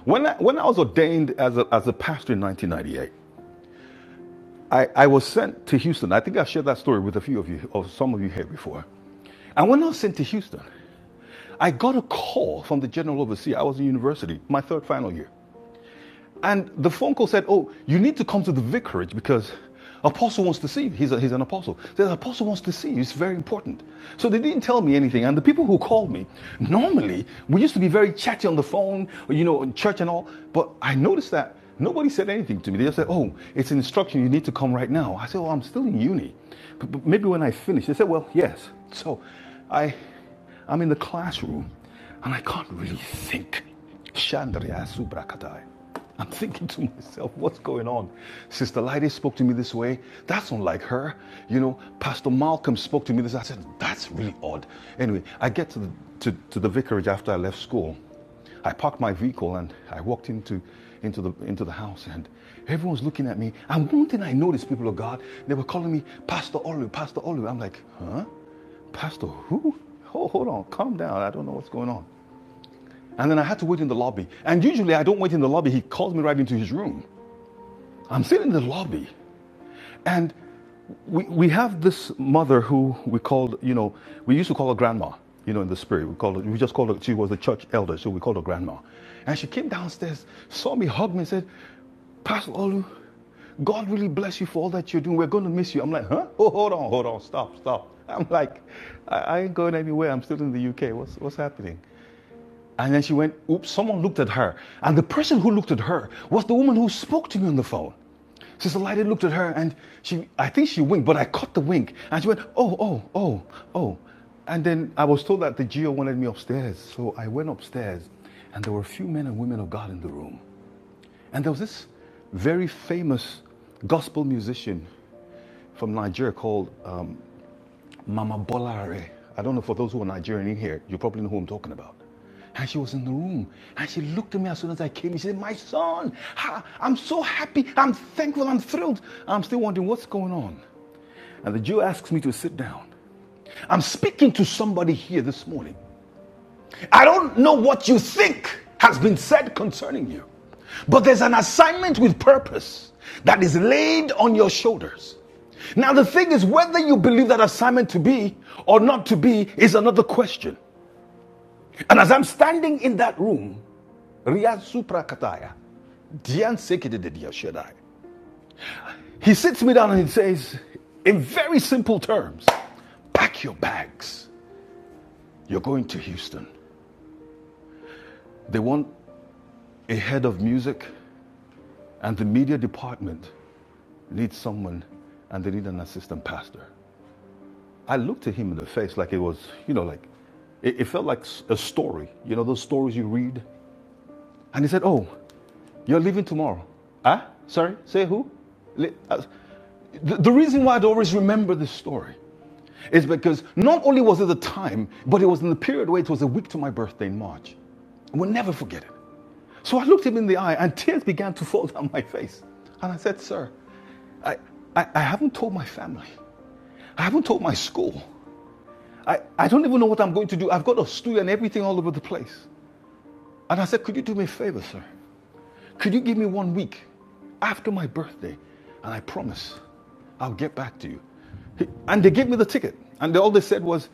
Speaker 3: When I, when I was ordained as a, as a pastor in 1998, I, I was sent to Houston. I think I've shared that story with a few of you, or some of you here before. And when I was sent to Houston, I got a call from the general overseer. I was in university, my third final year. And the phone call said, Oh, you need to come to the vicarage because apostle wants to see you. He's, a, he's an apostle. The apostle wants to see you. It's very important. So they didn't tell me anything. And the people who called me, normally, we used to be very chatty on the phone, you know, in church and all. But I noticed that nobody said anything to me. They just said, Oh, it's an instruction. You need to come right now. I said, Oh, I'm still in uni. But, maybe when I finish, they said, Well, yes. So I. I'm in the classroom and I can't really think. Shandriya Subrakatai. I'm thinking to myself, what's going on? Sister Lydie spoke to me this way. That's unlike her. You know, Pastor Malcolm spoke to me this. way. I said, that's really odd. Anyway, I get to the, to, to the vicarage after I left school. I parked my vehicle and I walked into, into, the, into the house and everyone's looking at me. And one thing I noticed, people of God, they were calling me Pastor Olu, Pastor Olu. I'm like, huh? Pastor, who? Oh, hold on, calm down. I don't know what's going on. And then I had to wait in the lobby. And usually I don't wait in the lobby. He calls me right into his room. I'm sitting in the lobby. And we, we have this mother who we called, you know, we used to call her grandma, you know, in the spirit. We called her, we just called her, she was the church elder, so we called her grandma. And she came downstairs, saw me, hugged me, and said, Pastor Olu, God really bless you for all that you're doing. We're going to miss you. I'm like, huh? Oh, hold on, hold on, stop, stop. I'm like, I, I ain't going anywhere. I'm still in the UK. What's, what's happening? And then she went, oops, someone looked at her. And the person who looked at her was the woman who spoke to me on the phone. Sister Lydie looked at her and she, I think she winked, but I caught the wink. And she went, oh, oh, oh, oh. And then I was told that the GO wanted me upstairs. So I went upstairs and there were a few men and women of God in the room. And there was this very famous gospel musician from Nigeria called Mama Bolare. I don't know, for those who are Nigerian in here, you probably know who I'm talking about. And she was in the room and she looked at me as soon as I came in. She said, My son, I'm so happy, I'm thankful, I'm thrilled. I'm still wondering what's going on. And the Jew asks me to sit down. I'm speaking to somebody here this morning I don't know what you think has been said concerning you, but there's an assignment with purpose that is laid on your shoulders. Now, the thing is, whether you believe that assignment to be or not to be is another question. And as I'm standing in that room, Riyaz Dian Sekididiya Shaddai, he sits me down and he says, in very simple terms, pack your bags. You're going to Houston. They want a head of music, and the media department need someone and they need an assistant pastor. I looked at him in the face like it was, you know, like it, it felt like a story, you know, those stories you read. And he said, Oh, you're leaving tomorrow. Huh? Sorry, say who? Le- uh, The, the reason why I'd always remember this story is because not only was it the time, but it was in the period where it was a week to my birthday in March. I will never forget it. So I looked him in the eye and tears began to fall down my face. And I said, Sir, I, I, I haven't told my family. I haven't taught my school. I, I don't even know what I'm going to do. I've got a stew and everything all over the place. And I said, Could you do me a favor, sir? Could you give me one week after my birthday? And I promise I'll get back to you. And they gave me the ticket. And they- all they said was,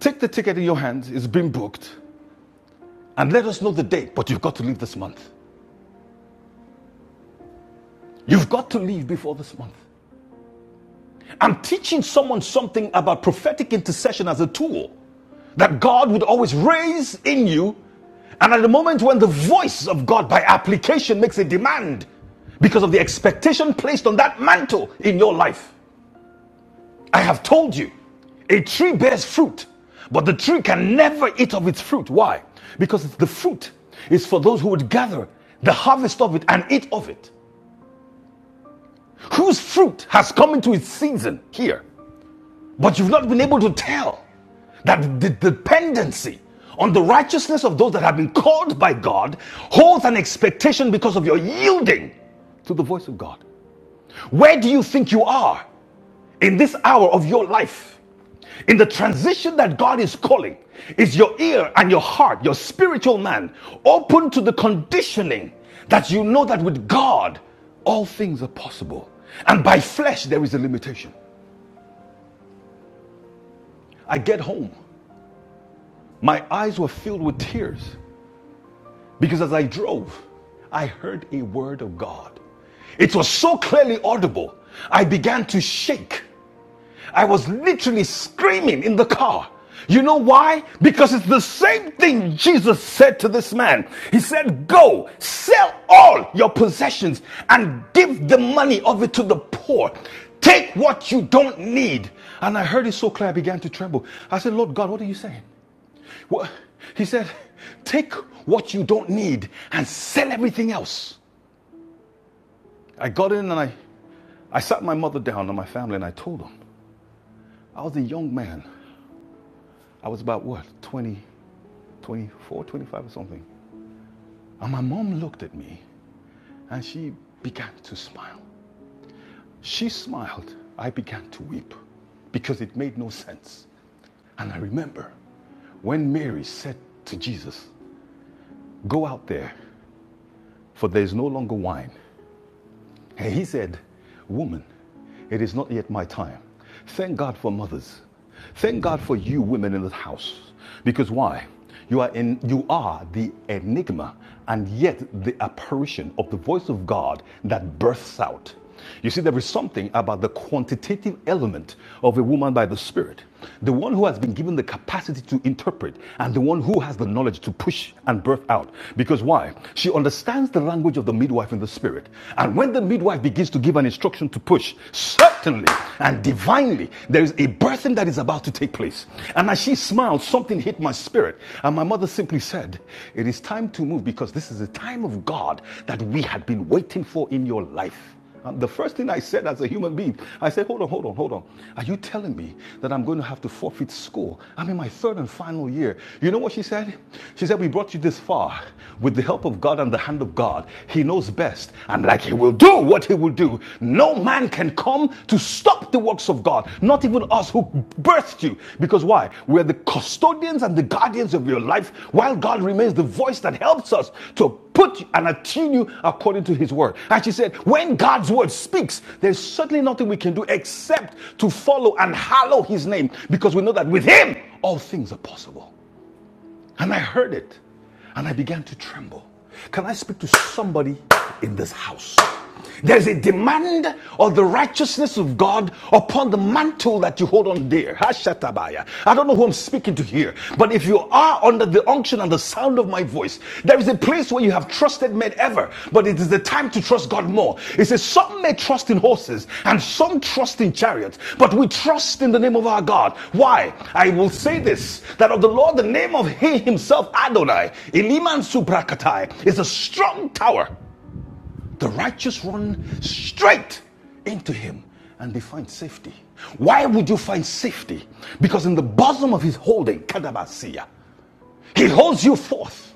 Speaker 3: Take the ticket in your hands, it's been booked, and let us know the date, but you've got to leave this month. You've got to leave before this month. I'm teaching someone something about prophetic intercession as a tool that God would always raise in you. And at the moment when the voice of God by application makes a demand because of the expectation placed on that mantle in your life, I have told you a tree bears fruit, but the tree can never eat of its fruit. Why? Because the fruit is for those who would gather the harvest of it and eat of it. Whose fruit has come into its season here? But you've not been able to tell that the dependency on the righteousness of those that have been called by God holds an expectation because of your yielding to the voice of God. Where do you think you are in this hour of your life? In the transition that God is calling, is your ear and your heart, your spiritual man, open to the conditioning that you know that with God all things are possible? And by flesh, there is a limitation. I get home My eyes were filled with tears because as I drove, I heard a word of God. It was so clearly audible, I began to shake. I was literally screaming in the car. You know why? Because it's the same thing Jesus said to this man. He said, Go, sell all your possessions and give the money of it to the poor. Take what you don't need. And I heard it so clear, I began to tremble. I said, Lord God, what are you saying? What? He said, Take what you don't need and sell everything else. I got in and I, I sat my mother down and my family and I told them. I was a young man. I was about what, 20, 24, 25 or something. And my mom looked at me and she began to smile. She smiled. I began to weep because it made no sense. And I remember when Mary said to Jesus, Go out there, for there is no longer wine. And he said, Woman, it is not yet my time. Thank God for mothers. Thank God for you women in this house. Because why? You are in you are the enigma and yet the apparition of the voice of God that bursts out. You see, there is something about the quantitative element of a woman by the Spirit. The one who has been given the capacity to interpret and the one who has the knowledge to push and birth out. Because why? She understands the language of the midwife in the Spirit. And when the midwife begins to give an instruction to push, certainly and divinely, there is a birthing that is about to take place. And as she smiled, something hit my spirit. And my mother simply said, It is time to move because this is the time of God that we had been waiting for in your life. And the first thing I said as a human being, I said, hold on, hold on, hold on. Are you telling me that I'm going to have to forfeit school? I'm in my third and final year. You know what she said? She said, We brought you this far with the help of God and the hand of God. He knows best. And like He will do what He will do, no man can come to stop the works of God. Not not even us who birthed you. Because why? We're the custodians and the guardians of your life, while God remains the voice that helps us to put and attune you according to his word. And she said, when God's word speaks, there's certainly nothing we can do except to follow and hallow his name, because we know that with him, all things are possible. And I heard it and I began to tremble. Can I speak to somebody in this house? There's a demand of the righteousness of God upon the mantle that you hold on dear. Hashatabaya. I don't know who I'm speaking to here, but if you are under the unction and the sound of my voice, there it's a place where you have trusted men ever, but it is the time to trust God more. It says, Some may trust in horses and some trust in chariots, but we trust in the name of our God. Why? I will say this that of the Lord, the name of He Himself, Adonai, Eliman Subrakatai, is a strong tower. The righteous run straight into Him and they find safety. Why would you find safety? Because in the bosom of His holding, Kadabasiya. He holds you forth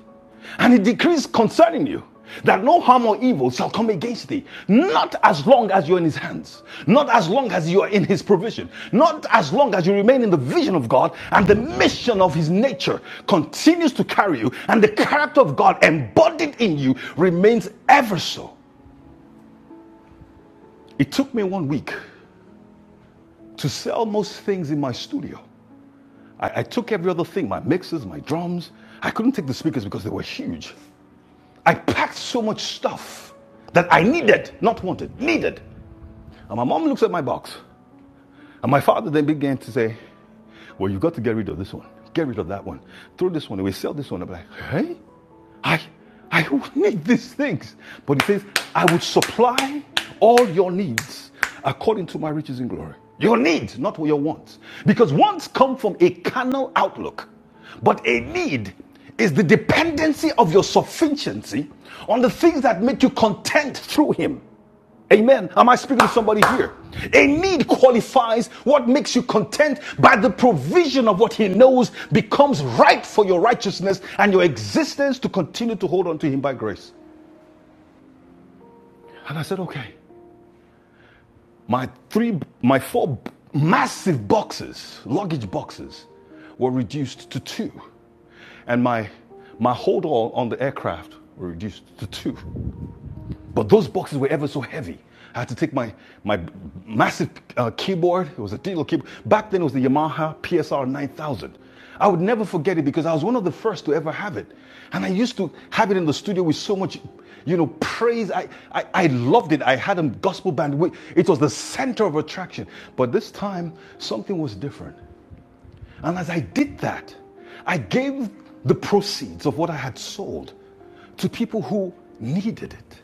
Speaker 3: and he decrees concerning you that no harm or evil shall come against thee, not as long as you're in his hands, not as long as you are in his provision, not as long as you remain in the vision of God and the mission of his nature continues to carry you and the character of God embodied in you remains ever so. It took me one week to sell most things in my studio. I, I took every other thing my mixes, my drums. I couldn't take the speakers because they were huge. I packed so much stuff that I needed, not wanted, needed. And my mom looks at my box. And my father then began to say, well, you've got to get rid of this one. Get rid of that one. Throw this one away. Sell this one. I'm like, hey, I, I need these things. But it says, I will supply all your needs according to my riches in glory. Your needs, not your wants. Because wants come from a carnal outlook, but a need is the dependency of your sufficiency on the things that make you content through Him. Amen. Am I speaking to somebody here? A need qualifies what makes you content by the provision of what he knows becomes right for your righteousness and your existence to continue to hold on to him by grace. And I said, okay. My three, my four massive boxes, luggage boxes, were reduced to two. And my my hold all on the aircraft were reduced to two. But those boxes were ever so heavy. I had to take my, my massive uh, keyboard, it was a digital keyboard. Back then it was the Yamaha PSR 9000. I would never forget it because I was one of the first to ever have it. And I used to have it in the studio with so much, you know, praise. I, I, I loved it. I had a gospel band. It was the center of attraction. But this time, something was different. And as I did that, I gave the proceeds of what I had sold to people who needed it.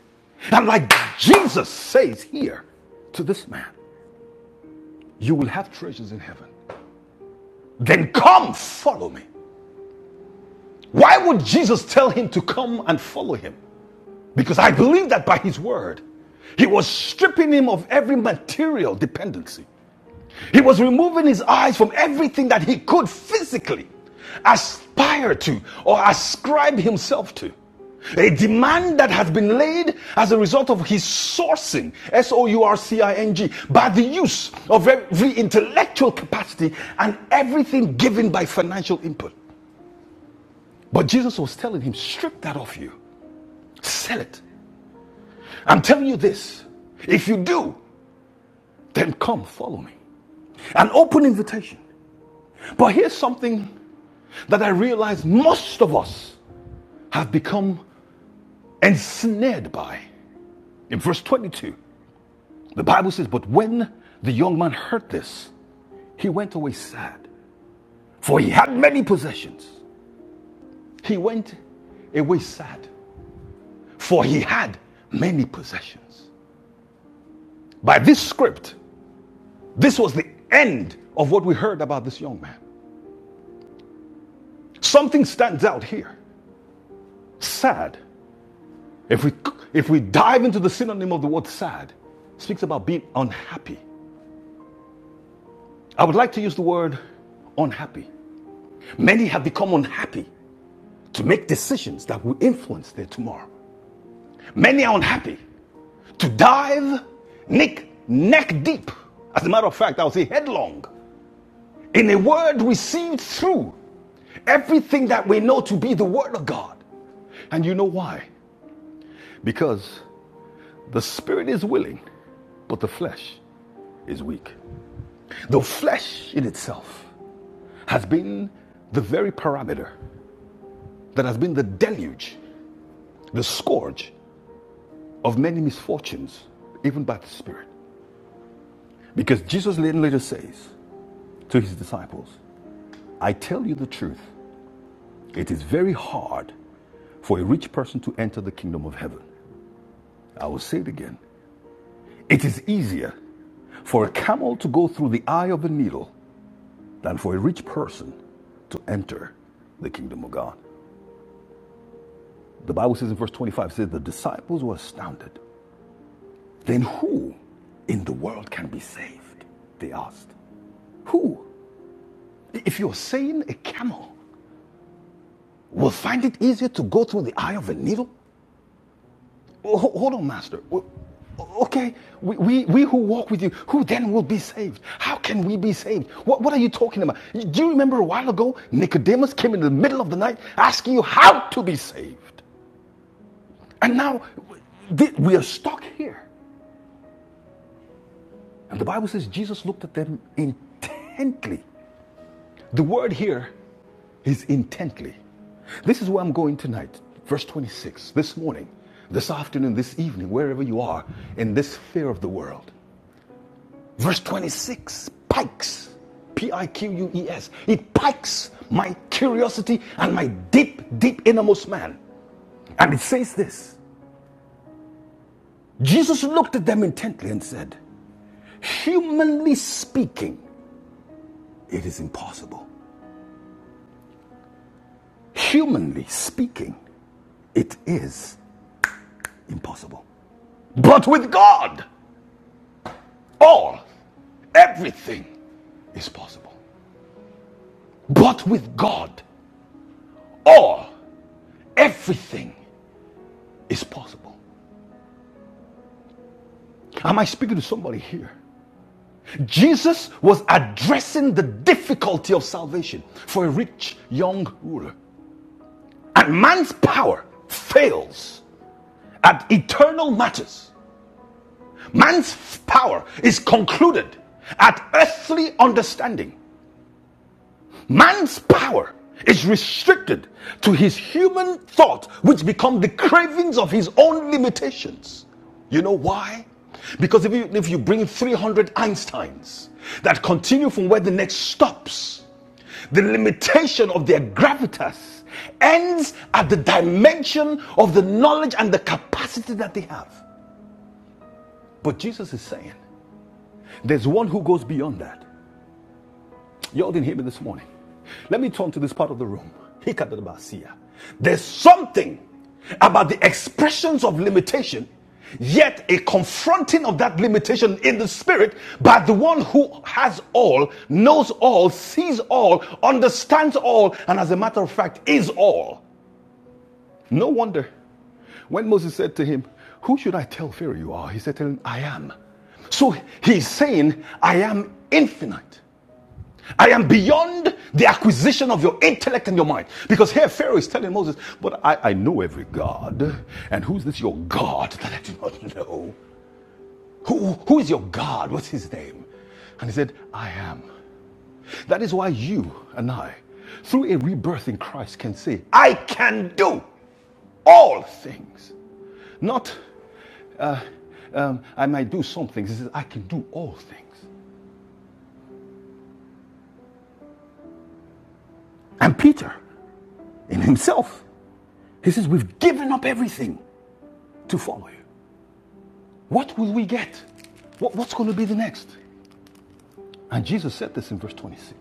Speaker 3: And like Jesus says here to this man, you will have treasures in heaven. Then come follow me. Why would Jesus tell him to come and follow him? Because I believe that by his word, he was stripping him of every material dependency. He was removing his eyes from everything that he could physically aspire to or ascribe himself to. A demand that has been laid as a result of his sourcing, S O U R C I N G, by the use of every intellectual capacity and everything given by financial input. But Jesus was telling him, strip that off you, sell it. I'm telling you this if you do, then come follow me. An open invitation. But here's something that I realize most of us have become ensnared by. In verse 22, the Bible says, But when the young man heard this, he went away sad, for he had many possessions. He went away sad, for he had many possessions. By this script, this was the end of what we heard about this young man. Something stands out here. Sad. If we if we dive into the synonym of the word sad, it speaks about being unhappy I would like to use the word unhappy. Many have become unhappy to make decisions that will influence their tomorrow. Many are unhappy to dive neck, neck deep. As a matter of fact, I would say headlong in a word received through everything that we know to be the word of God. And you know why? Because the spirit is willing, but the flesh is weak. The flesh in itself has been the very parameter that has been the deluge, the scourge of many misfortunes, even by the Spirit. Because Jesus later, says to his disciples, I tell you the truth, it is very hard for a rich person to enter the kingdom of heaven. I will say it again. It is easier for a camel to go through the eye of a needle than for a rich person to enter the kingdom of God. The Bible says in verse 25, it says, The disciples were astounded Then who in the world can be saved? They asked. Who? If you're saying a camel will find it easier to go through the eye of a needle? Ho- Hold on, Master. Okay, we, we, we who walk with you, who then will be saved? How can we be saved? What, what are you talking about? Do you remember a while ago, Nicodemus came in the middle of the night asking you how to be saved? And now we are stuck here. And the Bible says Jesus looked at them intently. The word here He's intently. This is where I'm going tonight. Verse 26, this morning, this afternoon, this evening, wherever you are, in this fear of the world. Verse 26 pikes, P I Q U E S. It pikes my curiosity and my deep, deep innermost man. And it says this Jesus looked at them intently and said, Humanly speaking, it is impossible. Humanly speaking, it is impossible. But with God, all, everything is possible. But with God, all, everything is possible. Am I speaking to somebody here? Jesus was addressing the difficulty of salvation for a rich young ruler. And man's power fails at eternal matters. Man's power is concluded at earthly understanding. Man's power is restricted to his human thought, which become the cravings of his own limitations. You know why? Because if you, if you bring 300 Einsteins that continue from where the next stops, the limitation of their gravitas ends at the dimension of the knowledge and the capacity that they have. But Jesus is saying there's one who goes beyond that. Y'all didn't hear me this morning. Let me turn to this part of the room. Hikadadabasia. There's something about the expressions of limitation, yet a confronting of that limitation in the spirit by the one who has all, knows all, sees all, understands all, and as a matter of fact, is all. No wonder when Moses said to him, Who should I tell Pharaoh you are? He said to him, I am. So he's saying, I am infinite. I am beyond the acquisition of your intellect and your mind. Because here Pharaoh is telling Moses, But I, I know every God. And who's this your God that I do not [LAUGHS] know? Who, who is your God? What's his name? And he said, I am. That is why you and I, through a rebirth in Christ, can say, I can do all things. Not, uh, um, I might do some things. He says, I can do all things. And Peter, in himself. He says, We've given up everything to follow you. What will we get? What, what's going to be the next? And Jesus said this in verse 26.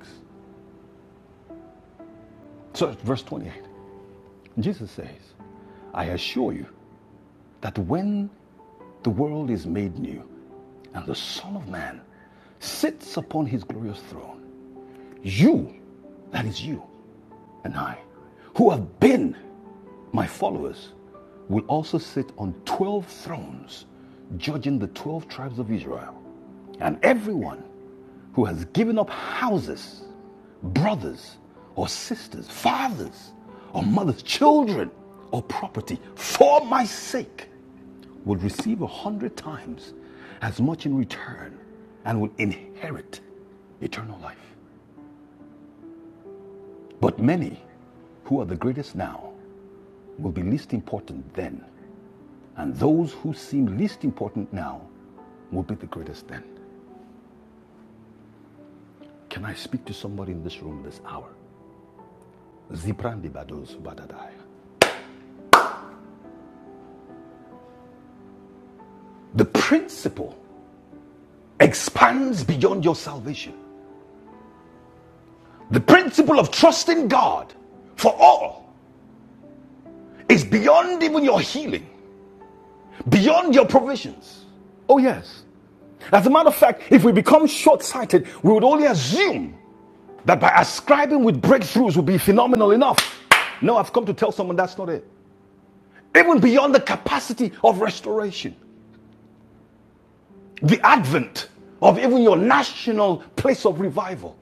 Speaker 3: So, verse 28. Jesus says, I assure you that when the world is made new and the Son of Man sits upon his glorious throne, You, that is you and I, who have been my followers, will also sit on 12 thrones, judging the 12 tribes of Israel. And everyone who has given up houses, brothers or sisters, fathers or mothers, children or property for my sake will receive a hundred times as much in return and will inherit eternal life. But many who are the greatest now will be least important then, and those who seem least important now will be the greatest then. Can I speak to somebody in this room this hour? Ziprandi Bados Badadai. The principle expands beyond your salvation. The principle of trusting God for all is beyond even your healing, beyond your provisions. Oh, yes. As a matter of fact, if we become short sighted, we would only assume That by ascribing with breakthroughs will be phenomenal enough. No, I've come to tell someone that's not it. Even beyond the capacity of restoration, the advent of even your national place of revival,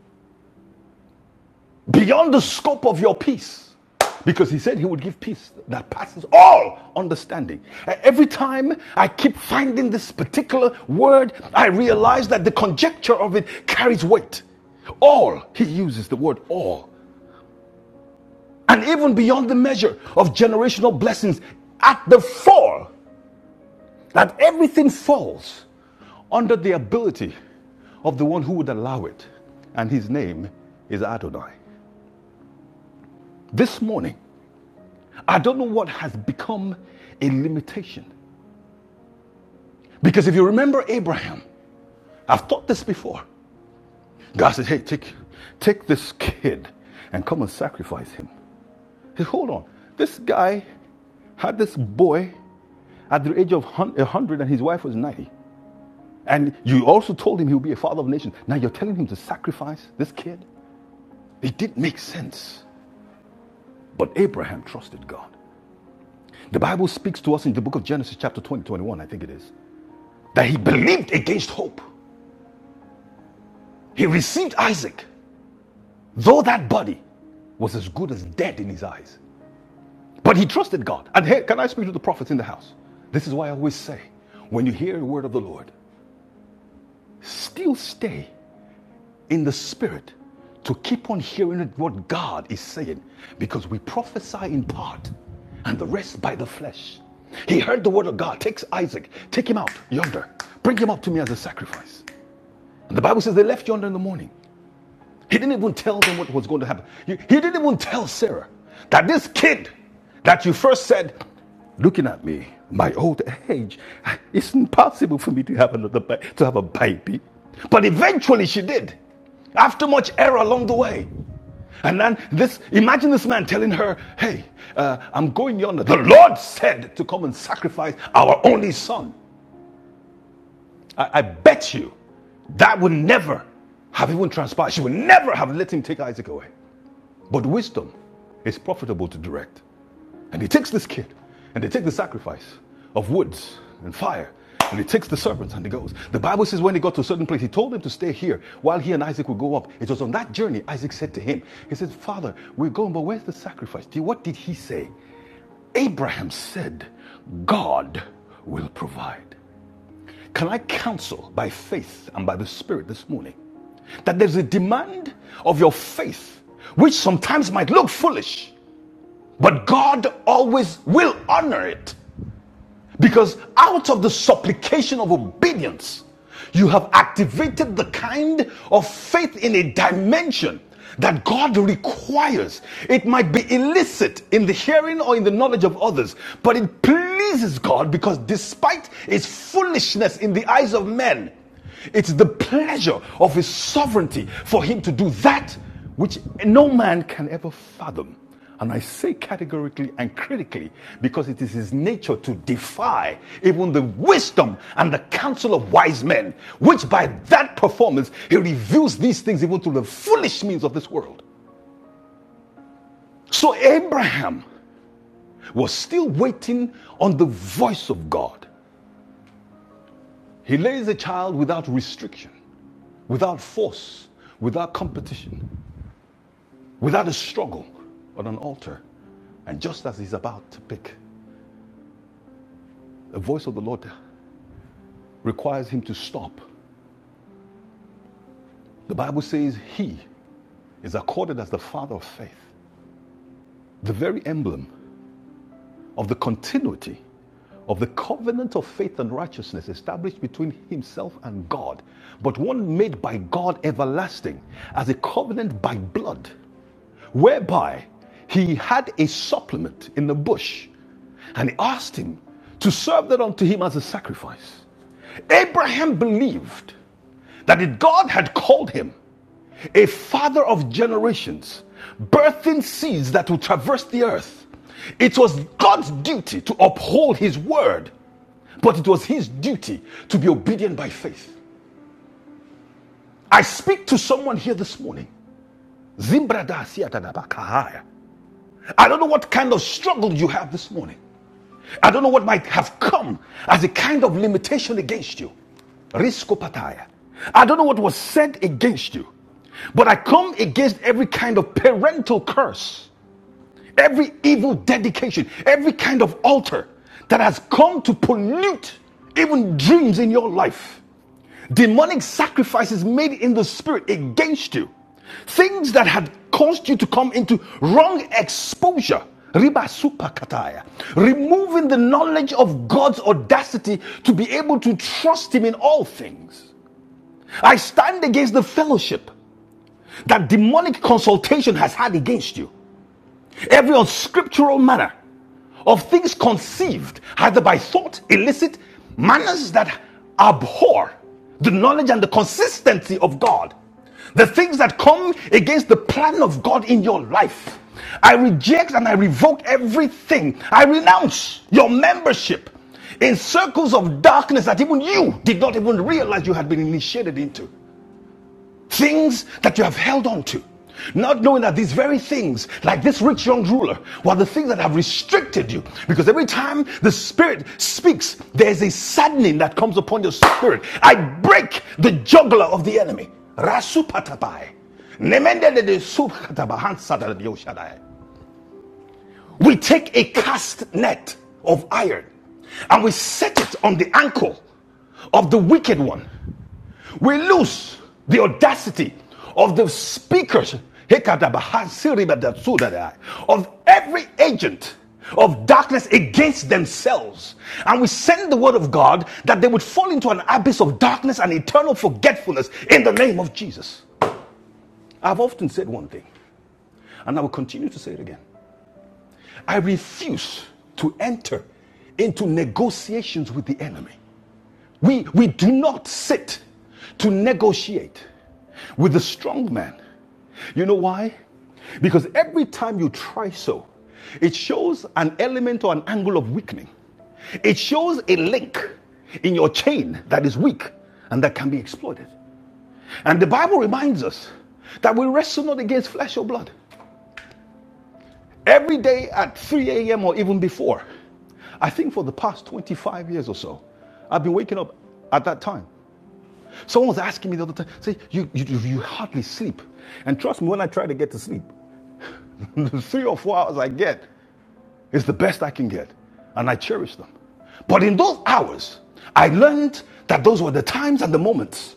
Speaker 3: beyond the scope of your peace. Because he said he would give peace that passes all understanding. E- Every time I keep finding this particular word, I realize that the conjecture of it carries weight. All, he uses the word all. and even beyond the measure of generational blessings at the fall, that everything falls under the ability of the one who would allow it, and his name is Adonai. This morning, I don't know what has become a limitation. Because if you remember Abraham, I've taught this before. God said, Hey, take, take this kid and come and sacrifice him. He said, Hold on. This guy had this boy at the age of 100 and his wife was 90. And you also told him he'll be a father of nations. Now you're telling him to sacrifice this kid? It didn't make sense. But Abraham trusted God. The Bible speaks to us in the book of Genesis, chapter 20 21, I think it is, that he believed against hope. He received Isaac, though that body was as good as dead in his eyes. But he trusted God. And hey, can I speak to the prophets in the house? This is why I always say when you hear a word of the Lord, still stay in the spirit to keep on hearing what God is saying because we prophesy in part and the rest by the flesh. He heard the word of God, takes Isaac, take him out yonder, bring him up to me as a sacrifice. And the Bible says they left yonder in the morning. He didn't even tell them what was going to happen. He didn't even tell Sarah that this kid that you first said, looking at me, my old age, it's impossible for me to have another to have a baby. But eventually she did, after much error along the way. And then this, imagine this man telling her, "Hey, uh, I'm going yonder. The Lord said to come and sacrifice our only son." I, I bet you that would never have even transpired. She would never have let him take Isaac away. But wisdom is profitable to direct. And he takes this kid and they take the sacrifice of woods and fire. And he takes the serpents and he goes. The Bible says when he got to a certain place, he told them to stay here while he and Isaac would go up. It was on that journey Isaac said to him, He said, Father, we're going, but where's the sacrifice? What did he say? Abraham said, God will provide. Can I counsel by faith and by the Spirit this morning that there's a demand of your faith which sometimes might look foolish? But God always will honor it because out of the supplication of obedience, you have activated the kind of faith in a dimension that God requires. It might be illicit in the hearing or in the knowledge of others, but it pleases God because despite its foolishness in the eyes of men, it's the pleasure of his sovereignty for him to do that which no man can ever fathom. And I say categorically and critically because it is his nature to defy even the wisdom and the counsel of wise men, which by that performance he reveals these things even to the foolish means of this world. So Abraham was still waiting on the voice of God. He lays a child without restriction, without force, without competition. without a struggle on an altar. And just as he's about to pick, the voice of the Lord requires him to stop. The Bible says he is accorded as the father of faith, the very emblem of the continuity of the covenant of faith and righteousness established between himself and God, but one made by God everlasting as a covenant by blood whereby he had a supplement in the bush, and he asked him to serve that unto him as a sacrifice. Abraham believed that if God had called him a father of generations, birthing seeds that will traverse the earth, it was God's duty to uphold his word, but it was his duty to be obedient by faith. I speak to someone here this morning. I don't know what kind of struggle you have this morning. I don't know what might have come as a kind of limitation against you. Risco pataya. I don't know what was said against you, but I come against every kind of parental curse every evil dedication, every kind of altar that has come to pollute even dreams in your life, demonic sacrifices made in the spirit against you, things that had caused you to come into wrong exposure. Riba supakataya, removing the knowledge of God's audacity to be able to trust Him in all things. I stand against the fellowship that demonic consultation has had against you. Every unscriptural manner of things conceived, either by thought, illicit manners that abhor the knowledge and the consistency of God, the things that come against the plan of God in your life. I reject and I revoke everything. I renounce your membership in circles of darkness that even you did not even realize you had been initiated into. Things that you have held on to, not knowing that these very things, like this rich young ruler, were the things that have restricted you. Because every time the Spirit speaks, there's a saddening that comes upon your spirit. I break the juggler of the enemy. Rasupatapai. Nemendedede supatabahansatadadioshadai. We take a cast net of iron and we set it on the ankle of the wicked one. We lose the audacity of the speakers of every agent of darkness against themselves. And we send the word of God that they would fall into an abyss of darkness and eternal forgetfulness in the name of Jesus. I've often said one thing, and I will continue to say it again. I refuse to enter into negotiations with the enemy. We, we do not sit to negotiate with the strong man. You know why? Because every time you try so, it shows an element or an angle of weakening. It shows a link in your chain that is weak and that can be exploited. And the Bible reminds us that we wrestle not against flesh or blood, every day at 3 a.m. or even before. I think for the past 25 years or so, I've been waking up at that time. Someone was asking me the other time, say, you, you, you hardly sleep. And trust me, when I try to get to sleep, [LAUGHS] the three or four hours I get it's the best I can get. And I cherish them. But in those hours, I learned that those were the times and the moments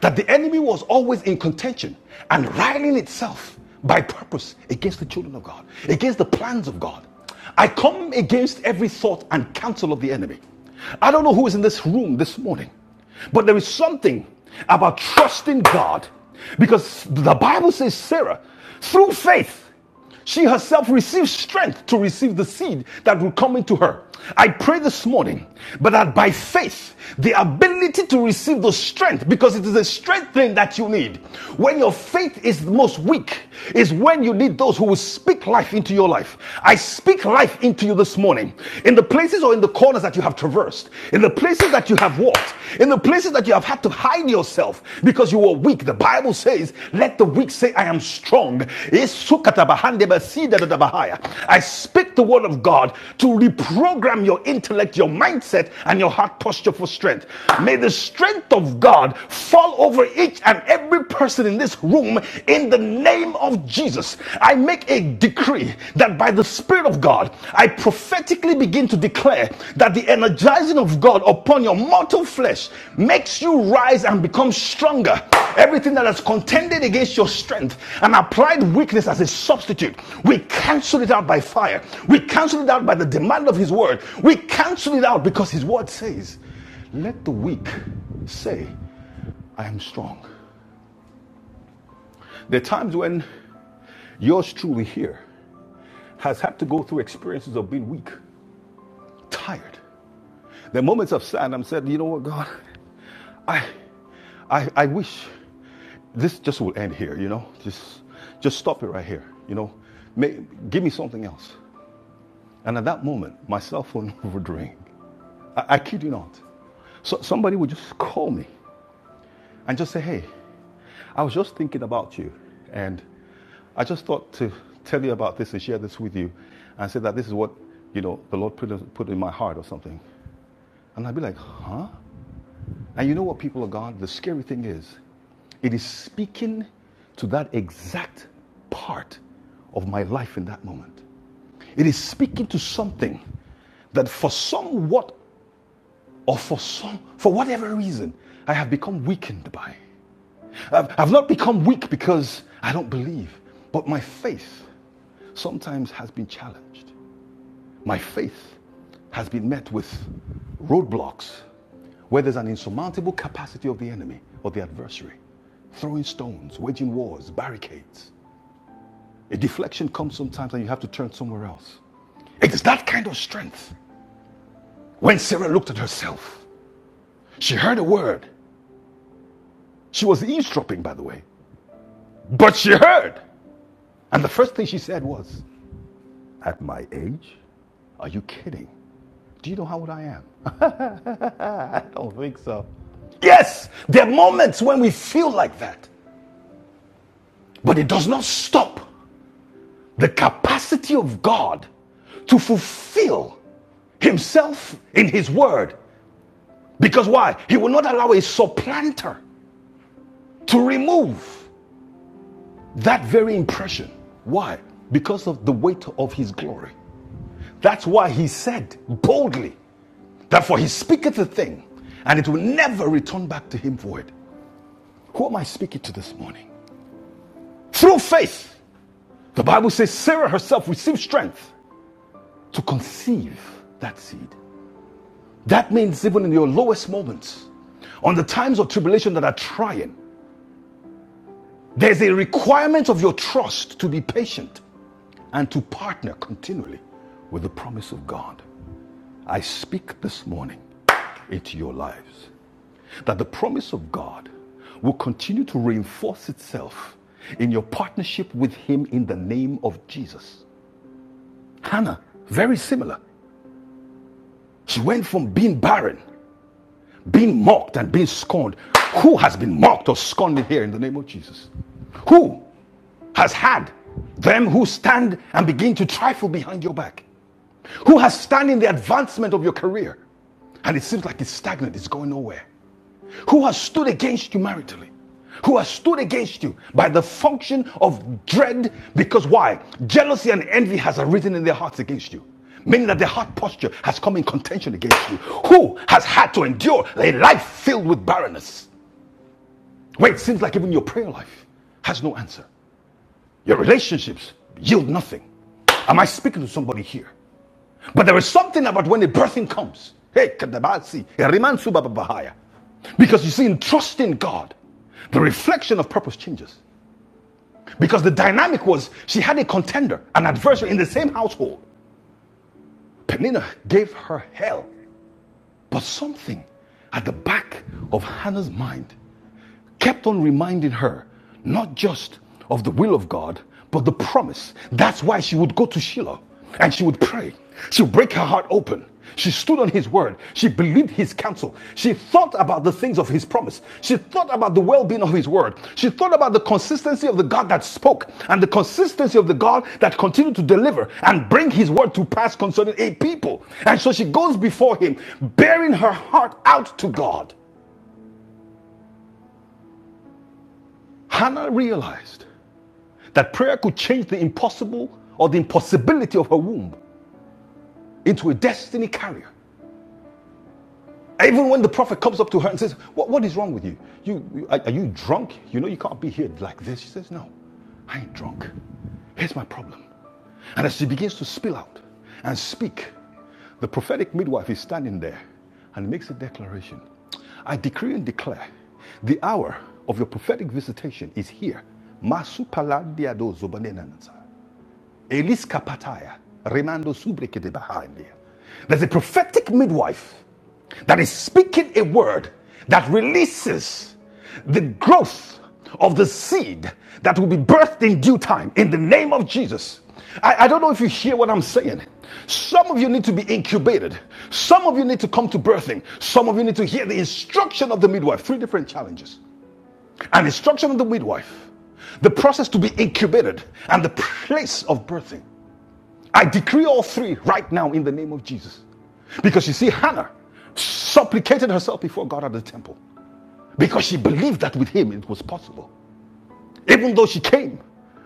Speaker 3: that the enemy was always in contention and riling itself by purpose against the children of God, against the plans of God. I come against every thought and counsel of the enemy. I don't know who is in this room this morning, but there is something about trusting God because the Bible says Sarah, through faith, she herself receives strength to receive the seed that will come into her. I pray this morning, but that by faith, the ability to receive the strength, because it is a strength thing that you need. When your faith is the most weak, is when you need those who will speak life into your life. I speak life into you this morning. In the places or in the corners that you have traversed, in the places that you have walked, in the in the places that you have had to hide yourself because you were weak, the Bible says, Let the weak say, I am strong. I speak the word of God to reprogram your intellect, your mindset, and your heart posture for strength. May the strength of God fall over each and every person in this room in the name of Jesus. I make a decree that by the Spirit of God, I prophetically begin to declare that the energizing of God upon your mortal flesh makes you rise and become stronger. Everything that has contended against your strength and applied weakness as a substitute, we cancel it out by fire. We cancel it out by the demand of His word. We cancel it out because His word says, Let the weak say, I am strong. There are times when yours truly here has had to go through experiences of being weak tired. There are moments of sadness. I'm said, you know what, God, I, I, I wish this just will end here. You know, just, just stop it right here. You know, May, give me something else. And at that moment, my cell phone [LAUGHS] would ring. I, I kid you not. So somebody would just call me and just say, hey, I was just thinking about you, and I just thought to tell you about this and share this with you, and say that this is what you know the Lord put put in my heart or something. And I'd be like, huh? And you know what, people of God? The scary thing is, it is speaking to that exact part of my life in that moment. It is speaking to something that for somewhat or for some for whatever reason I have become weakened by. I've, I've not become weak because I don't believe, but my faith sometimes has been challenged. My faith has been met with roadblocks where there's an insurmountable capacity of the enemy or the adversary, throwing stones, waging wars, barricades. A deflection comes sometimes and you have to turn somewhere else. It is that kind of strength. When Sarah looked at herself, she heard a word. She was eavesdropping, by the way, but she heard. And the first thing she said was, At my age? Are you kidding? Do you know how old I am? I don't think so. Yes, there are moments when we feel like that, but it does not stop the capacity of God to fulfill Himself in His Word. Because why? He will not allow a supplanter to remove that very impression. Why? Because of the weight of His glory. That's why He said boldly, Therefore, He speaketh a thing, and it will never return back to Him void. Who am I speaking to this morning? Through faith, The Bible says Sarah herself received strength to conceive that seed. That means even in your lowest moments, on the times of tribulation that are trying, there's a requirement of your trust to be patient and to partner continually with the promise of God. I speak this morning into your lives that the promise of God will continue to reinforce itself in your partnership with Him in the name of Jesus. Hannah, very similar. She went from being barren, being mocked, and being scorned. Who has been mocked or scorned here in the name of Jesus? Who has had them who stand and begin to trifle behind your back? Who has stand in the advancement of your career? And it seems like it's stagnant, it's going nowhere who has stood against you maritally, who has stood against you by the function of dread, because why? Jealousy and envy has arisen in their hearts against you. Meaning that their heart posture has come in contention against you. Who has had to endure a life filled with barrenness, where it seems like even your prayer life has no answer? Your relationships yield nothing. Am I speaking to somebody here? But there is something about when the birthing comes. Hey, kadabasi, erimansu bababahaya. Because you see, in trusting God, the reflection of purpose changes. Because the dynamic was she had a contender, an adversary in the same household. Penina gave her hell. But something at the back of Hannah's mind kept on reminding her not just of the will of God, but the promise. That's why she would go to Shiloh and she would pray. She would break her heart open. She stood on his word. She believed his counsel. She thought about the things of his promise. She thought about the well being of his word. She thought about the consistency of the God that spoke and the consistency of the God that continued to deliver and bring his word to pass concerning a people. And so she goes before him, bearing her heart out to God. Hannah realized that prayer could change the impossible or the impossibility of her womb into a destiny carrier. Even when the prophet comes up to her and says, What, what is wrong with you? you, you are, are you drunk? You know you can't be here like this. She says, No, I ain't drunk. Here's my problem. And as she begins to spill out and speak, the prophetic midwife is standing there and makes a declaration I decree and declare the hour of your prophetic visitation is here. Masupaladiado zobanenanansa. Elis Kapataya, Remando Subrike de Bahaindia. There's a prophetic midwife that is speaking a word that releases the growth of the seed that will be birthed in due time in the name of Jesus. I, I don't know if you hear what I'm saying. Some of you need to be incubated. Some of you need to come to birthing. Some of you need to hear the instruction of the midwife. Three different challenges. An instruction of the midwife, the process to be incubated, and the place of birthing. I decree all three right now in the name of Jesus. Because you see, Hannah supplicated herself before God at the temple because she believed that with him it was possible. Even though she came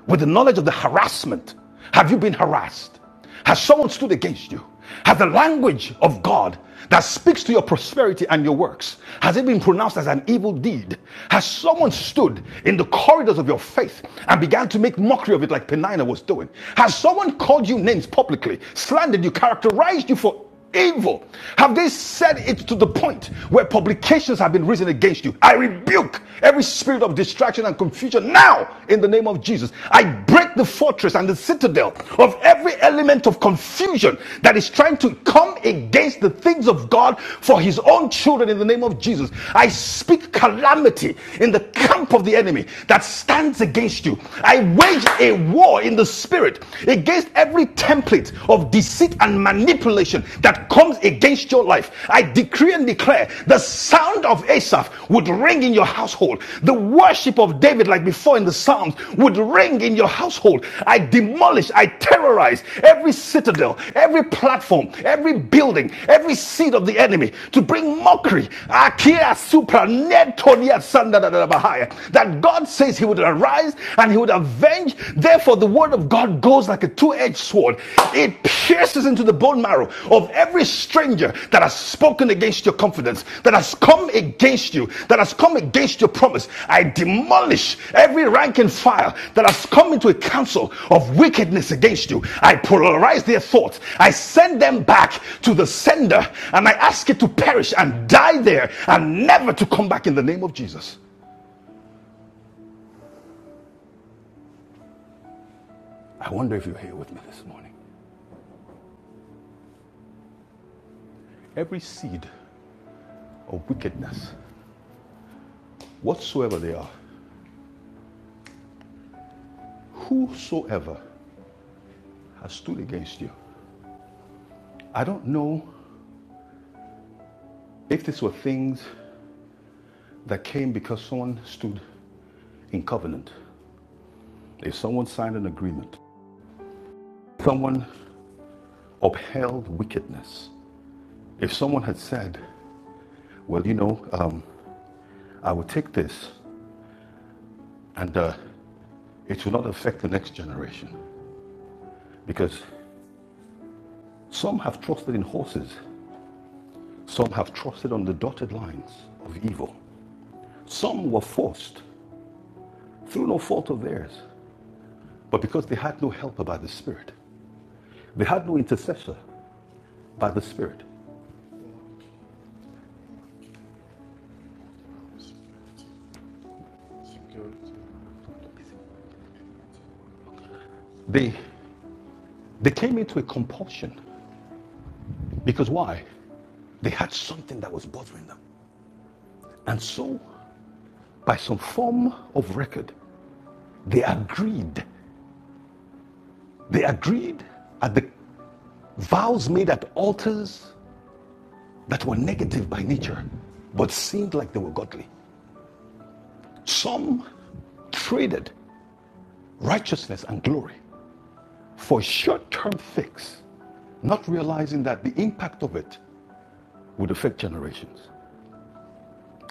Speaker 3: with the knowledge of the harassment, have you been harassed? Has someone stood against you? Has the language of God that speaks to your prosperity and your works, has it been pronounced as an evil deed? Has someone stood in the corridors of your faith and began to make mockery of it like Penina was doing? Has someone called you names publicly, slandered you, characterized you for evil? Have they said it to the point where publications have been risen against you? I rebuke every spirit of distraction and confusion now in the name of Jesus. I break the fortress and the citadel of every element of confusion that is trying to come against the things of God for his own children in the name of Jesus. I speak calamity in the camp of the enemy that stands against you. I wage a war in the spirit against every every template of deceit and manipulation that comes against your life. I decree and declare the sound of Asaph would ring in your household. The worship of David, like before in the Psalms, would ring in your household. I demolish, I terrorize every citadel, every platform, every building, every seed of the enemy to bring mockery. Akia supra netonia sanda da bahaya. That God says He would arise and He would would avenge. Therefore, the word of God goes like a two edged sword. It pierces into the bone marrow of every stranger that has spoken against your confidence, that has come against you, that has come against your promise. I demolish every rank and file that has come into a council of wickedness against you. I polarize their thoughts. I send them back to the sender and I ask it to perish and die there and never to come back in the name of Jesus. I wonder if you're here with me this morning. Every seed or wickedness, whatsoever they are, whosoever has stood against you. I don't know if these were things that came because someone stood in covenant, if someone signed an agreement, someone upheld wickedness, if someone had said, Well, you know, um, I will take this and uh, it will not affect the next generation. Because some have trusted in horses, some have trusted on the dotted lines of evil, some were forced through no fault of theirs. But because they had no helper by the Spirit, they had no intercessor by the Spirit, they, they came into a compulsion. Because why? They had something that was bothering them. And so, by some form of record, they agreed. They agreed at the vows made at altars that were negative by nature, but seemed like they were godly. Some traded righteousness and glory for a short term fix, not realizing that the impact of it would affect generations.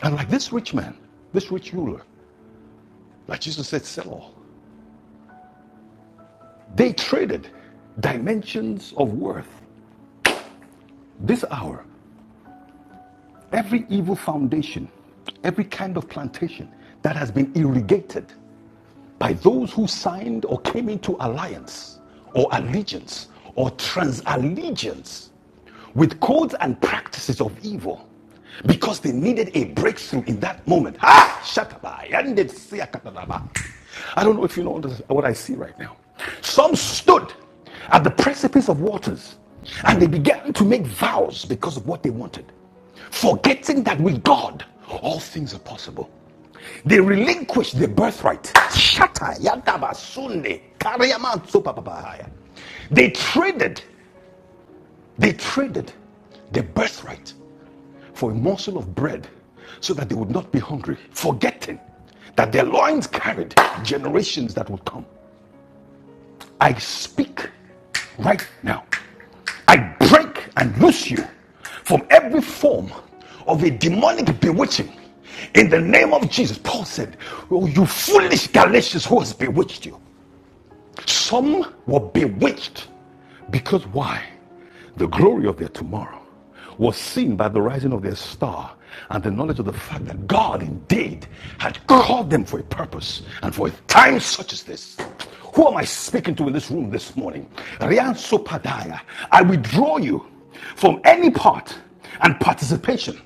Speaker 3: And like this rich man, this rich ruler, like Jesus said, sell all. They traded dimensions of worth this hour Every evil foundation, every kind of plantation that has been irrigated by those who signed or came into alliance or allegiance or transallegiance with codes and practices of evil because they needed a breakthrough in that moment. Ah, shakaba, yande I don't know if you know what I see right now. Some stood at the precipice of waters and they began to make vows because of what they wanted forgetting that with God all things are possible. They relinquish their birthright. Shatta, yadaba, sunde, kariyama, supapapahaya. They traded, they traded their birthright for a morsel of bread so that they would not be hungry, forgetting that their loins carried generations that would come. I speak right now. I break and loose you from every form of a demonic bewitching in the name of Jesus. Paul said, Oh, you foolish Galatians, who has bewitched you? Some were bewitched because why? The glory of their tomorrow was seen by the rising of their star and the knowledge of the fact that God indeed had called them for a purpose and for a time such as this. Who am I speaking to in this room this morning? Rian Sopadaya, I withdraw you from any part and participation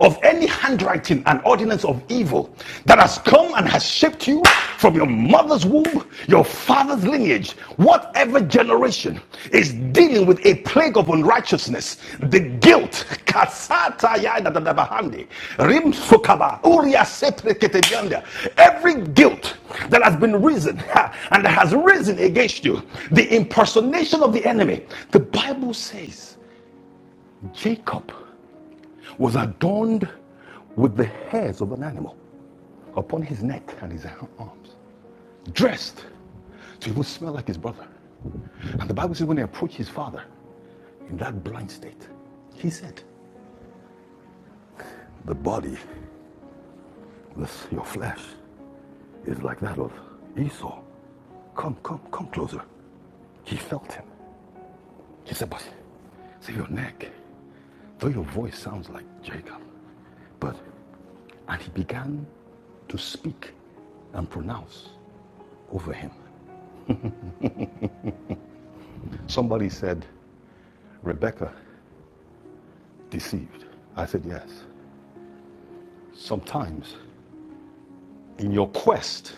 Speaker 3: of any handwriting and ordinance of evil that has come and has shaped you from your mother's womb, your father's lineage, whatever generation is dealing with a plague of unrighteousness, the guilt, rim sokaba, every guilt that has been risen [LAUGHS] and has risen against you, the impersonation of the enemy, the Bible says, Jacob was adorned with the hairs of an animal upon his neck and his arms, dressed to even smell like his brother. And the Bible says when he approached his father in that blind state, he said, The body, this your flesh, is like that of Esau. Come, come, come closer. He felt him. He said, But see your neck, though your voice sounds like Jacob. But and he began to speak and pronounce over him Somebody said, Rebecca deceived. I said, Yes. Sometimes, in your quest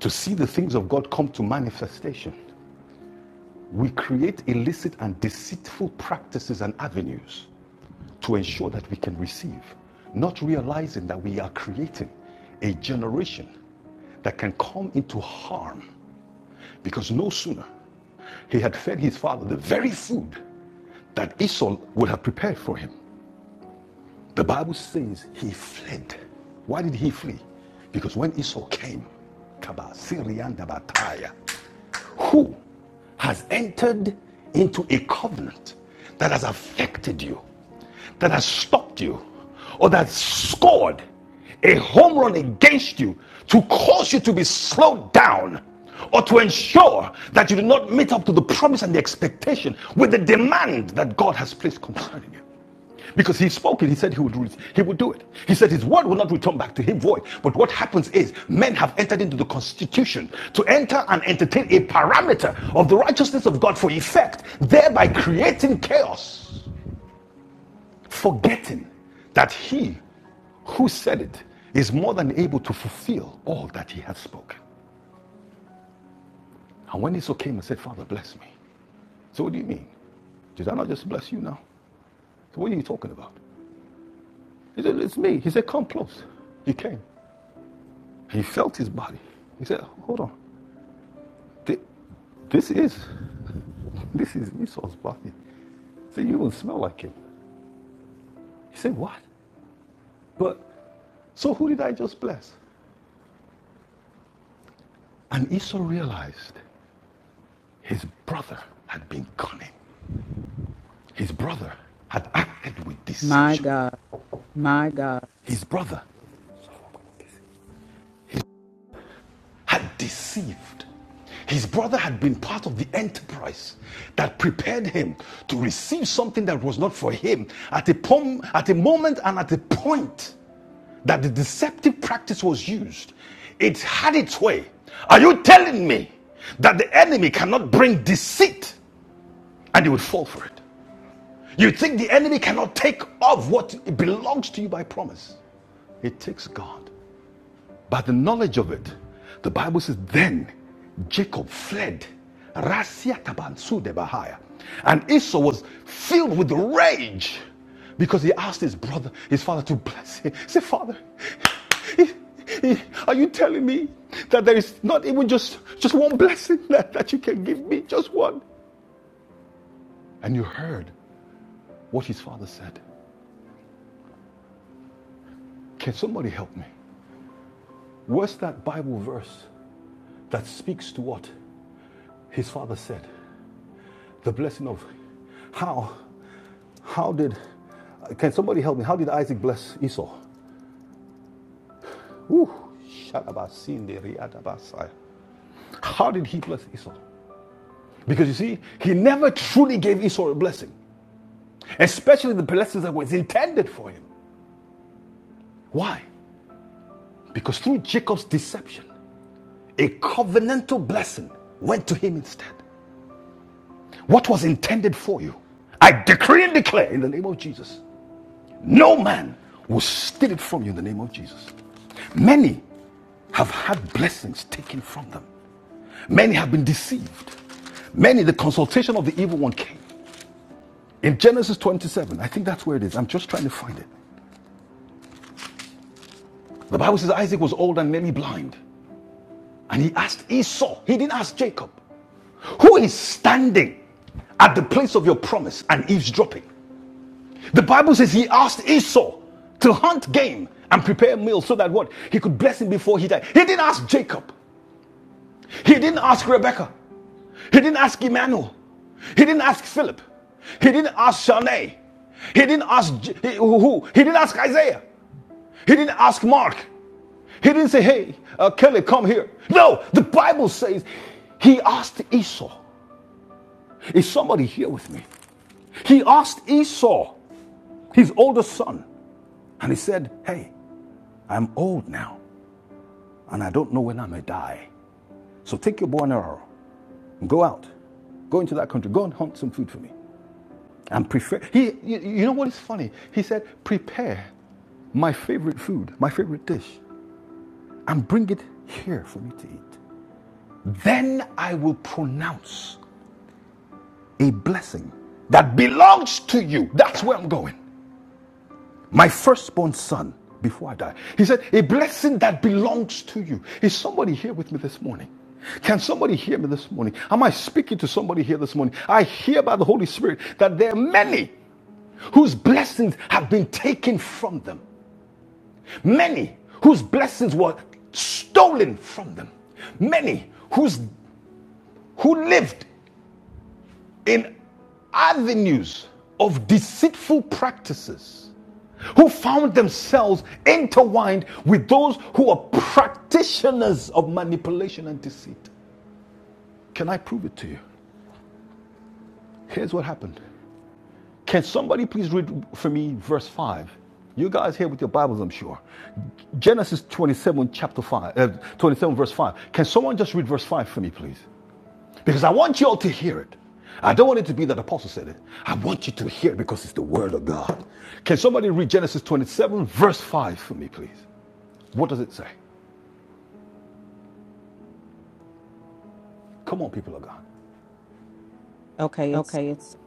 Speaker 3: to see the things of God come to manifestation, we create illicit and deceitful practices and avenues to ensure that we can receive, not realizing that we are creating a generation that can come into harm because no sooner he had fed his father the very food that Esau would have prepared for him. The Bible says he fled. Why did he flee? Because when Esau came, Kaba, Syrian, Dabataya, who has entered into a covenant that has affected you, that has stopped you, or that scored a home run against you to cause you to be slowed down or to ensure that you do not meet up to the promise and the expectation with the demand that God has placed concerning you. Because he spoke it, he said he would do it. He would do it. He said his word will not return back to him void. But what happens is men have entered into the constitution to enter and entertain a parameter of the righteousness of God for effect, thereby creating chaos, forgetting that he who said it is more than able to fulfill all that he has spoken. And when Esau came and said, Father, bless me. So what do you mean? Did I not just bless you now? So what are you talking about? He said, It's me. He said, Come close. He came. He felt his body. He said, Hold on. This is this is Esau's body. He said, You don't smell like him. He said, What? But so who did I just bless? And Esau realized his brother had been cunning. His brother had acted with deception. My God. His brother had deceived. His brother had been part of the enterprise that prepared him to receive something that was not for him at a, pom- at a moment and at a point that the deceptive practice was used. It had its way. Are you telling me that the enemy cannot bring deceit and you will fall for it? You think the enemy cannot take off what belongs to you by promise? It takes God. By the knowledge of it, the Bible says, then Jacob fled. Rasia taban sude And Esau was filled with rage because he asked his brother, his father, to bless him. He said, Father, are you telling me that there is not even just, just one blessing [LAUGHS] that, that you can give me? Just one. And you heard what his father said. Can somebody help me? Where's that Bible verse that speaks to what his father said? The blessing of how how did can somebody help me? How did Isaac bless Esau? Woo, How did he bless Esau? Because you see, he never truly gave Esau a blessing, especially the blessings that was intended for him. Why? Because through Jacob's deception, a covenantal blessing went to him instead. What was intended for you, I decree and declare in the name of Jesus, no man will steal it from you in the name of Jesus. Many have had blessings taken from them. Many have been deceived. Many, the consultation of the evil one came. In Genesis 27, I think that's where it is. I'm just trying to find it. The Bible says Isaac was old and nearly blind. And he asked Esau, he didn't ask Jacob, who is standing at the place of your promise and eavesdropping? The Bible says he asked Esau to hunt game and prepare a meal so that what? He could bless him before he died. He didn't ask Jacob. He didn't ask Rebecca. He didn't ask Emmanuel. He didn't ask Philip. He didn't ask Shanae. He didn't ask who, who- He didn't ask Isaiah. He didn't ask Mark. He didn't say, "Hey, uh, Kelly, come here." No, the Bible says he asked Esau. Is somebody here with me? He asked Esau, his oldest son, and he said, "Hey, I'm old now, and I don't know when I may die. So take your bow and arrow and go out, go into that country, go and hunt some food for me." and prefer. He, you you know what is funny? He said, prepare my favorite food, my favorite dish, and bring it here for me to eat. Then I will pronounce a blessing that belongs to you. That's where I'm going. My firstborn son before I die. He said, a blessing that belongs to you. Is somebody here with me this morning? Can somebody hear me this morning? Am I speaking to somebody here this morning? I hear by the Holy Spirit that there are many whose blessings have been taken from them. Many whose blessings were stolen from them. Many whose, who lived in avenues of deceitful practices, who found themselves intertwined with those who are practitioners of manipulation and deceit. Can I prove it to you? Here's what happened Can somebody please read for me verse 5? You guys here with your Bibles, I'm sure. Genesis 27, chapter 5, uh, 27, verse 5. Can someone just read verse 5 for me, please? Because I want you all to hear it. I don't want it to be that the Apostle said it. I want you to hear it because it's the Word of God. Can somebody read Genesis 27, verse 5 for me, please? What does it say? Come on, people of God.
Speaker 1: Okay.
Speaker 3: Okay, it's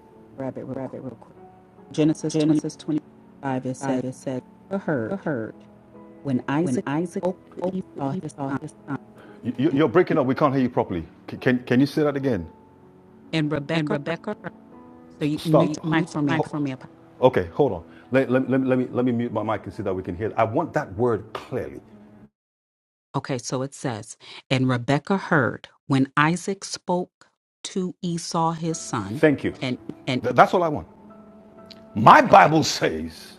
Speaker 3: grab it real quick. Genesis 25, it says, the herd. When Isaac spoke to Esau his son, You- you- are breaking up. We can't hear you properly. Can can you say that again?
Speaker 1: And
Speaker 3: and Rebecca, heard-
Speaker 1: so
Speaker 3: so you Stop. can mute your
Speaker 1: yeah.
Speaker 3: mic Ho- for me. Okay, hold on. Let, let, let, let me let me mute my mic and see that we can hear. it. I want that word clearly.
Speaker 1: Okay, so it says, and Rebekah heard when Isaac spoke to Esau his son,
Speaker 3: Thank you. And
Speaker 1: and
Speaker 3: Th- that's all I want. My
Speaker 1: okay,
Speaker 3: Bible says,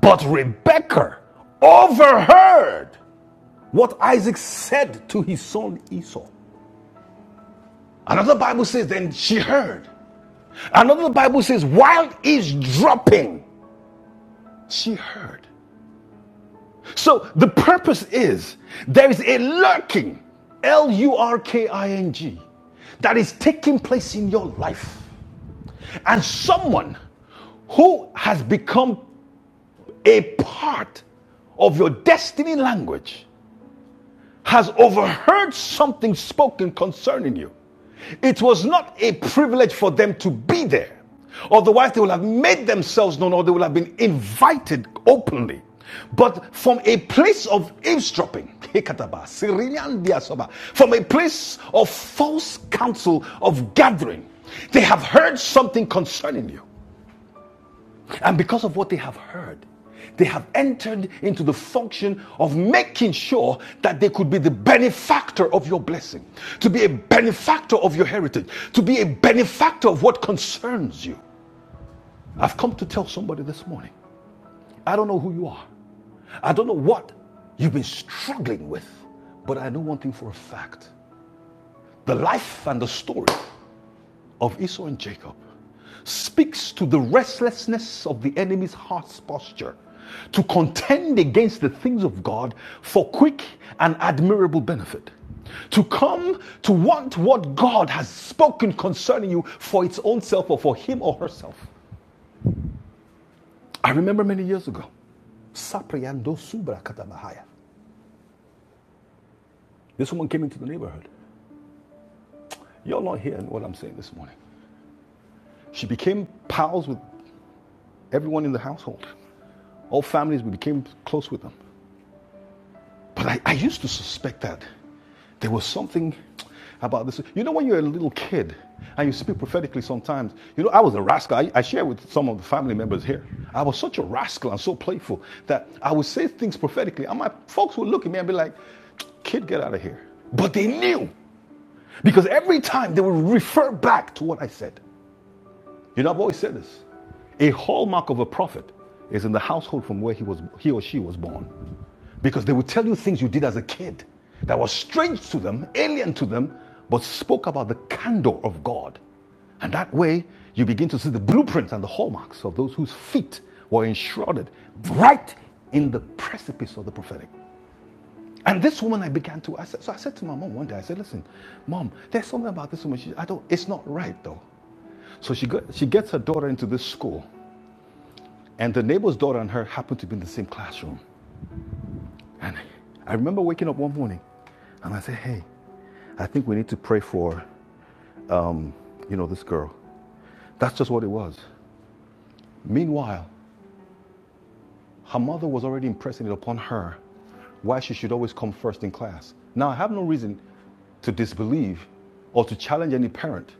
Speaker 3: but Rebecca overheard what Isaac said to his son Esau. Another Bible says, then she heard. Another Bible says, while he's dropping, She heard. So the purpose is there is a lurking, L U R K I N G, that is taking place in your life. And someone who has become a part of your destiny language has overheard something spoken concerning you. It was not a privilege for them to be there. Otherwise, they would have made themselves known or they would have been invited openly. But from a place of eavesdropping, [LAUGHS] Hekataba, Syrian from a place of false counsel of gathering, they have heard something concerning you. And because of what they have heard, they have entered into the function of making sure that they could be the benefactor of your blessing, to be a benefactor of your heritage, to be a benefactor of what concerns you. I've come to tell somebody this morning I don't know who you are, I don't know what you've been struggling with, but I know one thing for a fact the life and the story of Esau and Jacob speaks to the restlessness of the enemy's heart's posture to contend against the things of God for quick and admirable benefit. To come to want what God has spoken concerning you for its own self or for him or herself. I remember many years ago, This woman came into the neighborhood. You're not hearing what I'm saying this morning. She became pals with everyone in the household. All families, we became close with them. But I, I used to suspect that there was something about this. You know, when you're a little kid and you speak prophetically sometimes, you know, I was a rascal. I, I share with some of the family members here. I was such a rascal and so playful that I would say things prophetically, and my folks would look at me and be like, kid, get out of here. But they knew because every time they would refer back to what I said. You know, I've always said this. A hallmark of a prophet is in the household from where he, was, he or she was born. Because they will tell you things you did as a kid that was strange to them, alien to them, but spoke about the candor of God. And that way, you begin to see the blueprints and the hallmarks of those whose feet were enshrouded right in the precipice of the prophetic. And this woman, I began to, I said, so I said to my mom one day, I said, listen, mom, there's something about this woman. She, I don't, it's not right though. So she, got, she gets her daughter into this school, and the neighbor's daughter and her happen to be in the same classroom. And I remember waking up one morning, and I said, "Hey, I think we need to pray for, you know, this girl." That's just what it was. Meanwhile, her mother was already impressing it upon her why she should always come first in class. Now, I have no reason to disbelieve or to challenge any parent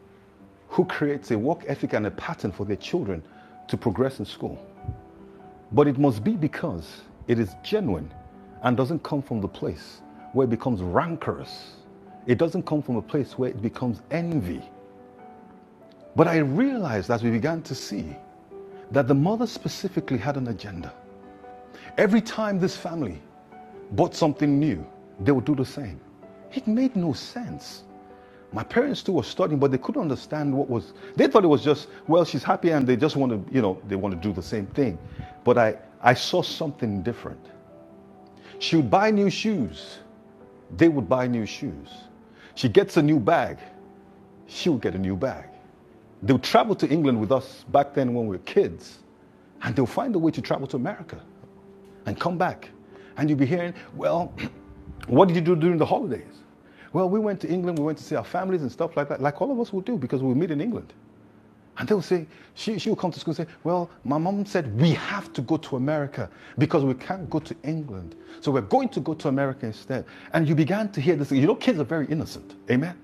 Speaker 3: who creates a work ethic and a pattern for their children to progress in school. But it must be because it is genuine and doesn't come from the place where it becomes rancorous. It doesn't come from a place where it becomes envy. But I realized as we began to see that the mother specifically had an agenda. Every time this family bought something new, they would do the same. It made no sense. My parents too were studying, but they couldn't understand what was. They thought it was just, well, she's happy and they just want to, you know, they want to do the same thing. But I, I saw something different. She would buy new shoes. They would buy new shoes. She gets a new bag. She would get a new bag. They would travel to England with us back then when we were kids, and they'll find a way to travel to America and come back. And you'll be hearing, well, [CLEARS THROAT] what did you do during the holidays? Well, we went to England, we went to see our families and stuff like that, like all of us will do because we meet in England. And they'll say, she, she'll come to school and say, well, my mom said we have to go to America because we can't go to England. So we're going to go to America instead. And you began to hear this. You know, kids are very innocent. Amen.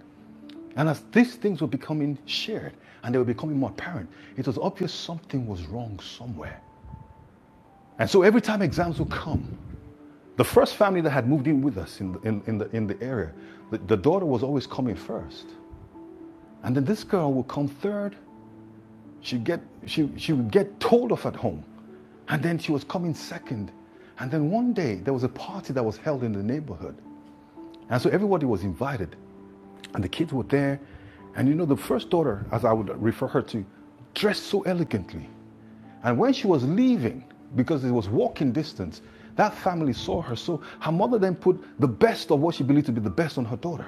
Speaker 3: And as these things were becoming shared and they were becoming more apparent, it was obvious something was wrong somewhere. And so every time exams would come, the first family that had moved in with us in the, in, in the, in the area, the, the daughter was always coming first. And then this girl would come third. She'd get, she, she would get told off at home. And then she was coming second. And then one day, there was a party that was held in the neighborhood. And so everybody was invited, and the kids were there. And you know, the first daughter, as I would refer her to, dressed so elegantly. And when she was leaving, because it was walking distance, that family saw her. So her mother then put the best of what she believed to be the best on her daughter.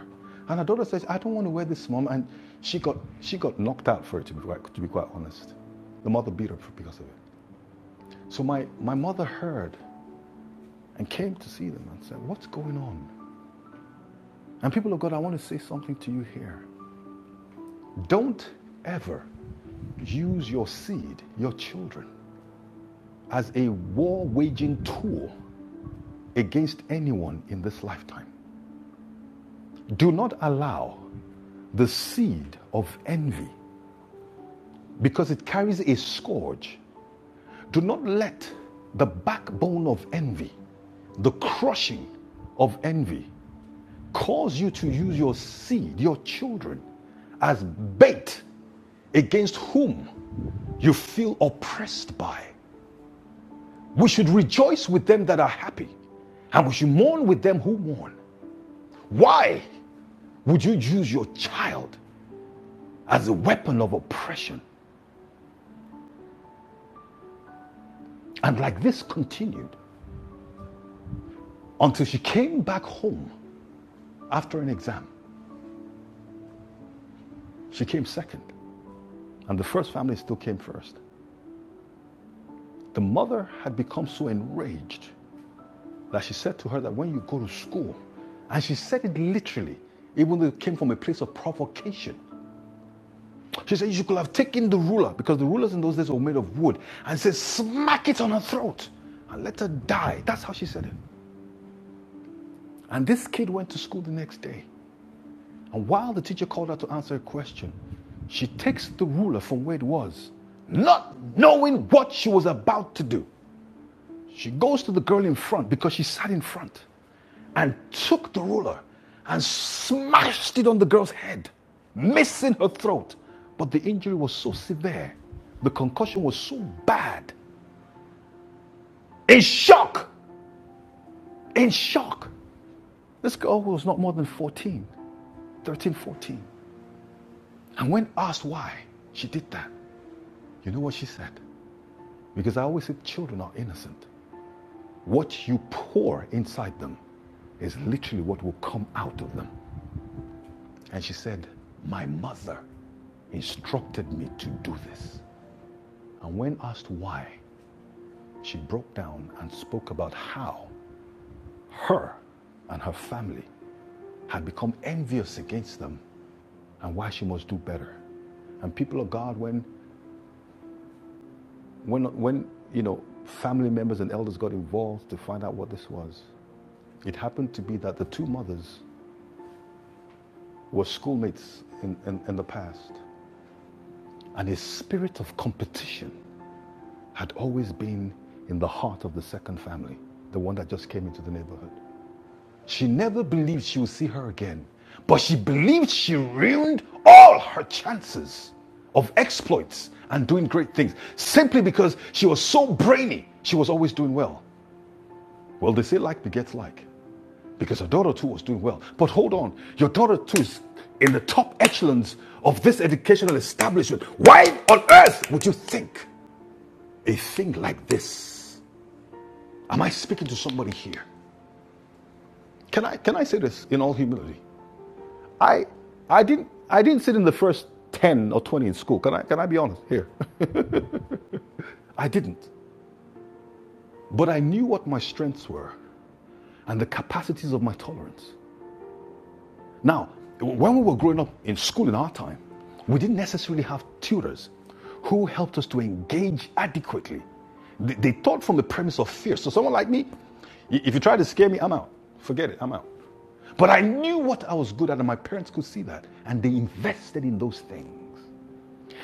Speaker 3: And her daughter says, I don't want to wear this, mom. And she got, she got knocked out for it, to be, quite- to be quite honest. The mother beat her because of it. So my, my mother heard and came to see them and said, What's going on? And people of God, I want to say something to you here. Don't ever use your seed, your children, as a war waging tool against anyone in this lifetime. Do not allow the seed of envy because it carries a scourge. Do not let the backbone of envy, the crushing of envy, cause you to use your seed, your children, as bait against whom you feel oppressed by. We should rejoice with them that are happy, and we should mourn with them who mourn. Why would you use your child as a weapon of oppression? And like this continued until she came back home after an exam. She came second, and the first family still came first. The mother had become so enraged that she said to her that when you go to school, and she said it literally, even though it came from a place of provocation. She said, You could have taken the ruler, because the rulers in those days were made of wood, and said, Smack it on her throat and let her die. That's how she said it. And this kid went to school the next day. And while the teacher called her to answer a question, she takes the ruler from where it was, not knowing what she was about to do. She goes to the girl in front because she sat in front and took the ruler and smashed it on the girl's head, missing her throat. But the injury was so severe, the concussion was so bad. In shock, in shock. This girl was not more than 14, 13, 14. And when asked why she did that, you know what she said? Because I always say children are innocent. What you pour inside them is literally what will come out of them. And she said, My mother instructed me to do this. And when asked why, she broke down and spoke about how her and her family had become envious against them and why she must do better. And people of God, when, when, when you know, family members and elders got involved to find out what this was, it happened to be that the two mothers were schoolmates in, in, in the past. And a spirit of competition had always been in the heart of the second family, the one that just came into the neighborhood. She never believed she would see her again, but she believed she ruined all her chances of exploits and doing great things simply because she was so brainy. She was always doing well. Well, they say like begets like because her daughter too was doing well. But hold on, your daughter too is in the top echelons of this educational establishment. Why on earth would you think a thing like this? Am I speaking to somebody here? Can I can I say this in all humility? I I didn't I didn't sit in the first 10 or 20 in school. Can I can I be honest here? [LAUGHS] I didn't. But I knew what my strengths were and the capacities of my tolerance. Now, when we were growing up in school in our time, we didn't necessarily have tutors who helped us to engage adequately. They, they taught from the premise of fear. So, someone like me, if you try to scare me, I'm out. Forget it, I'm out. But I knew what I was good at, and my parents could see that. And they invested in those things.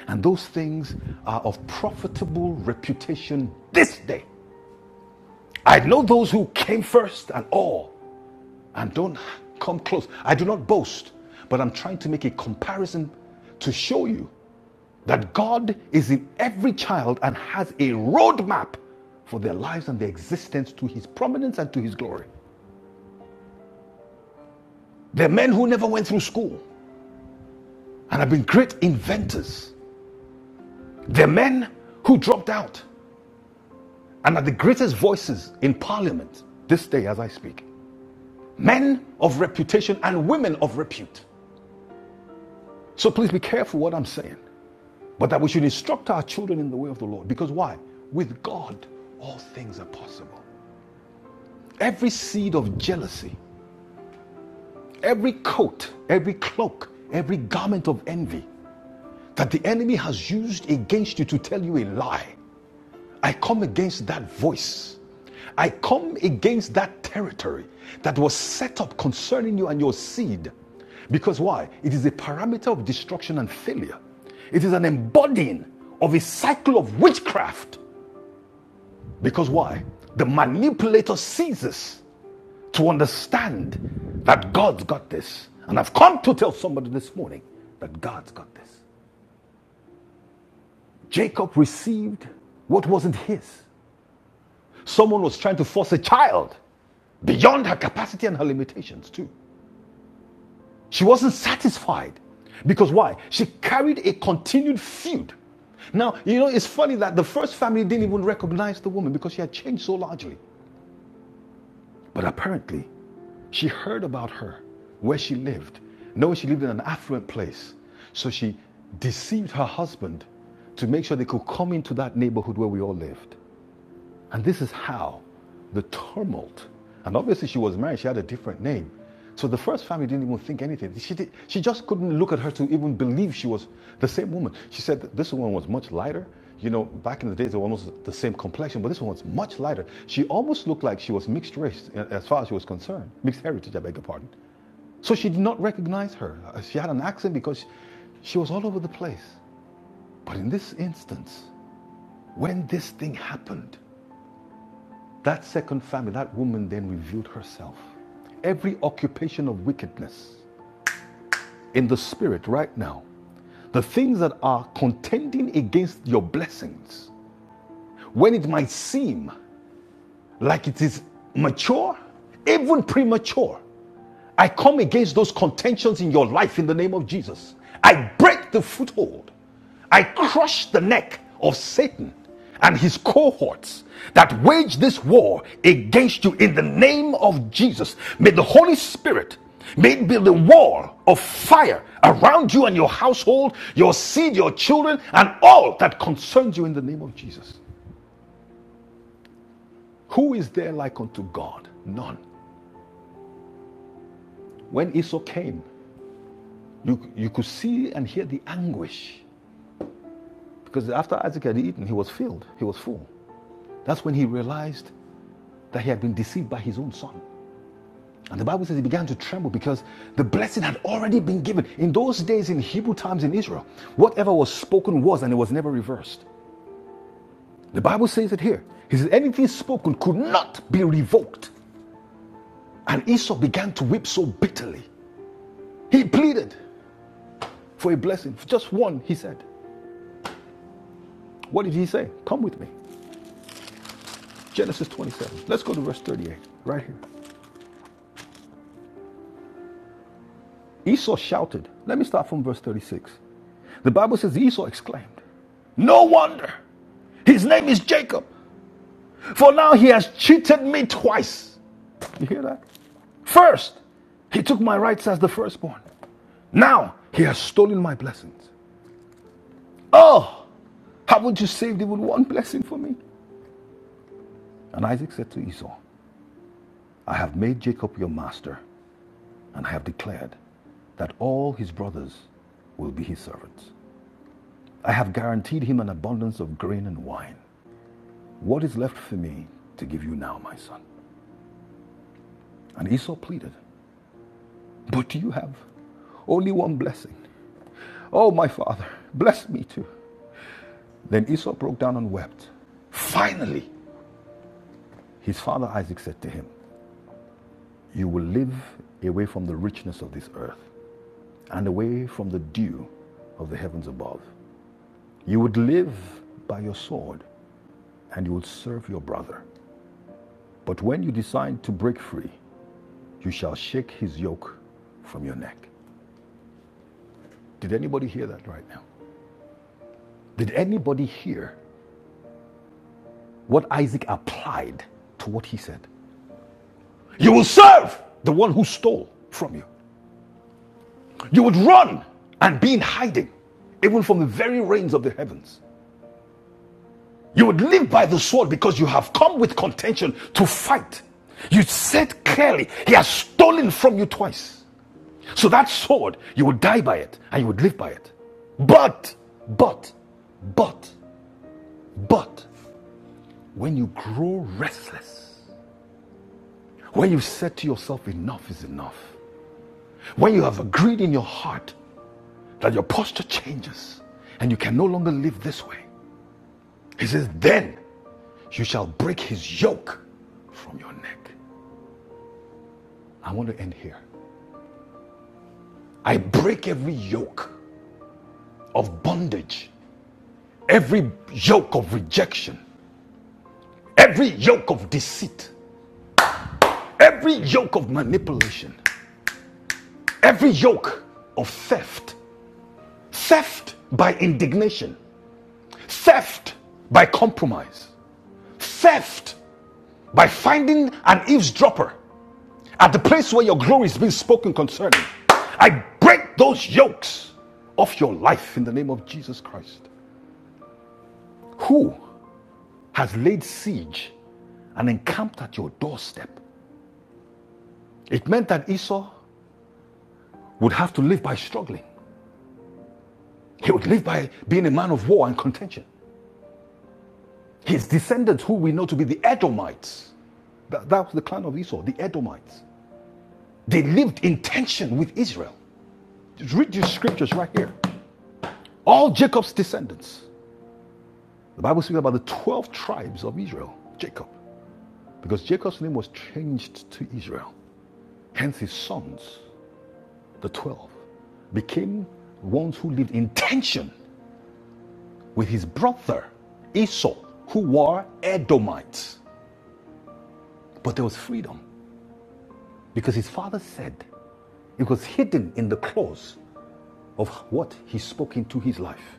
Speaker 3: And those things are of profitable reputation this day. I know those who came first and all and don't come close. I do not boast, but I'm trying to make a comparison to show you that God is in every child and has a roadmap for their lives and their existence to his prominence and to his glory. They're men who never went through school and have been great inventors. They're men who dropped out and are the greatest voices in parliament this day as I speak. Men of reputation and women of repute. So please be careful what I'm saying. but that we should instruct our children in the way of the Lord. Because why? With God, all things are possible. Every seed of jealousy, every coat, every cloak, every garment of envy that the enemy has used against you to tell you a lie, I come against that voice. I come against that territory that was set up concerning you and your seed. Because why? It is a parameter of destruction and failure. It is an embodying of a cycle of witchcraft Because why? The manipulator ceases to understand that God's got this. And I've come to tell somebody this morning that God's got this. Jacob received what wasn't his. Someone was trying to force a child beyond her capacity and her limitations, too. She wasn't satisfied. Because why? She carried a continued feud. Now, you know, it's funny that the first family didn't even recognize the woman because she had changed so largely. But apparently, she heard about her, where she lived. No, she lived in an affluent place. So she deceived her husband to make sure they could come into that neighborhood where we all lived. And this is how the tumult, and obviously she was married, she had a different name. So the first family didn't even think anything. She, did, she just couldn't look at her to even believe she was the same woman. She said that this one was much lighter. You know, back in the days, they were almost the same complexion, but this one was much lighter. She almost looked like she was mixed race as far as she was concerned, mixed heritage, I beg your pardon. So she did not recognize her. Uh, She had an accent because she was all over the place. But in this instance, when this thing happened, that second family, that woman then revealed herself. Every occupation of wickedness in the spirit right now, the things that are contending against your blessings, when it might seem like it is mature, even premature. I come against those contentions in your life in the name of Jesus. I break the foothold. I crush the neck of Satan and his cohorts that wage this war against you in the name of Jesus. May the Holy Spirit may it be the wall of fire around you and your household, your seed, your children, and all that concerns you in the name of Jesus. Who is there like unto God? None. When Esau came, you, you could see and hear the anguish because after Isaac had eaten, he was filled, he was full. That's when he realized that he had been deceived by his own son. And the Bible says he began to tremble because the blessing had already been given. In those days, in Hebrew times in Israel, whatever was spoken was and it was never reversed. The Bible says it here. He says, anything spoken could not be revoked. And Esau began to weep so bitterly. He pleaded for a blessing, just one, he said. What did he say? Come with me. Genesis 27. Let's go to verse 38, right here. Esau shouted. Let me start from verse 36. The Bible says Esau exclaimed, No wonder his name is Jacob, for now he has cheated me twice. You hear that? First, he took my rights as the firstborn. Now he has stolen my blessings. Oh, haven't you saved even one blessing for me? And Isaac said to Esau, I have made Jacob your master, and I have declared that all his brothers will be his servants. I have guaranteed him an abundance of grain and wine. What is left for me to give you now, my son? And Esau pleaded, But you have only one blessing. Oh, my father, bless me too. Then Esau broke down and wept. Finally, his father Isaac said to him, You will live away from the richness of this earth and away from the dew of the heavens above. You would live by your sword and you will serve your brother. But when you decide to break free, you shall shake his yoke from your neck. Did anybody hear that right now? Did anybody hear what Isaac applied to what he said? You will serve the one who stole from you. You would run and be in hiding, even from the very reins of the heavens. You would live by the sword because you have come with contention to fight. You said clearly, He has stolen from you twice. So that sword, you would die by it and you would live by it. But, but, but, but, when you grow restless, when you said to yourself, enough is enough, when you have agreed in your heart that your posture changes and you can no longer live this way, he says, then you shall break his yoke from your neck. I want to end here. I break every yoke of bondage, every yoke of rejection, every yoke of deceit, Every yoke of manipulation, every yoke of theft, theft by indignation, theft by compromise, theft by finding an eavesdropper at the place where your glory is being spoken concerning. I break those yokes off your life in the name of Jesus Christ. Who has laid siege and encamped at your doorstep? It meant that Esau would have to live by struggling. He would live by being a man of war and contention. His descendants, who we know to be the Edomites, that, that was the clan of Esau, the Edomites. They lived in tension with Israel. Just read your scriptures right here. All Jacob's descendants. The Bible speaks about the 12 tribes of Israel, Jacob, because Jacob's name was changed to Israel. Hence, his sons, the 12, became ones who lived in tension with his brother Esau, who were Edomites. But there was freedom because his father said, It was hidden in the clause of what he spoke into his life.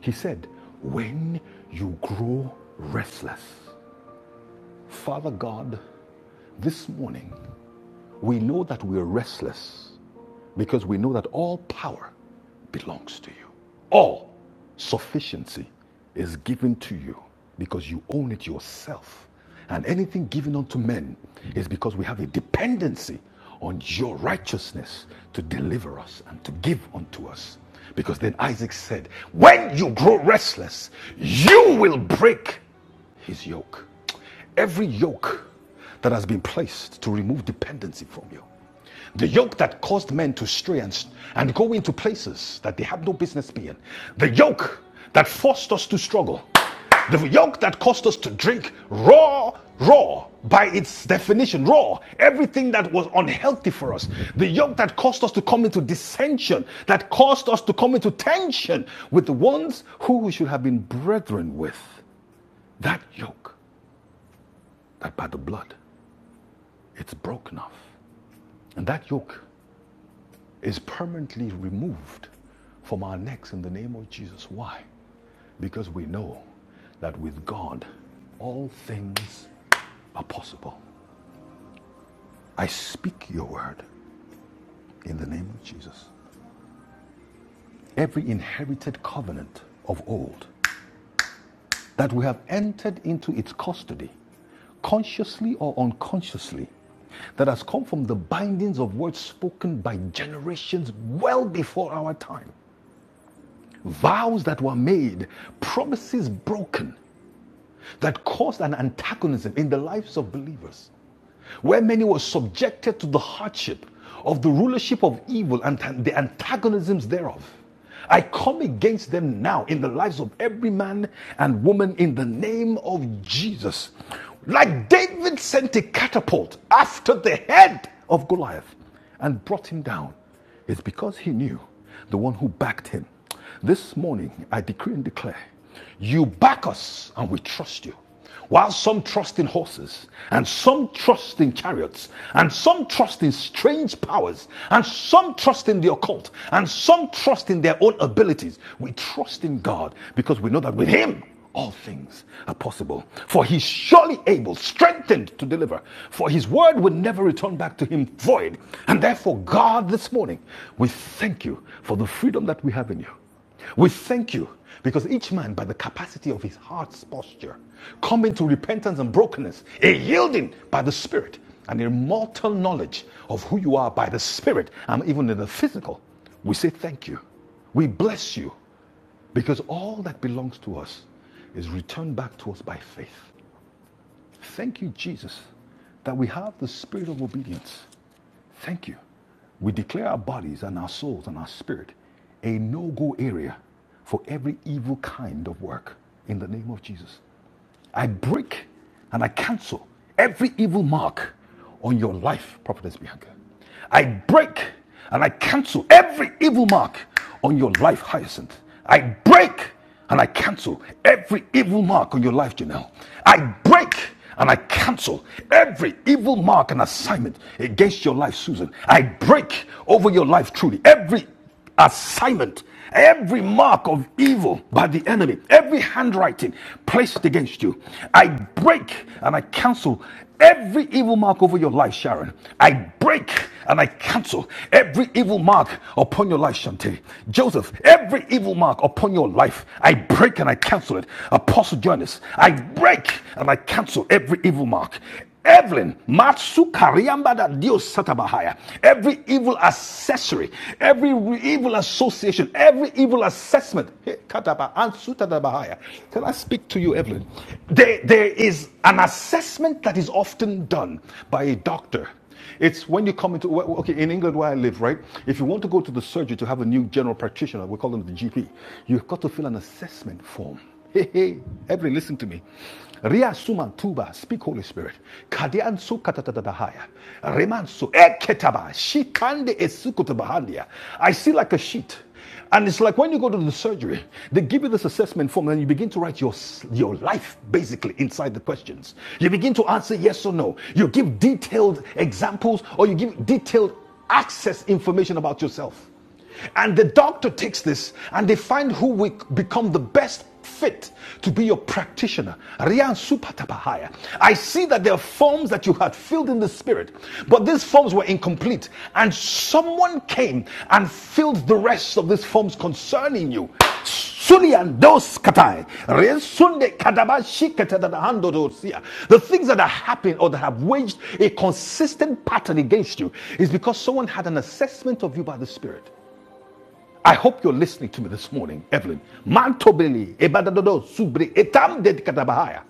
Speaker 3: He said, When you grow restless, Father God, this morning we know that we are restless because we know that all power belongs to you. All sufficiency is given to you because you own it yourself. And anything given unto men is because we have a dependency on your righteousness to deliver us and to give unto us. Because then Isaac said, When you grow restless, you will break his yoke. Every yoke that has been placed to remove dependency from you, the yoke that caused men to stray and, and go into places that they have no business being, the yoke that forced us to struggle, the yoke that caused us to drink raw, raw by its definition, raw, everything that was unhealthy for us, the yoke that caused us to come into dissension, that caused us to come into tension with the ones who we should have been brethren with, that yoke that by the blood it's broken off. And that yoke is permanently removed from our necks in the name of Jesus. Why? Because we know that with God all things are possible. I speak your word in the name of Jesus. Every inherited covenant of old that we have entered into its custody, consciously or unconsciously, that has come from the bindings of words spoken by generations well before our time, vows that were made, promises broken, that caused an antagonism in the lives of believers, where many were subjected to the hardship of the rulership of evil and the antagonisms thereof. I come against them now in the lives of every man and woman in the name of Jesus. Like David sent a catapult after the head of Goliath and brought him down, it's because he knew the one who backed him. This morning, I decree and declare you back us and we trust you. While some trust in horses, and some trust in chariots, and some trust in strange powers, and some trust in the occult, and some trust in their own abilities, we trust in God because we know that with Him all things are possible. For he's surely able, strengthened to deliver. For his word would never return back to him void. And therefore, God, this morning, we thank you for the freedom that we have in you. We thank you because each man, by the capacity of his heart's posture, coming to repentance and brokenness, a yielding by the Spirit, and a mortal knowledge of who you are by the Spirit, and even in the physical, we say thank you. We bless you. Because all that belongs to us is returned back to us by faith. Thank you, Jesus, that we have the spirit of obedience. Thank you. We declare our bodies and our souls and our spirit a no go area for every evil kind of work in the name of Jesus. I break and I cancel every evil mark on your life, Prophetess Bianca. I break and I cancel every evil mark on your life, Hyacinth. I break and I cancel every evil mark on your life, Janelle. I break and I cancel every evil mark and assignment against your life, Susan. I break over your life, truly, every assignment, every mark of evil by the enemy, every handwriting placed against you. I break and I cancel every evil mark over your life, Sharon. I break and I cancel every evil mark upon your life, Shante. Joseph, every evil mark upon your life, I break and I cancel it. Apostle Jonas, I break and I cancel every evil mark. Evelyn, Matsu Kariambada Dios Satabahaya. Every evil accessory, every evil association, every evil assessment. Hey, Kataba, Ansu Tatabahaya. Can I speak to you, Evelyn? There, there is an assessment that is often done by a doctor it's when you come into, well, okay, in England where I live, right? If you want to go to the surgery to have a new general practitioner, we call them the GP, you've got to fill an assessment form. Hey, hey, everybody listen to me. Ria suman tuba, speak Holy Spirit. Kadian su katatadahaya. Reman su eketaba. Shikande esukutubahandia. I see like a sheet. And it's like when you go to the surgery, they give you this assessment form and you begin to write your, your life basically inside the questions. You begin to answer yes or no. You give detailed examples or you give detailed access information about yourself. And the doctor takes this and they find who will become the best fit to be your practitioner. Rian Supatapahaya. I see that there are forms that you had filled in the spirit, but these forms were incomplete. And someone came and filled the rest of these forms concerning you. Sunian dos katai. Rien sunde kadabashi ketadadahando dosia. The things that are happening or that have waged a consistent pattern against you is because someone had an assessment of you by the Spirit. I hope you're listening to me this morning, Evelyn. Mantobeli, ebadadodo, subre, etam dedikatabahaya.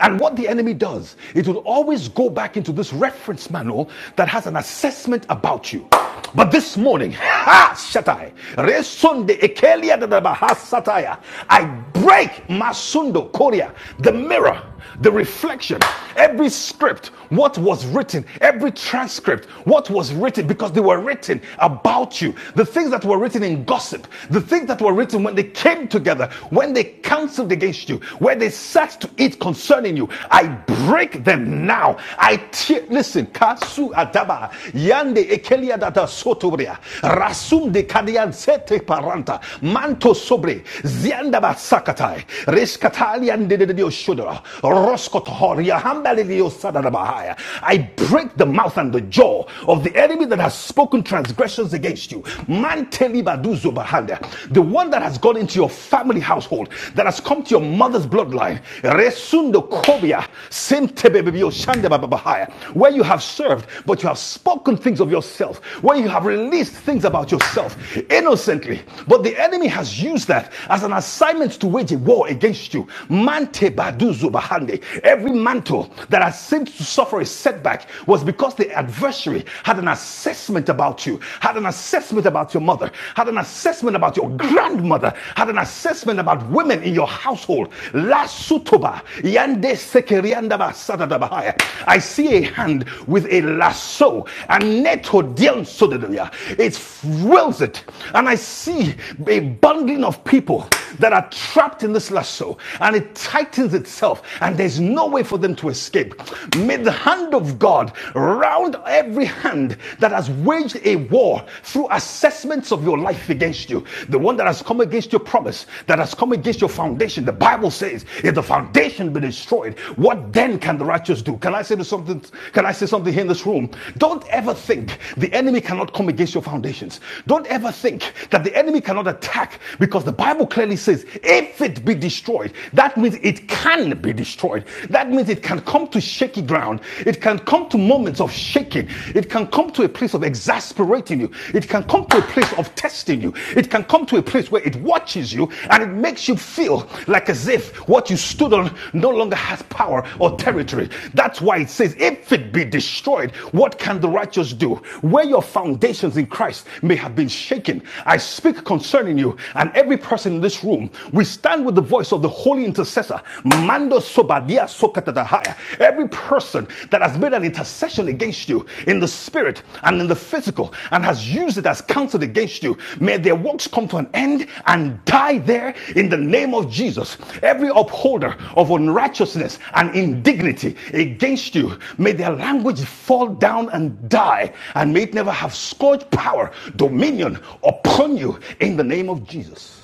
Speaker 3: And what the enemy does, it will always go back into this reference manual that has an assessment about you. But this morning, [LAUGHS] ha, shatai, resunde ekelia dadabaha sataya, I break masundo koria, the mirror, the reflection, every script, what was written, every transcript, what was written, because they were written about you, the things that were written in gossip, the things that were written when they came together, when they counseled against you, where they sat to eat concerning you, I break them now. I tear, listen, kasu adaba, yande ekelia data sotobria, rasum de kadian sete paranta, manto sobre, zianda basakatai, reskatalian de de dio shudra, roskot horia, hambali dio sadarabahaya. I break the mouth and the jaw of of the enemy that has spoken transgressions against you. Man telibaduzo bahanda. The one that has gone into your family household, that has come to your mother's bloodline. Resundo kobia. sentebebebio shandebababahaya. Where you have served, but you have spoken things of yourself. Where you have released things about yourself innocently. But the enemy has used that as an assignment to wage a war against you. Mante baduzo bahande. Every mantle that has seemed to suffer a setback setback was because the adversary had an assessment about you, had an assessment about your mother, had an assessment about your grandmother, had an assessment about women in your household. La sutoba, yande sekeriandaba sadadabahaya. I see a hand with a lasso, a neto dian sodadaya. It whirls it, and I see a bundling of people that are trapped in this lasso, and it tightens itself, and there's no way for them to escape to escape. May the hand of God round every hand that has waged a war through assessments of your life against you. The one that has come against your promise, that has come against your foundation. The Bible says, if the foundation be destroyed, what then can the righteous do? Can I say something? Can I say something here in this room? Don't ever think the enemy cannot come against your foundations. Don't ever think that the enemy cannot attack because the Bible clearly says, if it be destroyed, that means it can can be destroyed. That means it can come to shaky ground. It can come to moments of shaking. It can come to a place of exasperating you. It can come to a place of testing you. It can come to a place where it watches you and it makes you feel like as if what you stood on no longer has power or territory. That's why it says, if it be destroyed, what can the righteous do? Where your foundations in Christ may have been shaken, I speak concerning you and every person in this room, we stand with the voice of the holy intercessor, Mando Sobadia Sokatadahaya. Every person that has made an intercession against you in the spirit and in the physical and has used it as counsel against you, may their works come to an end and die there in the name of Jesus. Every upholder of unrighteousness and indignity against you, may their language fall down and die, and may it never have scourge power, dominion upon you in the name of Jesus.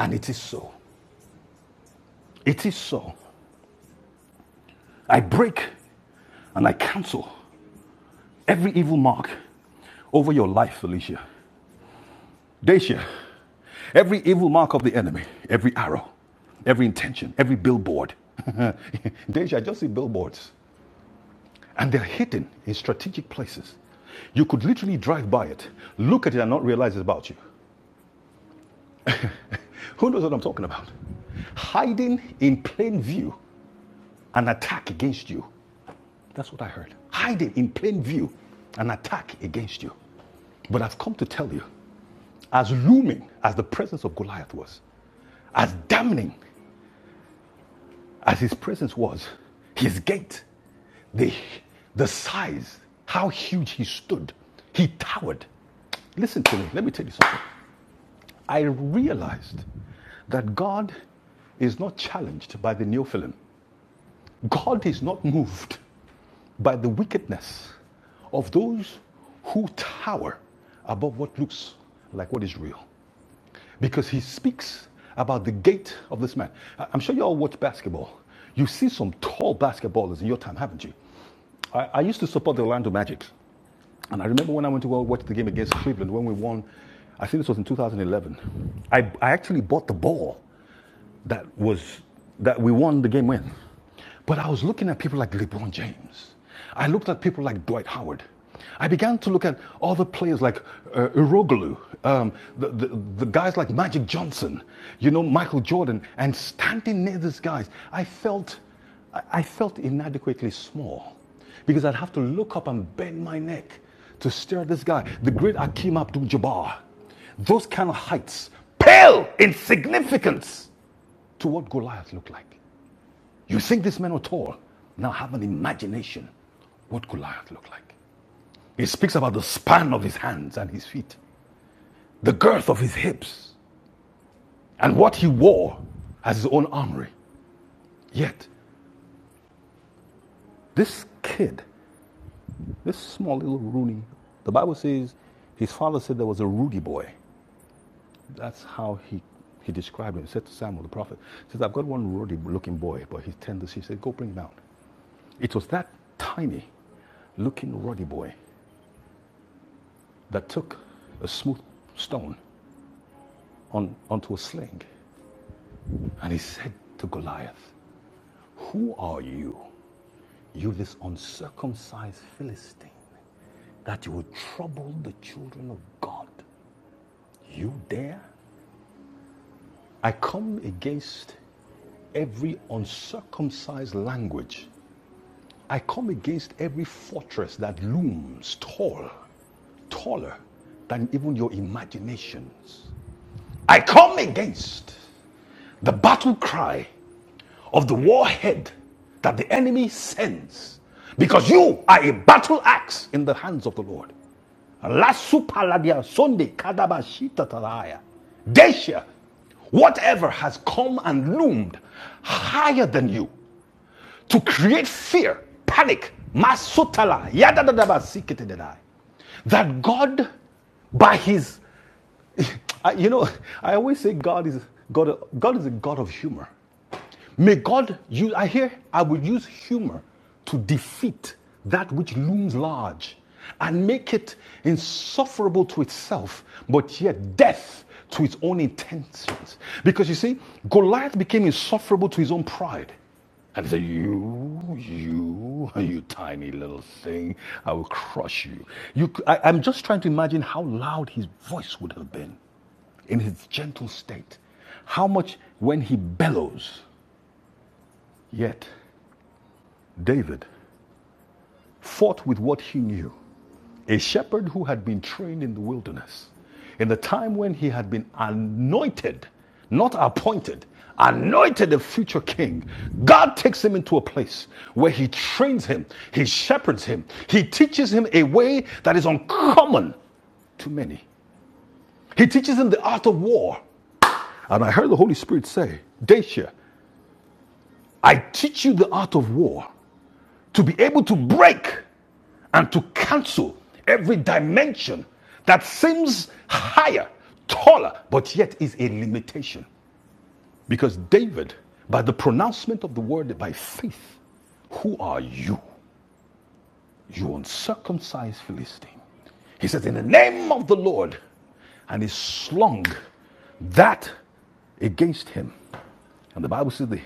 Speaker 3: And it is so. It is so. I break and I cancel every evil mark over your life, Felicia. Dacia, every evil mark of the enemy, every arrow, every intention, every billboard. [LAUGHS] Dacia, I just see billboards and they're hidden in strategic places. You could literally drive by it, look at it, and not realize it's about you. Who knows what I'm talking about? Hiding in plain view an attack against you. That's what I heard. hiding in plain view an attack against you. But I've come to tell you, as looming as the presence of Goliath was, as damning as his presence was, his gait, the, the size, how huge he stood, he towered. Listen to me, let me tell you something. I realized that God is not challenged by the Neophilim. God is not moved by the wickedness of those who tower above what looks like what is real. Because he speaks about the gait of this man. I- I'm sure you all watch basketball. You see some tall basketballers in your time, haven't you? I, I used to support the Orlando Magic. And I remember when I went to go watch the game against Cleveland when we won, I think this was in 2011. I, I actually bought the ball that was that we won the game win. But I was looking at people like LeBron James. I looked at people like Dwight Howard. I began to look at other players like uh, Iroglu, um, the, the, the guys like Magic Johnson, you know, Michael Jordan, and standing near these guys, I felt, I felt inadequately small because I'd have to look up and bend my neck to stare at this guy, the great Akeem Abdul-Jabbar. Those kind of heights, pale in significance to what Goliath looked like. You think this man were tall? Now have an imagination what Goliath looked like. He speaks about the span of his hands and his feet, the girth of his hips, and what he wore as his own armory. Yet, this kid, this small little Rooney, the Bible says his father said there was a Rudy boy. That's how he, he described him. He said to Samuel the prophet, he says, I've got one Rudy looking boy, but he's tender. he said, Go bring him out. It was that tiny looking Rudy boy that took a smooth stone on, onto a sling. And he said to Goliath, Who are you, you this uncircumcised Philistine, that you would trouble the children of God? You dare? I come against every uncircumcised language. I come against every fortress that looms tall, taller than even your imaginations. I come against The battle cry of the warhead that the enemy sends. Because you are a battle axe in the hands of the Lord. Lasupaladia sonde kadabashita talaya. Desha, whatever has come and loomed higher than you, to create fear, panic, masutala, yadadadaba, sikitididai. That God, by his, [LAUGHS] you know, I always say God is, God, God is a God of humor. May God use, I hear, I will use humor to defeat that which looms large and make it insufferable to itself, but yet death to its own intentions. Because you see, Goliath became insufferable to his own pride. And say, you, you, you tiny little thing, I will crush you. you i I, I'm just trying to imagine how loud his voice would have been in his gentle state. How much when he bellows. Yet, David fought with what he knew. A shepherd who had been trained in the wilderness, in the time when he had been anointed, not appointed, anointed a future king, God takes him into a place where he trains him, he shepherds him, he teaches him a way that is uncommon to many. He teaches him the art of war. And I heard the Holy Spirit say, Dacia, I teach you the art of war. to be able to break and to cancel every dimension that seems higher, taller, but yet is a limitation. Because David, by the pronouncement of the word by faith, who are you? You uncircumcised Philistine. He says, In the name of the Lord. And he slung that against him. And the Bible says the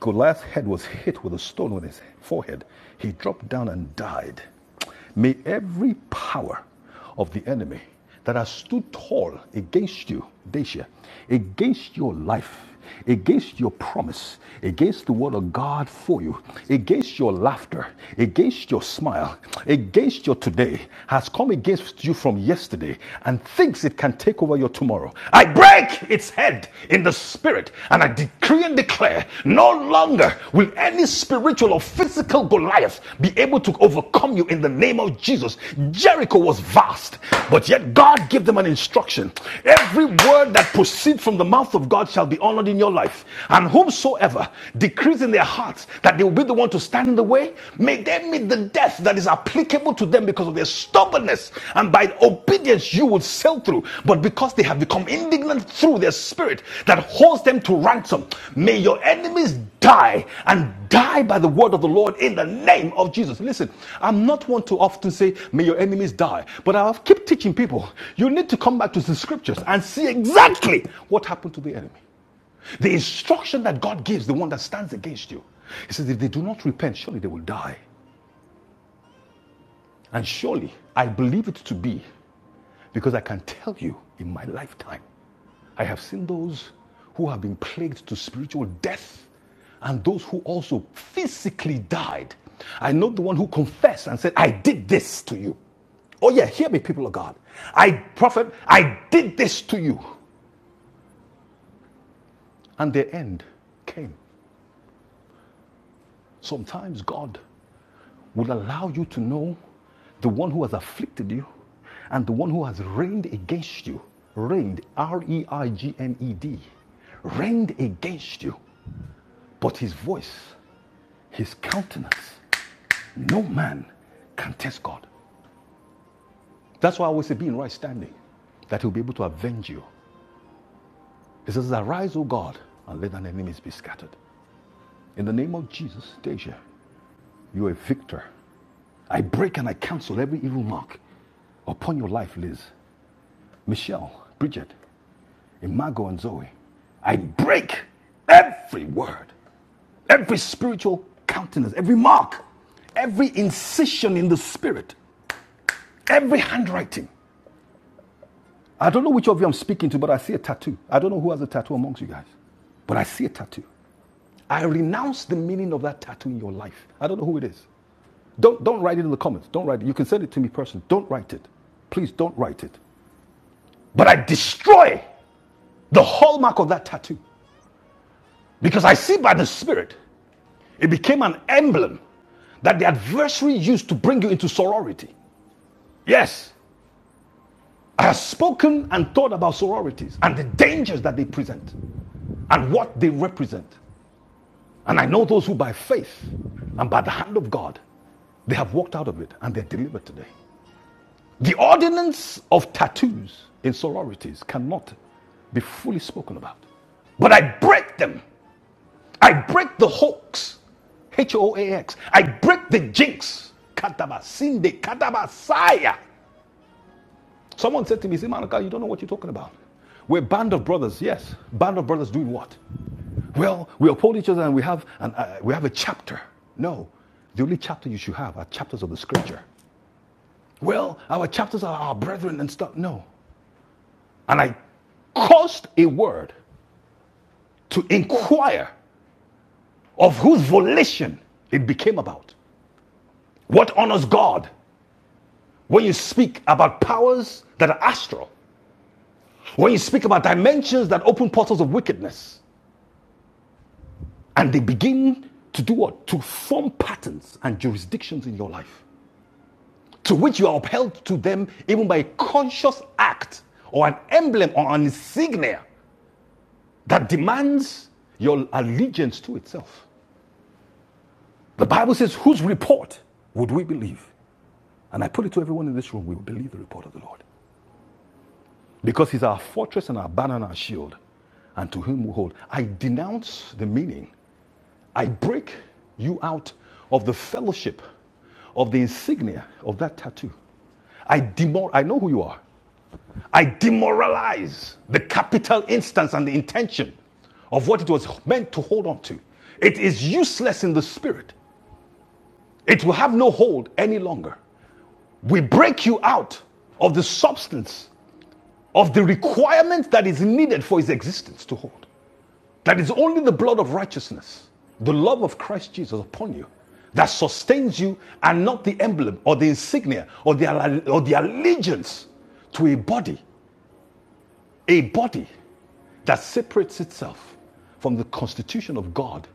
Speaker 3: Goliath's head was hit with a stone on his forehead. He dropped down and died. May every power of the enemy that has stood tall against you, Dacia, against your life, against your promise, against the word of God for you, against your laughter, against your smile, against your today, has come against you from yesterday and thinks it can take over your tomorrow. I break its head in the spirit. And I decree and declare no longer will any spiritual or physical Goliath be able to overcome you in the name of Jesus. Jericho was vast, but yet God gave them an instruction. Every word that proceeds from the mouth of God shall be honored in your life. And whomsoever decrees in their hearts that they will be the one to stand in the way, may they meet the death that is applied unspeakable to them because of their stubbornness. And by obedience, you will sail through. But because they have become indignant through their spirit that holds them to ransom, may your enemies die and die by the word of the Lord in the name of Jesus. Listen, I'm not one to often say, may your enemies die, but I keep teaching people, you need to come back to the scriptures and see exactly what happened to the enemy. The instruction that God gives, the one that stands against you, He says, if they do not repent, surely they will die. And surely I believe it to be because I can tell you in my lifetime, I have seen those who have been plagued to spiritual death and those who also physically died. I know the one who confessed and said, I did this to you. Oh, yeah, hear me, people of God. I, prophet, I did this to you. And their end came. Sometimes God will allow you to know the one who has afflicted you and the one who has reigned against you. Reigned, R E I G N E D, reigned against you. But his voice, his countenance, no man can test God. That's why I always say, be in right standing, that he'll be able to avenge you. He says, Arise, O God, and let thine enemies be scattered. In the name of Jesus, Deja, you are a victor. I break and I cancel every evil mark upon your life, Liz. Michelle, Bridget, Imago, and Zoe, I break every word, every spiritual countenance, every mark, every incision in the spirit, every handwriting. I don't know which of you I'm speaking to, but I see a tattoo. I don't know who has a tattoo amongst you guys, but I see a tattoo. I renounce the meaning of that tattoo in your life. I don't know who it is. Don't, don't write it in the comments. Don't write it. You can send it to me personally. Don't write it. Please don't write it. But I destroy the hallmark of that tattoo. Because I see by the Spirit, it became an emblem that the adversary used to bring you into sorority. Yes, I have spoken and thought about sororities and the dangers that they present and what they represent. And I know those who, by faith and by the hand of God, they have walked out of it and they're delivered today. The ordinance of tattoos in sororities cannot be fully spoken about. But I break them I break the hoax. H O A X. I break the jinx. Katabasinde, katabasaya. Someone said to me, See, you don't know what you're talking about. We're a band of brothers, yes. Band of brothers doing what? Well, we uphold each other and we have, an, uh, we have a chapter. No, the only chapter you should have are chapters of the scripture. Well, our chapters are our brethren and stuff. No. And I caused a word to inquire of whose volition it became about. What honors God when you speak about powers that are astral? When you speak about dimensions that open portals of wickedness and they begin to do what? To form patterns and jurisdictions in your life to which you are upheld to them even by a conscious act or an emblem or an insignia that demands your allegiance to itself. The Bible says, Whose report would we believe? And I put it to everyone in this room, we will believe the report of the Lord. because he's our fortress and our banner and our shield, and to him we hold. I denounce the meaning. I break you out of the fellowship of the insignia of that tattoo. I demor- I know who you are. I demoralize the capital instance and the intention of what it was meant to hold on to. It is useless in the spirit. It will have no hold any longer. We break you out of the substance of the requirement that is needed for his existence to hold. That is only the blood of righteousness, the love of Christ Jesus upon you, that sustains you, and not the emblem or the insignia or the, or the allegiance to a body a body that separates itself from the constitution of God,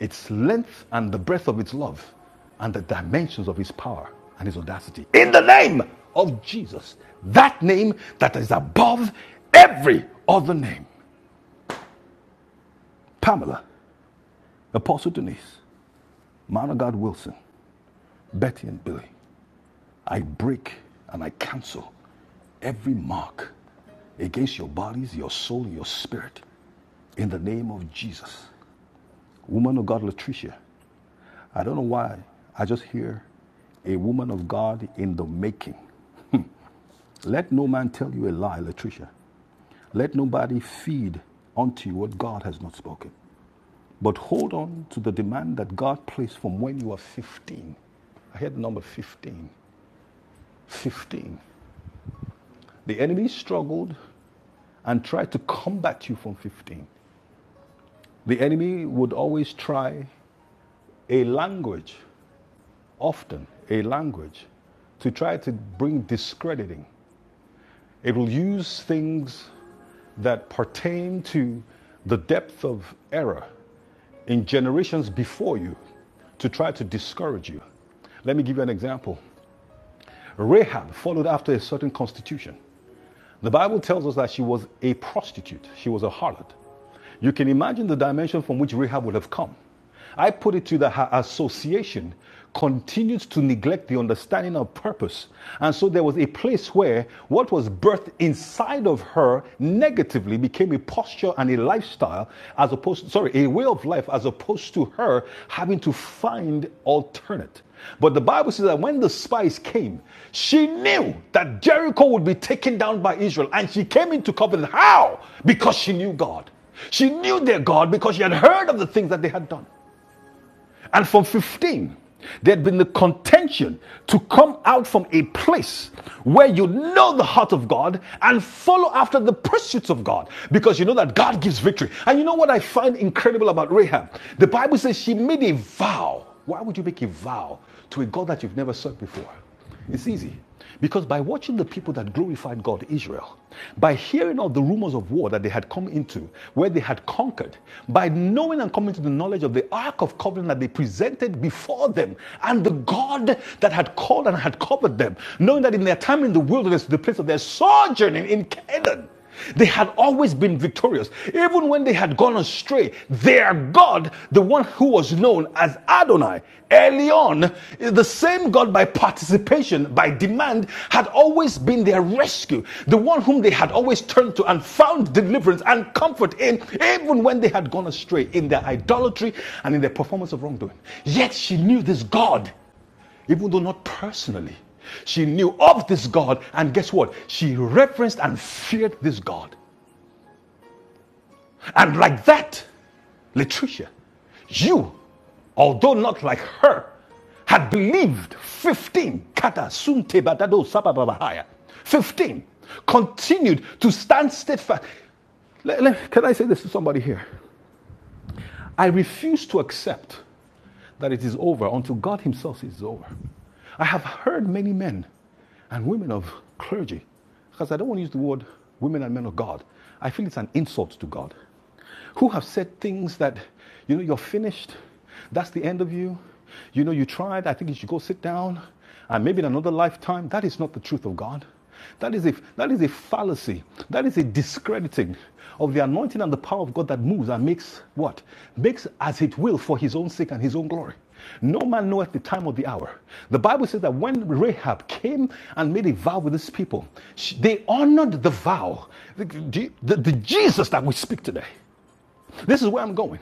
Speaker 3: its length and the breadth of its love, and the dimensions of his power and his audacity. In the name of Jesus, that name that is above every other name. Pamela, Apostle Denise, Man of God Wilson, Betty and Billy, I break and I cancel every mark against your bodies, your soul, your spirit in the name of Jesus. woman of God, Latricia. I don't know why. I just hear a woman of God in the making. Let no man tell you a lie, Latricia. Let nobody feed unto you what God has not spoken. But hold on to the demand that God placed from when you were 15. I heard the number 15. 15. The enemy struggled and tried to combat you from 15. The enemy would always try a language often a language to try to bring discrediting. It will use things that pertain to the depth of error in generations before you to try to discourage you. Let me give you an example. Rahab followed after a certain constitution. The Bible tells us that she was a prostitute, she was a harlot. You can imagine the dimension from which Rahab would have come. I put it to you that her association continues to neglect the understanding of purpose. And so there was a place where what was birthed inside of her negatively became a posture and a lifestyle as opposed sorry, a way of life as opposed to her having to find alternate. But the Bible says that when the spies came, she knew that Jericho would be taken down by Israel, and she came into covenant. How? Because she knew God. She knew their God because she had heard of the things that they had done. And from 15, there had been the contention to come out from a place where you know the heart of God and follow after the pursuits of God because you know that God gives victory. And you know what I find incredible about Rahab? The Bible says she made a vow. Why would you make a vow to a God that you've never served before? It's easy. Because by watching the people that glorified God, Israel, by hearing of the rumors of war that they had come into, where they had conquered, by knowing and coming to the knowledge of the Ark of Covenant that they presented before them, and the God that had called and had covered them, knowing that in their time in the wilderness, the place of their sojourning in Canaan, they had always been victorious. Even when they had gone astray, their God, the one who was known as Adonai, Elion, the same God by participation, by demand, had always been their rescue. The one whom they had always turned to and found deliverance and comfort in, even when they had gone astray in their idolatry and in their performance of wrongdoing. Yet she knew this God even though not personally. She knew of this God, and guess what? She referenced and feared this God. And like that, Latricia, you, although not like her, had believed 15 kata sun te batado sapa 15 continued to stand steadfast. can I say this to somebody here? I refuse to accept that it is over until God Himself says it's over. I have heard many men and women of clergy, because I don't want to use the word women and men of God, I feel it's an insult to God, who have said things that, you know, you're finished, that's the end of you. You know, you tried. I think you should go sit down. And maybe in another lifetime, that is not the truth of God. That is, a, that is a fallacy. That is a discrediting of the anointing and the power of God that moves and makes what? Makes as it will for his own sake and his own glory. No man knoweth the time or the hour. The Bible says that when Rahab came and made a vow with his people, she- they honored the vow, the, the the Jesus that we speak today. This is where I'm going.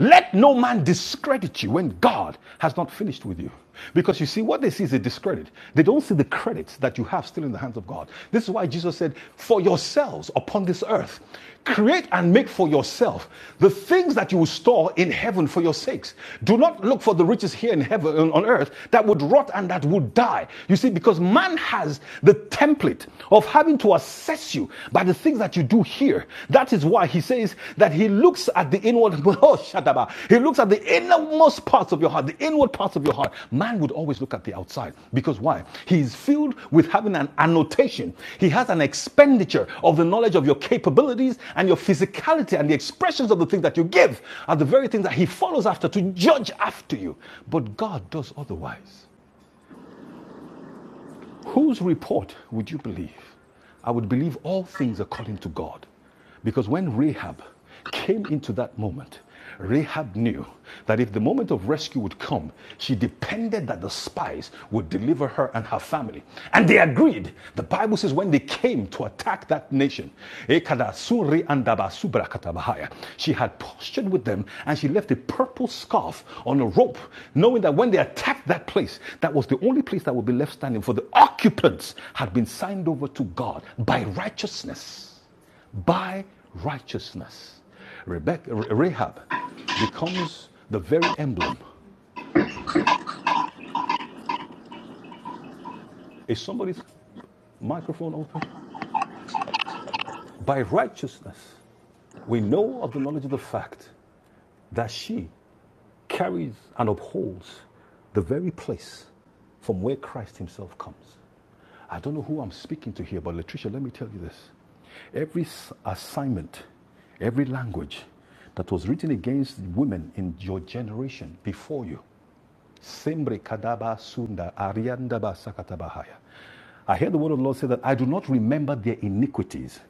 Speaker 3: Let no man discredit you when God has not finished with you. Because you see, what they see is a discredit. They don't see the credit that you have still in the hands of God. This is why Jesus said, For yourselves upon this earth, create and make for yourself the things that you will store in heaven for your sakes. Do not look for the riches here in heaven on earth that would rot and that would die. You see, because man has the template of having to assess you by the things that you do here. That is why he says that he looks at the inward, [LAUGHS] oh, shadaba. He looks at the innermost parts of your heart, the inward parts of your heart. Man would always look at the outside. Because why? He is filled with having an annotation. He has an expenditure of the knowledge of your capabilities and your physicality and the expressions of the things that you give are the very things that he follows after to judge after you. But God does otherwise. Whose report would you believe? I would believe all things according to God. Because when Rahab came into that moment, Rahab knew that if the moment of rescue would come, she depended that the spies would deliver her and her family. And they agreed. The Bible says when they came to attack that nation, and she had postured with them and she left a purple scarf on a rope, knowing that when they attacked that place, that was the only place that would be left standing, for the occupants had been signed over to God by righteousness. By righteousness. Rebecca, Rahab becomes the very emblem. Is somebody's microphone open? By righteousness, we know of the knowledge of the fact that she carries and upholds the very place from where Christ himself comes. I don't know who I'm speaking to here, but Latricia, let me tell you this. Every assignment, every language that was written against women in your generation before you Simbre kadaba sunda ariandaba sakatabahaya. I heard the word of the Lord say that I do not remember their iniquities.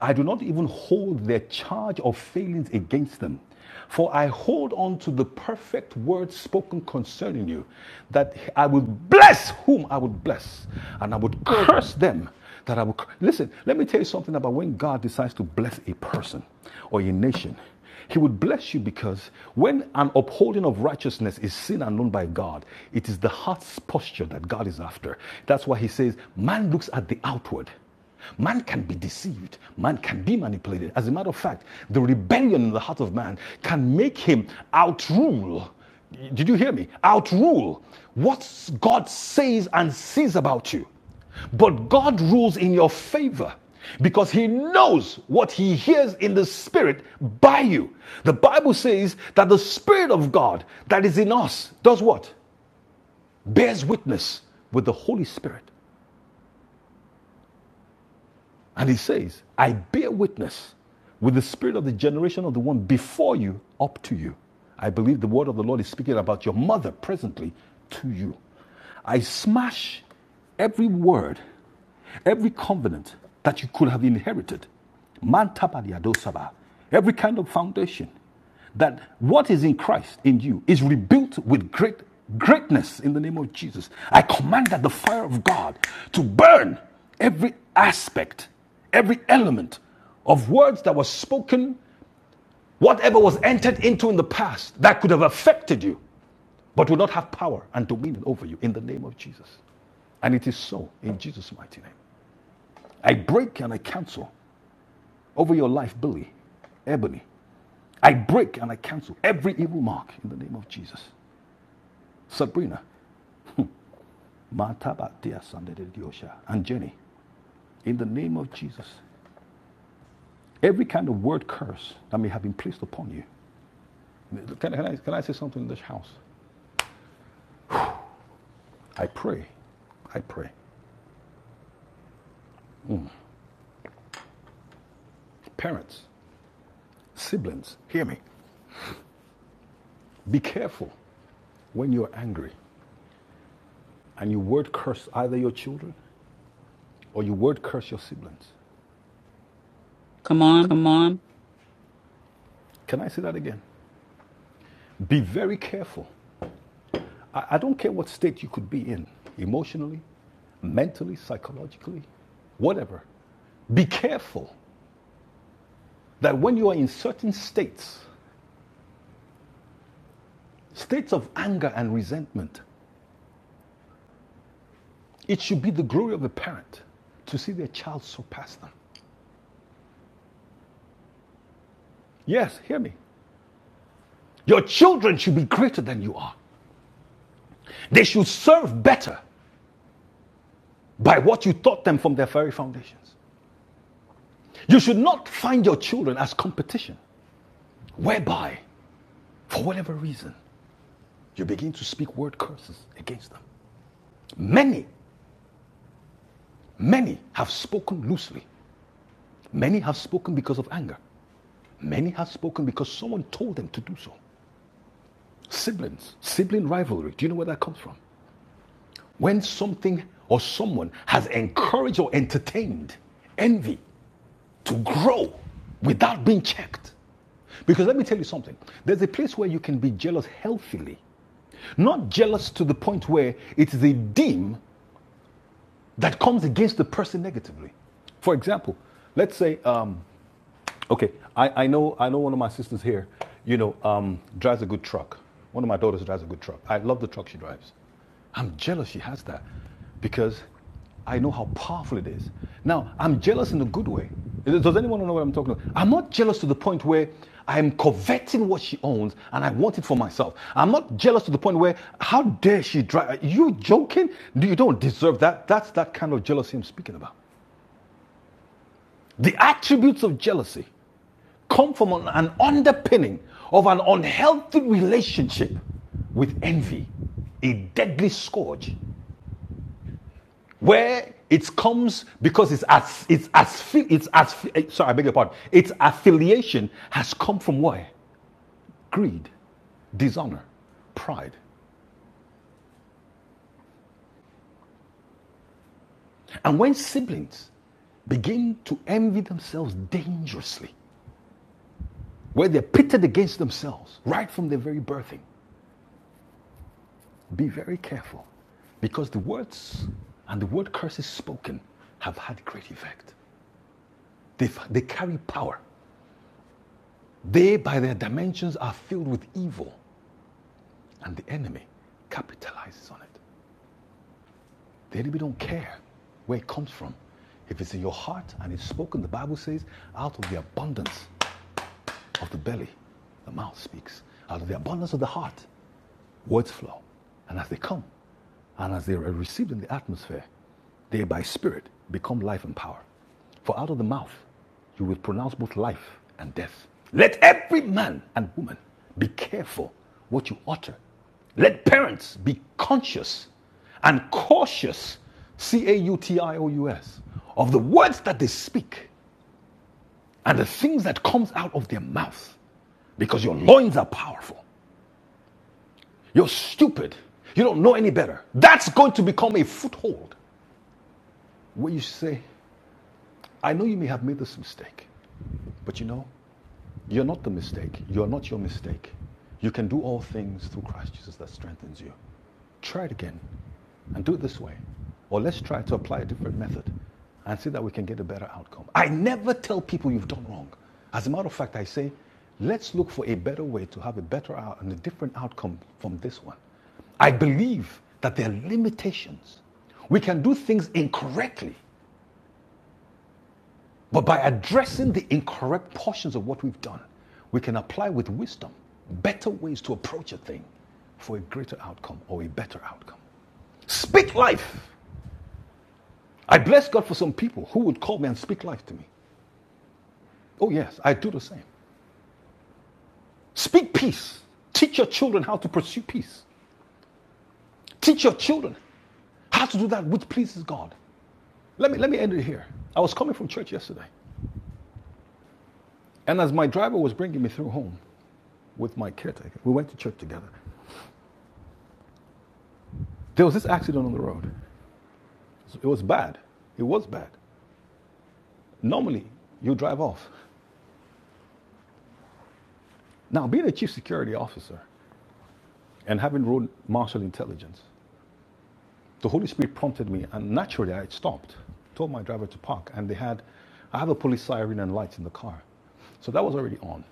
Speaker 3: I do not even hold their charge of failings against them. For I hold on to the perfect word spoken concerning you, that I would bless whom I would bless, and I would curse them that I would. cur- Listen, let me tell you something about when God decides to bless a person or a nation. He would bless you because when an upholding of righteousness is seen and known by God, it is the heart's posture that God is after. That's why he says, Man looks at the outward. Man can be deceived. Man can be manipulated. As a matter of fact, the rebellion in the heart of man can make him outrule. Did you hear me? Outrule what God says and sees about you. But God rules in your favor because he knows what he hears in the spirit by you. The Bible says that the spirit of God that is in us does what? Bears witness with the Holy Spirit. And he says, I bear witness with the spirit of the generation of the one before you up to you. I believe the word of the Lord is speaking about your mother presently to you. I smash every word, every covenant that you could have inherited. Manta Badiadosaba. Every kind of foundation that what is in Christ in you is rebuilt with great greatness in the name of Jesus. I command that the fire of God to burn every aspect, every element of words that were spoken, whatever was entered into in the past that could have affected you, but will not have power and dominion over you in the name of Jesus. And it is so in Jesus' mighty name. I break and I cancel over your life, Billy, Ebony. I break and I cancel every evil mark in the name of Jesus. Sabrina, Mataba, Dia, Diosha, and Jenny, in the name of Jesus. Every kind of word curse that may have been placed upon you. Can, can I, can I say something in this house? I pray. I pray. Parents, siblings, hear me. Be careful when you're angry and you word curse either your children or you word curse your siblings.
Speaker 1: come on.
Speaker 3: Come on. Can I say that again? Be very careful. I, I don't care what state you could be in emotionally, mentally, psychologically, whatever. Be careful that when you are in certain states, states of anger and resentment, it should be the glory of a parent to see their child surpass them. Yes, hear me. Your children should be greater than you are. They should serve better by what you taught them from their very foundations. You should not find your children as competition, whereby, for whatever reason, you begin to speak word curses against them. Many, many have spoken loosely. Many have spoken because of anger. Many have spoken because someone told them to do so. Siblings, sibling rivalry. Do you know where that comes from? When something or someone has encouraged or entertained envy to grow without being checked. Because let me tell you something there's a place where you can be jealous healthily, not jealous to the point where it is a deem that comes against the person negatively. For example, let's say um, Okay, I, I know I know one of my sisters here. You know, um, drives a good truck. One of my daughters drives a good truck. I love the truck she drives. I'm jealous she has that because I know how powerful it is. Now I'm jealous in a good way. Does anyone know what I'm talking about? I'm not jealous to the point where I'm coveting what she owns and I want it for myself. I'm not jealous to the point where how dare she drive? Are you joking? You don't deserve that. That's that kind of jealousy I'm speaking about. The attributes of jealousy come from an, underpinning of an unhealthy relationship with envy, a deadly scourge, where it comes because it's as it's as it's as sorry, I beg your pardon. Its affiliation has come from where? Greed, dishonor, pride, and when siblings begin to envy themselves dangerously, where they're pitted against themselves right from their very birthing, Be very careful because the words and the word curses spoken have had great effect. They, they carry power. They, by their dimensions, are filled with evil, and the enemy capitalizes on it. The enemy don't care where it comes from. If it's in your heart and it's spoken, the Bible says, out of the abundance of the belly, the mouth speaks. Out of the abundance of the heart, words flow. And as they come, and as they are received in the atmosphere, they by spirit become life and power. For out of the mouth you will pronounce both life and death. Let every man and woman be careful what you utter. Let parents be conscious and cautious, C A U T I O U S, of the words that they speak and the things that comes out of their mouth, because your loins are powerful you're stupid. You don't know any better. That's going to become a foothold where you say, I know you may have made this mistake, but you know, you're not the mistake. You're not your mistake. You can do all things through Christ Jesus that strengthens you. Try it again and do it this way. Or let's try to apply a different method and see that we can get a better outcome. I never tell people you've done wrong. As a matter of fact, I say, let's look for a better way to have a better out and a different outcome from this one. I believe that there are limitations. We can do things incorrectly but by addressing the incorrect portions of what we've done, we can apply with wisdom better ways to approach a thing for a greater outcome or a better outcome. Speak life. I bless God for some people who would call me and speak life to me. Oh, yes, I do the same. Speak peace. Teach your children how to pursue peace. Teach your children how to do that which pleases God. Let me, let me end it here. I was coming from church yesterday, and as my driver was bringing me through home with my caretaker, we went to church together. There was this accident on the road. It was bad. It was bad. Normally, you drive off. Now, being a chief security officer and having road martial intelligence, the Holy Spirit prompted me, and naturally, I had stopped, told my driver to park, and they had, I have a police siren and lights in the car. So that was already on.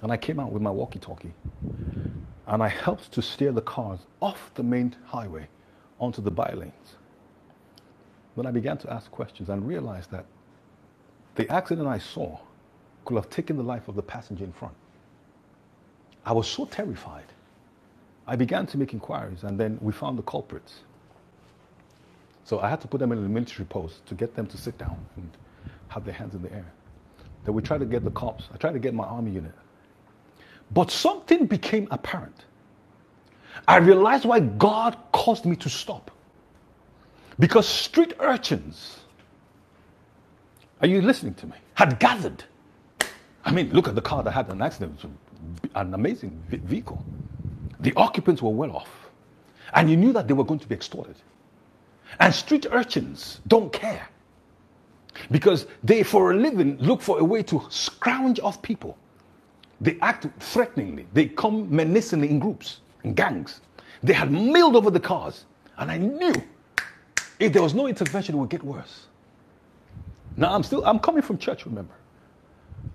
Speaker 3: And I came out with my walkie talkie, and I helped to steer the cars off the main highway onto the by lanes. Then I began to ask questions and realized that The accident I saw could have taken the life of the passenger in front. I was so terrified. I began to make inquiries, and then we found the culprits. So I had to put them in a military post to get them to sit down and have their hands in the air. Then we tried to get the cops. I tried to get my army unit. But something became apparent. I realized why God caused me to stop. Because street urchins, are you listening to me? Had gathered I mean, look at the car that had an accident. It was an amazing vehicle. The occupants were well off. And you knew that they were going to be extorted. And street urchins don't care because they, for a living, look for a way to scrounge off people. They act threateningly, they come menacingly in groups, in gangs. They had milled over the cars. And I knew if there was no intervention, it would get worse. Now, I'm still, I'm coming from church, remember.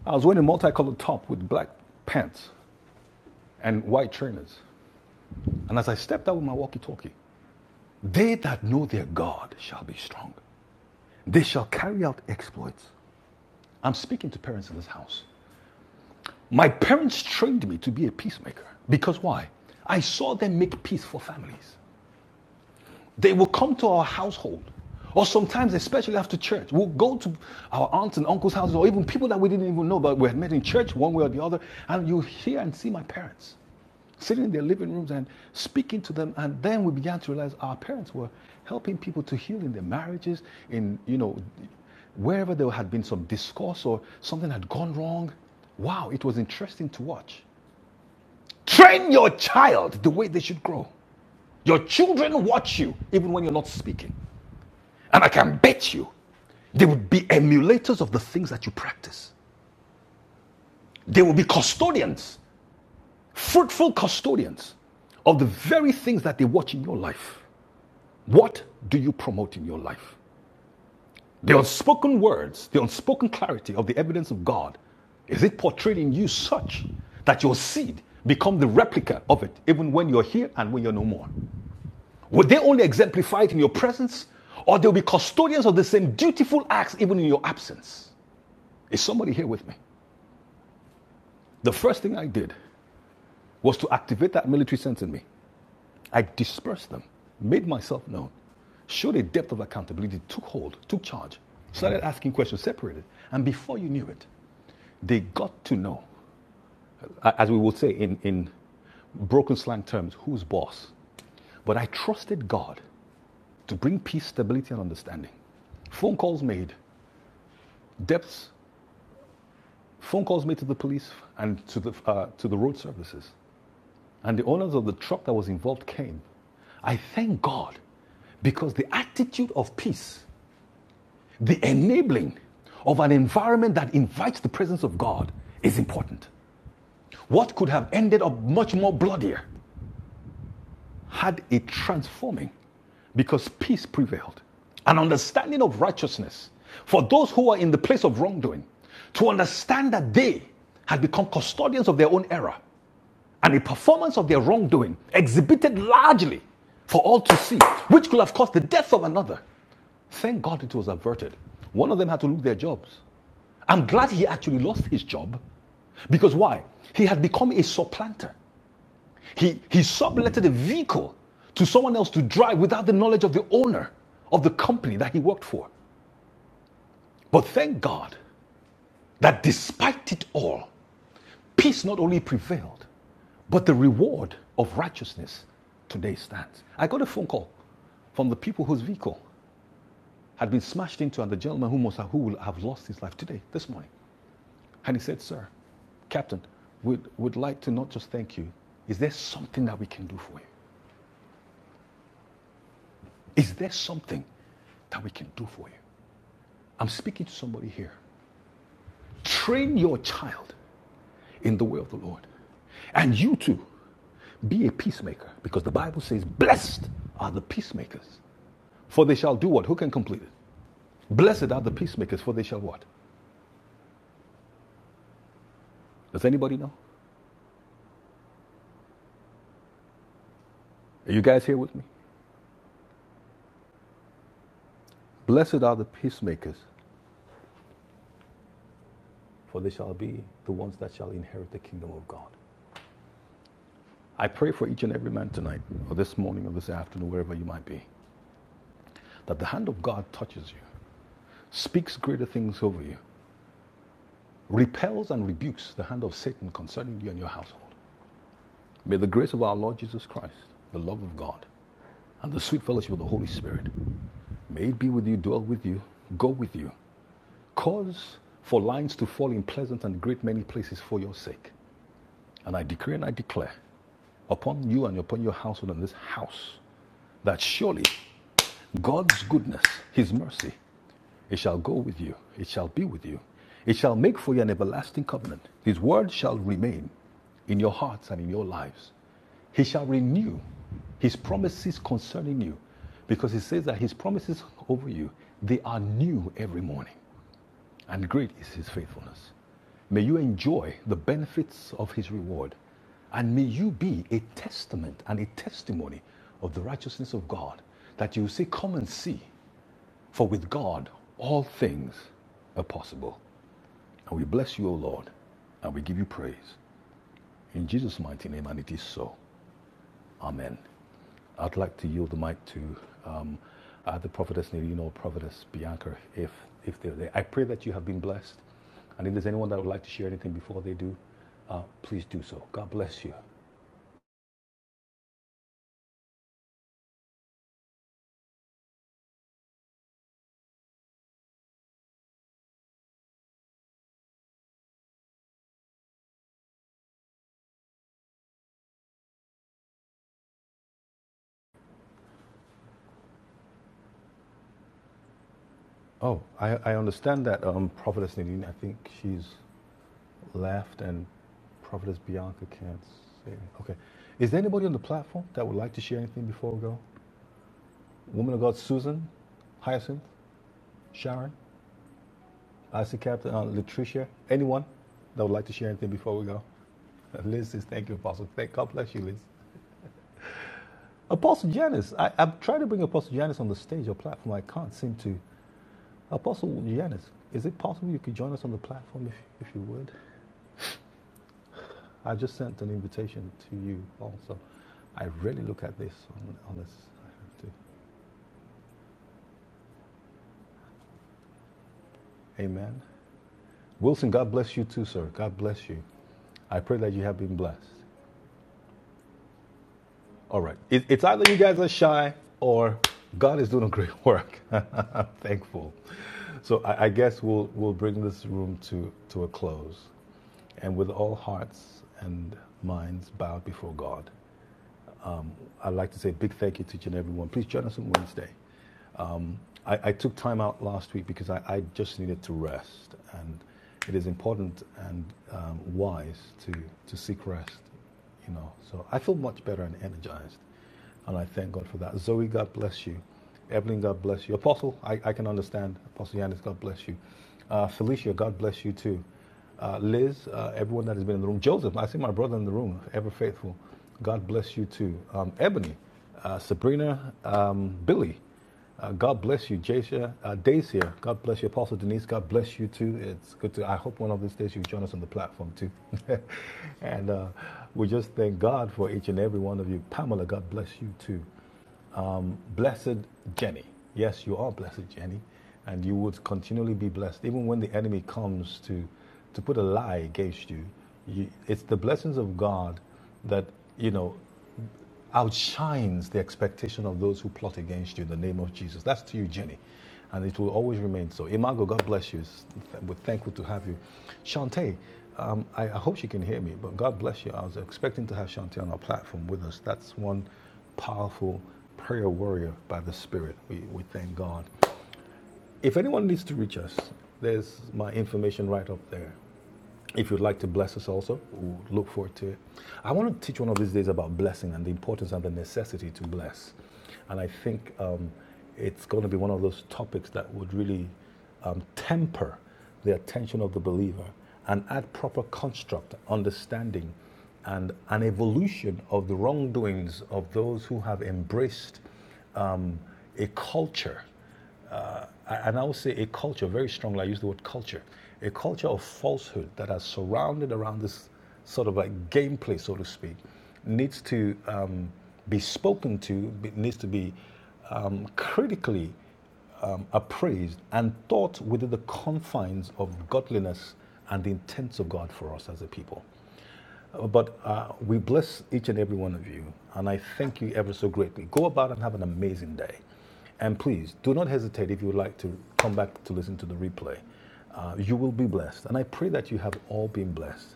Speaker 3: I was wearing a multicolored top with black pants and white trainers. And as I stepped out with my walkie talkie, they that know their God shall be strong. They shall carry out exploits. I'm speaking to parents in this house. My parents trained me to be a peacemaker. Because why? I saw them make peace for families. They will come to our household, or sometimes, especially after church, we'll go to our aunts and uncles' houses, or even people that we didn't even know, but we had met in church one way or the other, and you hear and see my parents. sitting in their living rooms and speaking to them and then we began to realize our parents were helping people to heal in their marriages in you know wherever there had been some discourse or something had gone wrong wow it was interesting to watch train your child the way they should grow your children watch you even when you're not speaking and i can bet you they would be emulators of the things that you practice they will be custodians fruitful custodians of the very things that they watch in your life What do you promote in your life? The unspoken words, the unspoken clarity of the evidence of God, is it portrayed in you such that your seed become the replica of it, even when you're here and when you're no more? Would they only exemplify it in your presence, or they'll be custodians of the same dutiful acts even in your absence? Is somebody here with me? The first thing I did was to activate that military sense in me. I dispersed them, made myself known, showed a depth of accountability, took hold, took charge, started asking questions, separated. And before you knew it, they got to know, as we would say in, in broken slang terms, who's boss. But I trusted God to bring peace, stability, and understanding. Phone calls made, depths, phone calls made to the police and to the, uh, to the road services. And the owners of the truck that was involved came. I thank God because the attitude of peace, the enabling of an environment that invites the presence of God is important. What could have ended up much more bloodier had it transforming because peace prevailed. An understanding of righteousness for those who are in the place of wrongdoing, to understand that they had become custodians of their own error and the performance of their wrongdoing exhibited largely for all to see, which could have caused the death of another. Thank God it was averted. One of them had to lose their jobs. I'm glad he actually lost his job because why? He had become a supplanter. He, he subletted a vehicle to someone else to drive without the knowledge of the owner of the company that he worked for. But thank God that despite it all, peace not only prevailed, but the reward of righteousness today stands. I got a phone call from the people whose vehicle had been smashed into and the gentleman who, must have, who will have lost his life today, this morning. And he said, Sir, Captain, we'd, would like to not just thank you. Is there something that we can do for you? Is there something that we can do for you? I'm speaking to somebody here. Train your child in the way of the Lord. And you too, be a peacemaker, because the Bible says, Blessed are the peacemakers, for they shall do what? Who can complete it? Blessed are the peacemakers, for they shall what? Does anybody know? Are you guys here with me? Blessed are the peacemakers, for they shall be the ones that shall inherit the kingdom of God. I pray for each and every man tonight, or this morning, or this afternoon, wherever you might be, that the hand of God touches you, speaks greater things over you, repels and rebukes the hand of Satan concerning you and your household. May the grace of our Lord Jesus Christ, the love of God, and the sweet fellowship of the Holy Spirit, may it be with you, dwell with you, go with you. Cause for lines to fall in pleasant and great many places for your sake. And I decree and I declare upon you and upon your household and this house that surely God's goodness, His mercy, it shall go with you, it shall be with you, it shall make for you an everlasting covenant. His word shall remain in your hearts and in your lives. He shall renew his promises concerning you because he says that his promises over you, they are new every morning and great is his faithfulness. May you enjoy the benefits of his reward, and may you be a testament and a testimony of the righteousness of God, that you say, Come and see, for with God all things are possible. And we bless you, O Lord, and we give you praise. In Jesus' mighty name, and it is so. Amen. I'd like to yield the mic to um, either Prophetess Nadine or Prophetess Bianca if, if they're there. I pray that you have been blessed. And if there's anyone that would like to share anything before they do, uh, please do so. God bless you. Oh, I, I understand that um, Prophetess Nadine, I think she's left and Prophetess Bianca can't say. anything. Okay. Is there anybody on the platform that would like to share anything before we go? Woman of God, Susan, Hyacinth, Sharon? I see Captain uh, Latricia. Anyone that would like to share anything before we go? [LAUGHS] Liz says, thank you, Apostle. Thank God bless you, Liz. Apostle Janice. I, I've tried to bring Apostle Janice on the stage or platform. I can't seem to. Apostle Janice, is it possible you could join us on the platform if, if you would? I just sent an invitation to you also. I really look at this on, on this. I have to. Amen. Wilson, God bless you too, sir. God bless you. I pray that you have been blessed. All right. It, it's either you guys are shy or God is doing [LAUGHS] a great work. [LAUGHS] I'm thankful. So I, I guess we'll we'll bring this room to to a close, and with all hearts and minds bowed before God, I'd like to say a big thank you to each and everyone. Please join us on Wednesday. I, I took time out last week because I, I just needed to rest, and it is important and um, wise to to seek rest. You know, so I feel much better and energized, and I thank God for that. Zoe, God bless you. Evelyn, God bless you. Apostle, I, I can understand. Apostle Yanis, God bless you. Uh, Felicia, God bless you too. Uh, Liz, uh, everyone that has been in the room. Joseph, I see my brother in the room, ever faithful. God bless you too. Um, Ebony, uh, Sabrina, um, Billy. Uh, God bless you, Jasia, uh, Dacia. God bless you, Apostle Denise. God bless you too. It's good to. I hope one of these days you join us on the platform too. [LAUGHS] and uh, we just thank God for each and every one of you. Pamela, God bless you too. Blessed Jenny. Yes, you are blessed, Jenny, and you would continually be blessed, even when the enemy comes to to put a lie against you. you it's the blessings of God that you know outshines the expectation of those who plot against you in the name of Jesus. That's to you, Jenny. And it will always remain so. Imago, God bless you. We're thankful to have you. Shantae, um, I, I hope she can hear me, but God bless you. I was expecting to have Shantae on our platform with us. That's one powerful prayer warrior by the Spirit. We, we thank God. If anyone needs to reach us, there's my information right up there. If you'd like to bless us also, we'll look forward to it. I want to teach one of these days about blessing and the importance and the necessity to bless. And I think um, it's going to be one of those topics that would really um, temper the attention of the believer and add proper construct, understanding, and an evolution of the wrongdoings of those who have embraced a culture, uh, and I would say a culture, very strongly, I use the word culture, a culture of falsehood that has surrounded around this sort of like gameplay, so to speak, needs to um, be spoken to, be- needs to be um, critically um, appraised and thought within the confines of godliness and the intents of God for us as a people. But uh, we bless each and every one of you, and I thank you ever so greatly. Go about and have an amazing day. And please do not hesitate if you would like to come back to listen to the replay. Uh, you will be blessed, and I pray that you have all been blessed.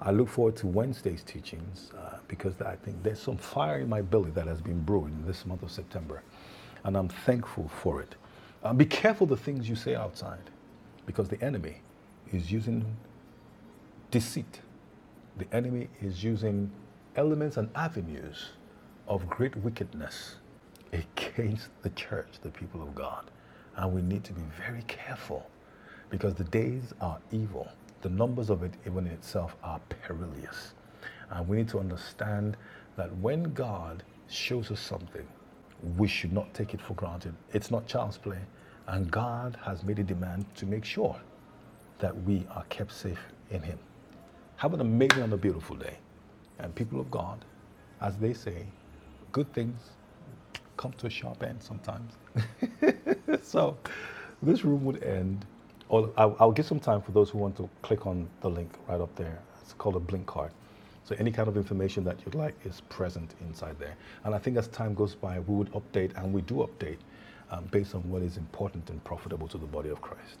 Speaker 3: I look forward to Wednesday's teachings uh, because I think there's some fire in my belly that has been brewing this month of September, and I'm thankful for it. Uh, be careful the things you say outside because the enemy is using deceit the enemy is using elements and avenues of great wickedness against the church, the people of God. And we need to be very careful because the days are evil. The numbers of it, even in itself, are perilous. And we need to understand that when God shows us something, we should not take it for granted. It's not child's play. And God has made a demand to make sure that we are kept safe in Him. Have an amazing and a beautiful day. And people of God, as they say, good things come to a sharp end sometimes. [LAUGHS] so this room would end. Or I'll, I'll give some time for those who want to click on the link right up there. It's called a blink card. So any kind of information that you'd like is present inside there. And I think as time goes by, we would update, and we do update um, based on what is important and profitable to the body of Christ.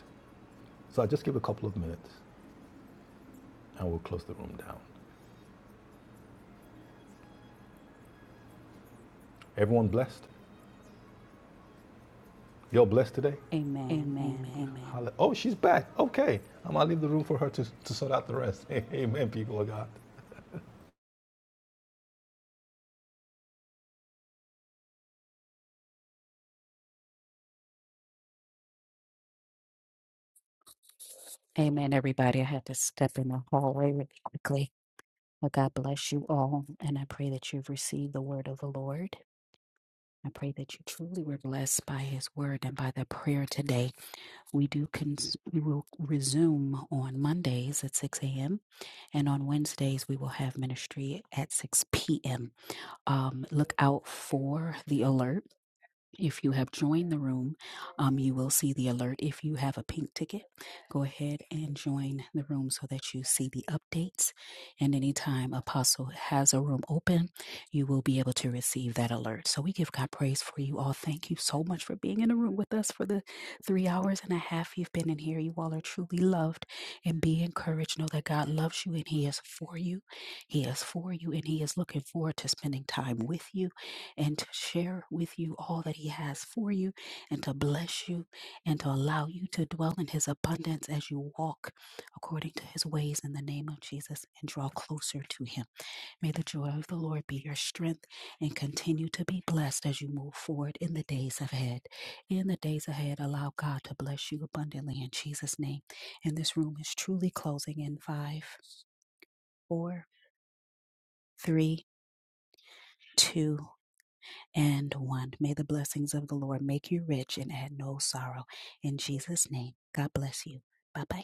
Speaker 3: So I'll just give a couple of minutes, and we'll close the room down. Everyone blessed. You're blessed today?
Speaker 1: Amen.
Speaker 3: Amen. Amen.
Speaker 1: Amen.
Speaker 3: Oh, she's back. Okay. I'm going to leave the room for her to, to sort out the rest. [LAUGHS] Amen, people of God.
Speaker 1: Amen, everybody. I had to step in the hallway really quickly. Well, God bless you all, and I pray that you've received the word of the Lord. I pray that you truly were blessed by His word and by the prayer today. We do cons- we will resume on Mondays at 6 a.m. and on Wednesdays we will have ministry at 6 p.m. Um, look out for the alert if you have joined the room, um, you will see the alert. If you have a pink ticket, go ahead and join the room so that you see the updates. And anytime Apostle has a room open, you will be able to receive that alert. So we give God praise for you all. Thank you so much for being in the room with us for the three hours and a half you've been in here. You all are truly loved and be encouraged. Know that God loves you and He is for you. He is for you and He is looking forward to spending time with you and to share with you all that He has for you and to bless you and to allow you to dwell in His abundance as you walk according to His ways in the name of Jesus and draw closer to Him. May the joy of the Lord be your strength and continue to be blessed as you move forward in the days ahead. In the days ahead, allow God to bless you abundantly in Jesus' name. And this room is truly closing in five, four, three, two, and one. May the blessings of the Lord make you rich and add no sorrow. In Jesus' name, God bless you. Bye bye.